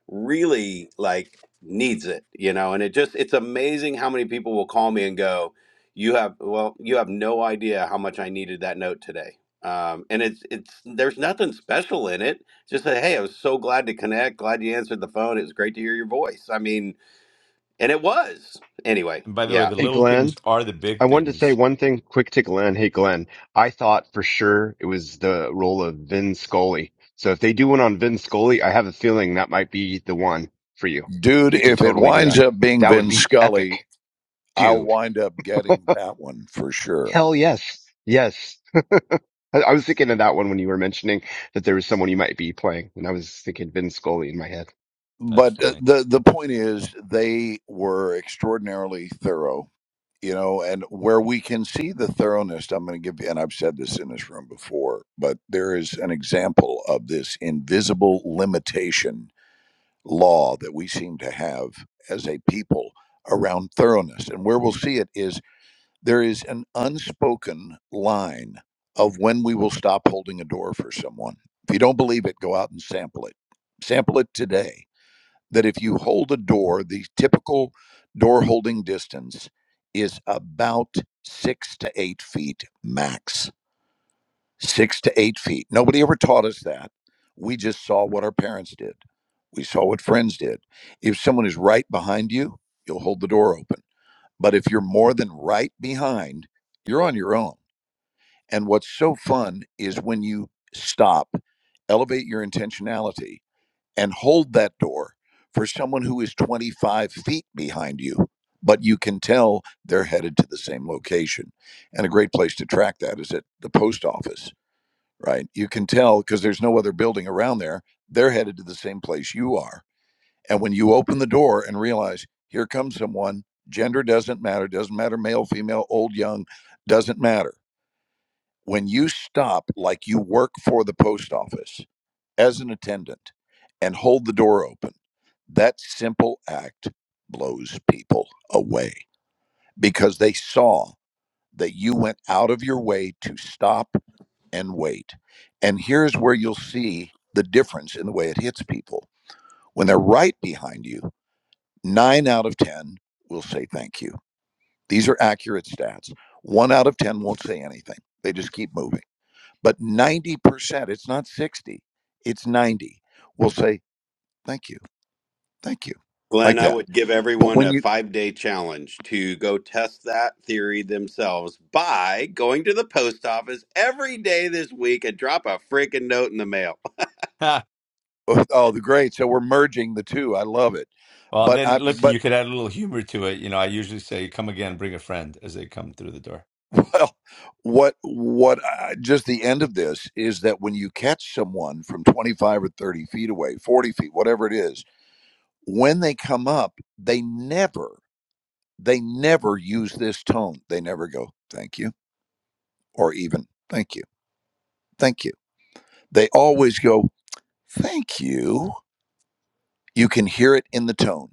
really like needs it you know and it just it's amazing how many people will call me and go you have well you have no idea how much i needed that note today um, and it's it's there's nothing special in it just say hey i was so glad to connect glad you answered the phone it was great to hear your voice i mean and it was anyway
And by the way,
Yeah.
the
Hey,
little
Glenn.
things are the
I
big
wanted to say
things.
one thing quick to Glenn. Hey, Glenn, I thought for sure it was the role of Vin Scully. So if they do one on Vin Scully, I have a feeling that might be the one for you.
dude.
You could
If it
totally do
winds
that.
up being
That would
Vin
be
Scully,
epic,
I'll
dude.
wind up getting that one for sure.
Hell yes. Yes. I, I was thinking of that one when you were mentioning that there was someone you might be playing, and I was thinking Vin Scully in my head.
That's
But uh,
funny.
the the point is, they were extraordinarily thorough you know, and where we can see the thoroughness, I'm going to give you, and I've said this in this room before, but there is an example of this invisible limitation law that we seem to have as a people around thoroughness. And where we'll see it is there is an unspoken line of when we will stop holding a door for someone. If you don't believe it, go out and sample it. Sample it today that if you hold a door, the typical door holding distance is about six to eight feet max. Six to eight feet. Nobody ever taught us that. We just saw what our parents did, we saw what friends did. If someone is right behind you, you'll hold the door open. But if you're more than right behind, you're on your own. And what's so fun is when you stop, elevate your intentionality and hold that door for someone who is 25 feet behind you, but you can tell they're headed to the same location. And a great place to track that is at the post office, right? You can tell because there's no other building around there, they're headed to the same place you are. And when you open the door and realize here comes someone, gender doesn't matter, doesn't matter male, female, old, young, doesn't matter. When you stop like you work for the post office, as an attendant and hold the door open. That simple act blows people away because they saw that you went out of your way to stop and wait. And here's where you'll see the difference in the way it hits people. When they're right behind you, nine out of 10 will say thank you. These are accurate stats. One out of 10 won't say anything, they just keep moving. But 90%, it's not 60, it's 90, will say thank you Thank you. Like
Glenn, I
that.
would give
But
everyone
when
a
you
five day challenge to go test that theory themselves by going to the post office every day this week and drop a freaking note in the mail.
Ha.
oh, oh, the great. So we're merging the two. I love it.
Well, and
But
then
I
look,
but
you could add a little humor to it. You know, I usually say, "Come again, bring a friend" as they come through the door.
well, what what I, just the end of this is that when you catch someone from 25 or 30 feet away, 40 feet, whatever it is, when they come up, they never they never use this tone. They never go, "Thank you," or even "Thank you." Thank you. They always go, "Thank you." You can hear it in the tone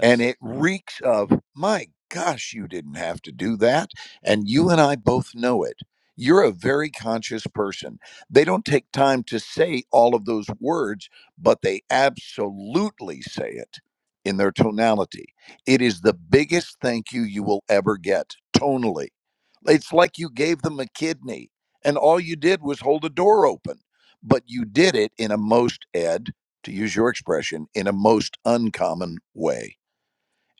and it reeks of my gosh you didn't have to do that and you and i both know it you're a very conscious person they don't take time to say all of those words but they absolutely say it in their tonality it is the biggest thank you you will ever get tonally it's like you gave them a kidney and all you did was hold a door open but you did it in a most ed to use your expression in a most uncommon way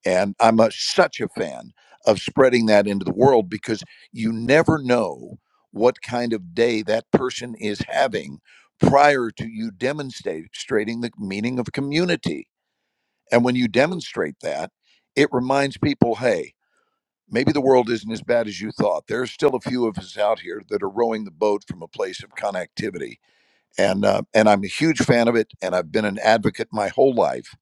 and I'm a, such a fan of spreading that into the world because you never know what kind of day that person is having prior to you demonstrating the meaning of community. And when you demonstrate that, it reminds people hey, maybe the world isn't as bad as you thought. There are still a few of us out here that are rowing the boat from a place of connectivity and uh, and I'm a huge fan of it, and I've been an advocate my whole life,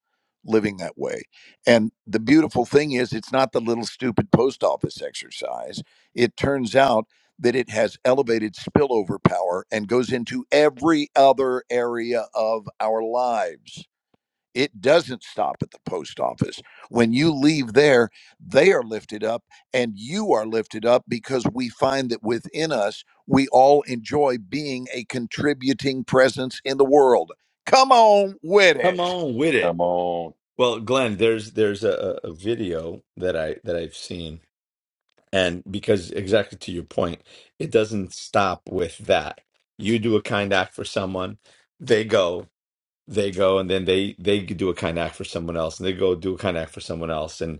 living that way. And the beautiful thing is, it's not the little stupid post office exercise. It turns out that it has elevated spillover power and goes into every other area of our lives it doesn't stop at the post office. When you leave there, they are lifted up and you are lifted up because we find that within us, we all enjoy being a contributing presence in the world. Come on with
come
it.
on with it.
Come on.
Well, Glenn, there's there's a, a a video that I that I've seen, and because exactly to your point, it doesn't stop with that. You do a kind act for someone, they go. they go and then they they do a kind act for someone else and they go do a kind act for someone else and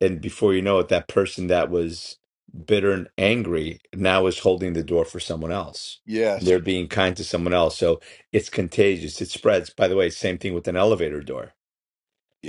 and before you know it that person that was bitter and angry now is holding the door for someone else and
Yes,
they're being kind to someone else so it's contagious it spreads by the way same thing with an elevator door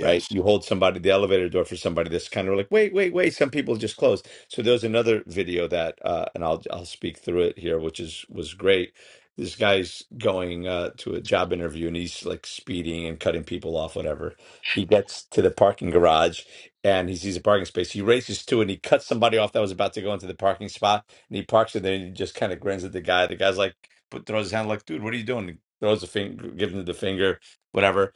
right? You hold somebody, the elevator door for somebody that's kind of like, wait, wait, wait. Some people just close. So there's another video that, uh, and I'll I'll speak through it here, which is was great. This guy's going uh, to a job interview and he's like speeding and cutting people off, whatever. He gets to the parking garage and he sees a parking space. He races to it and he cuts somebody off that was about to go into the parking spot and he parks it there and he just kind of grins at the guy. The guy's like, put, throws his hand like, dude, what are you doing? Throws a finger, gives him the finger, whatever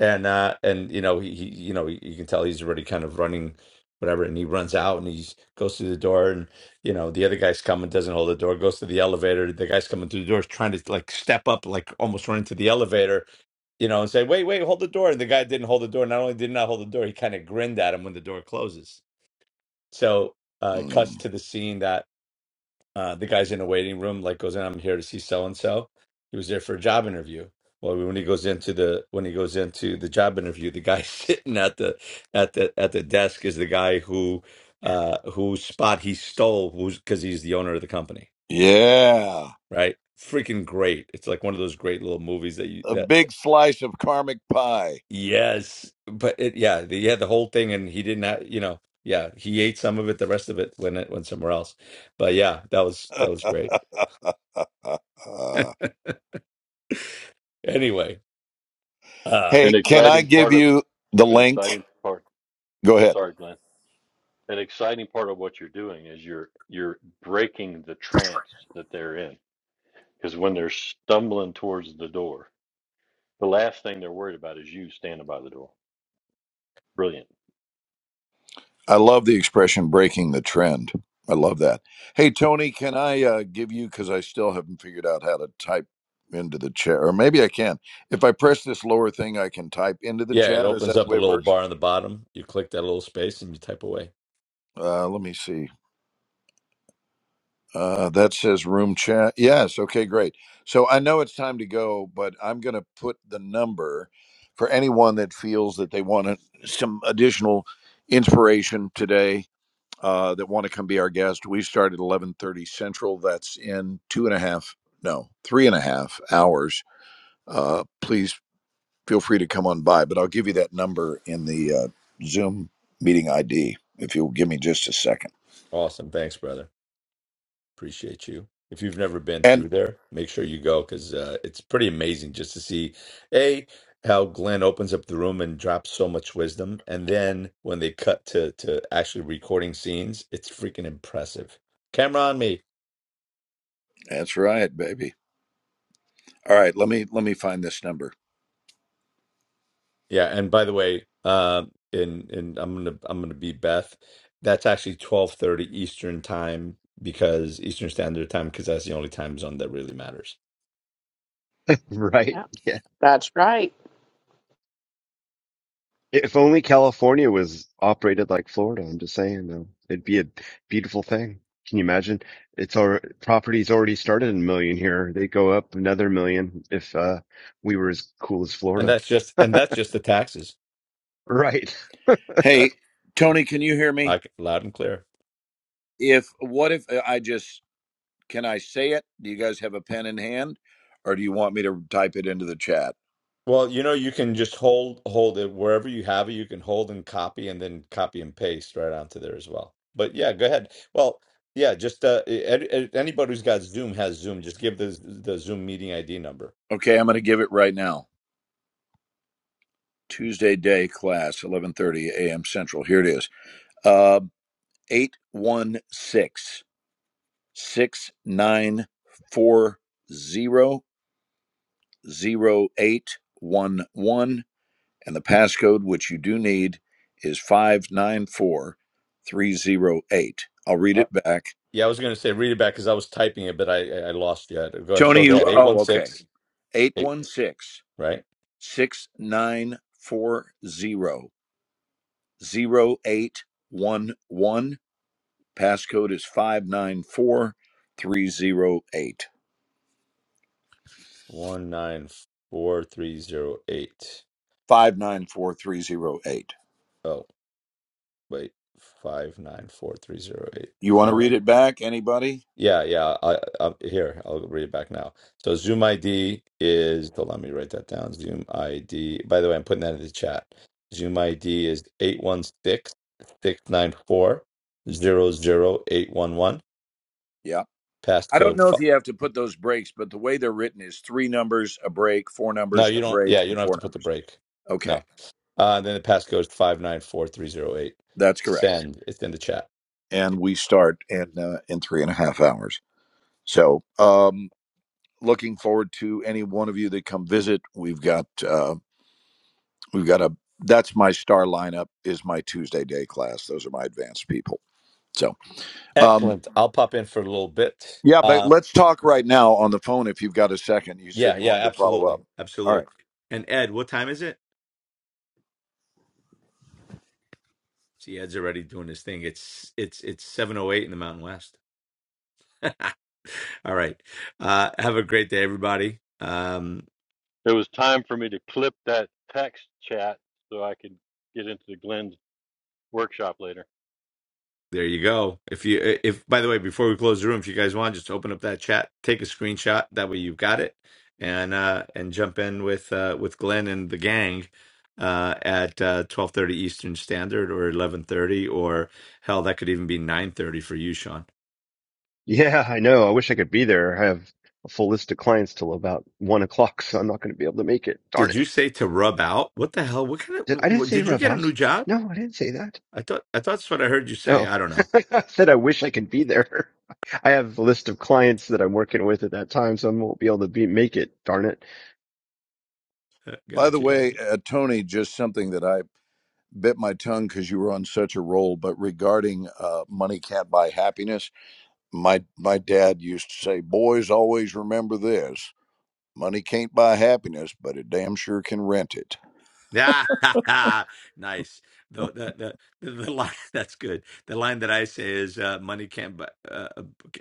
and uh and you know he, he you know you can tell he's already kind of running whatever and he runs out and he goes through the door and you know the other guy's coming doesn't hold the door goes to the elevator the guy's coming through the door is trying to like step up like almost run into the elevator you know and say wait wait hold the door and the guy didn't hold the door not only did he not hold the door he kind of grinned at him when the door closes so uh it cuts
Mm.
to the scene uh, the guy's in a waiting room, like goes in, I'm here to see so and so. He was there for a job interview. Well, when he goes into the when he goes into the job interview, the guy sitting at the at the at the desk is the guy who uh whose spot he stole who's because he's the owner of the company,
Yeah,
right? Freaking great. It's like one of those great little movies that you
a
that,
big
that
slice of karmic pie.
yes. But it yeah, the, he had the whole thing and he didn't have, you know, yeah, he ate some of it, the rest of it went went somewhere else. But yeah, that was that was great. Anyway, uh,
hey,
An
can I
exciting
give
part of
you the
an
link?
exciting part.
Go ahead.
Sorry, Glenn. An exciting part of what you're doing is you're you're breaking the trance that they're in. Because when they're stumbling towards the door, the last thing they're worried about is you standing by the door. Brilliant.
I love the expression breaking the trend. I love that. Hey, Tony, can I uh, give you, because I still haven't figured out how to type into the chat, or maybe I can. If I press this lower thing, I can type into the
Yeah, it
chat. Is
opens
that the
up a
way it
little
works?
bar on the bottom. You click that little space and you type away.
Uh, let me see. Uh, that says room chat. Yes. Okay, great. So I know it's time to go, but I'm going to put the number for anyone that feels that they want a, some additional inspiration today uh, that want to come be our guest. We start at eleven thirty central. That's in two and a half, no, three and a half hours. Uh, please feel free to come on by, but I'll give you that number in the uh, Zoom meeting ID if you'll give me just a second.
Awesome. Thanks, brother. Appreciate you. If you've never been
And
through there, make sure you go because uh, it's pretty amazing just to see A, how Glenn opens up the room and drops so much wisdom. And then when they cut to, to actually recording scenes, it's freaking impressive. Camera on me.
that's right, baby. All right, let me let me find this number.
Yeah, and by the way, uh, and and I'm gonna I'm gonna be Beth. That's actually 12:30 Eastern time because Eastern Standard Time because that's the only time zone that really matters.
Right?
Yeah. That's right.
If only California was operated like Florida, I'm just saying, though. It'd be a beautiful thing. Can you imagine? It's our property's already started a million here. They go up another million if uh we were as cool as
And
Florida.
that's just and that's just the taxes.
Right.
Hey, Tony, can you hear
I
me?
c- loud and clear.
If what if I just Can I say it? Do you guys have a pen in hand? Or do you want me to type it into the chat?
Well, you know, you can just hold hold it wherever you have it. You can hold and copy and then copy and paste right onto there as well. But yeah, go ahead. Well, yeah, just uh, a- a- anybody who's got Zoom has Zoom. Just give the the Zoom meeting ID number.
Okay, I'm going to give it right now. Tuesday day class, 11:30 a.m. Central. Here it is. Uh, 816 And the passcode, which you do need, is 594308. I'll read it back.
Yeah, I was going to say read it back because I was typing it, but I I lost you. Go ahead.
Tony,
So go
you,
ahead. Eight one
oh, okay.
six
Eight
eight.
one six
Right.
six nine four zero zero eight one one. Passcode is 594308.
One nine four three zero eight.
594308.
Oh wait, five nine four three zero eight
You want to read
five.
it back, anybody?
Yeah, yeah. I, I here. I'll read it back now. So Zoom ID is. Don't let me write that down. Zoom ID. By the way, I'm putting that in the chat. Zoom ID is eight one six six nine four zero zero eight one one.
Yeah. I don't
Passcode.
know if you have to put those breaks, but the way they're written is three numbers, a break, four
No,
numbers,
you
a
don't.
break,
Yeah, you
and
don't have
four
to put the
numbers.
break.
Okay.
No. Uh, then the pass goes five nine four three zero eight.
That's correct.
Send. It's in the chat.
And we start in uh, in three and a half hours. So, um, looking forward to any one of you that come visit. We've got uh, we've got a that's my star lineup is my Tuesday day class. Those are my advanced people. So um,
Excellent. I'll pop in for a little bit.
yeah, but
Uh,
let's talk right now on the phone if you've got a second. You said
yeah,
you
yeah,
wanted to follow
absolutely,
up. All
absolutely.
right.
And Ed, what time is it? See, Ed's already doing his thing. It's it's it's seven oh eight in the Mountain West. All right. Uh, have a great day, everybody. Um,
It was time for me to clip that text chat so I could get into the Glenn's workshop later.
There you go. If you, if by the way, before we close the room, if you guys want, just open up that chat, take a screenshot. That way you've got it, and uh, and jump in with uh, with Glenn and the gang uh, at uh, twelve thirty Eastern Standard or eleven thirty, or hell, that could even be nine thirty for you, Sean.
Yeah, I know. I wish I could be there. I have a full list of clients till about one o'clock, so I'm not going to be able to make it. Darn
Did
it.
you say to rub out? What the hell? What kind
Did
of?
I
wh-
didn't say
did you
rub
get a
out?
new job?
No, I didn't say that.
I thought I thought that's what I heard you say.
Oh,
I don't know.
I said I wish I could be there. I have a list of clients that I'm working with at that time, so I won't be able to be make it. Darn it.
By the
Gotcha,
way,
guys.
uh, Tony, just something that I bit my tongue because you were on such a roll. But regarding uh, money can't buy happiness, my my dad used to say, "Boys always remember this: money can't buy happiness, but it damn sure can rent it."
Yeah, nice. The the the the the line that's good. The line that I say is uh, money can't buy uh,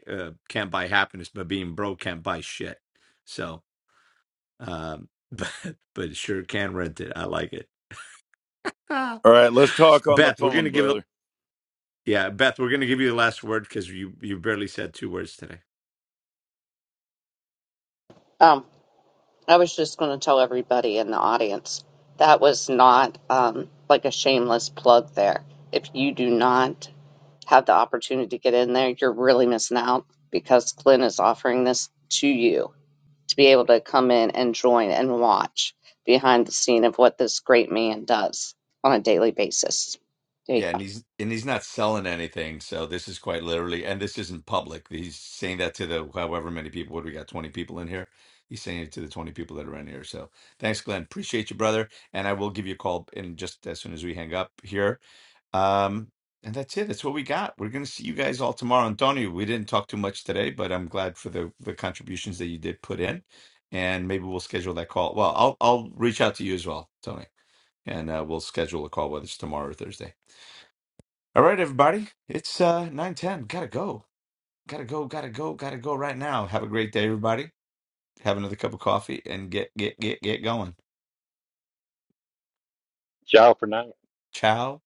uh, can't buy happiness, but being broke can't buy shit. So, um, but but it sure can rent it. I like it. Ah.
All right, let's talk on the
Beth, we're
phone,
gonna give it.
brother.
Yeah, Beth, we're gonna give you the last word because you you barely said two words today.
Um, I was just going to tell everybody in the audience that was not um, like a shameless plug there. If you do not have the opportunity to get in there, you're really missing out because Glenn is offering this to you to be able to come in and join and watch behind the scene of what this great man does on a daily basis. There you
Yeah,
go.
and he's and he's not selling anything, so this is quite literally, and this isn't public. He's saying that to the however many people. What do we got? Twenty people in here. He's saying it to the twenty people that are in here. So thanks, Glenn. Appreciate you, brother. And I will give you a call in just as soon as we hang up here. Um, and that's it. That's what we got. We're gonna see you guys all tomorrow. Antonio, we didn't talk too much today, but I'm glad for the the contributions that you did put in. And maybe we'll schedule that call. Well, I'll I'll reach out to you as well, Tony, and uh, we'll schedule a call whether it's tomorrow or Thursday. All right, everybody. It's uh nine ten. Gotta go. Gotta go. Gotta go. Gotta go right now. Have a great day, everybody. Have another cup of coffee and get get get get going.
Ciao for now.
Ciao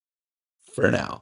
for now.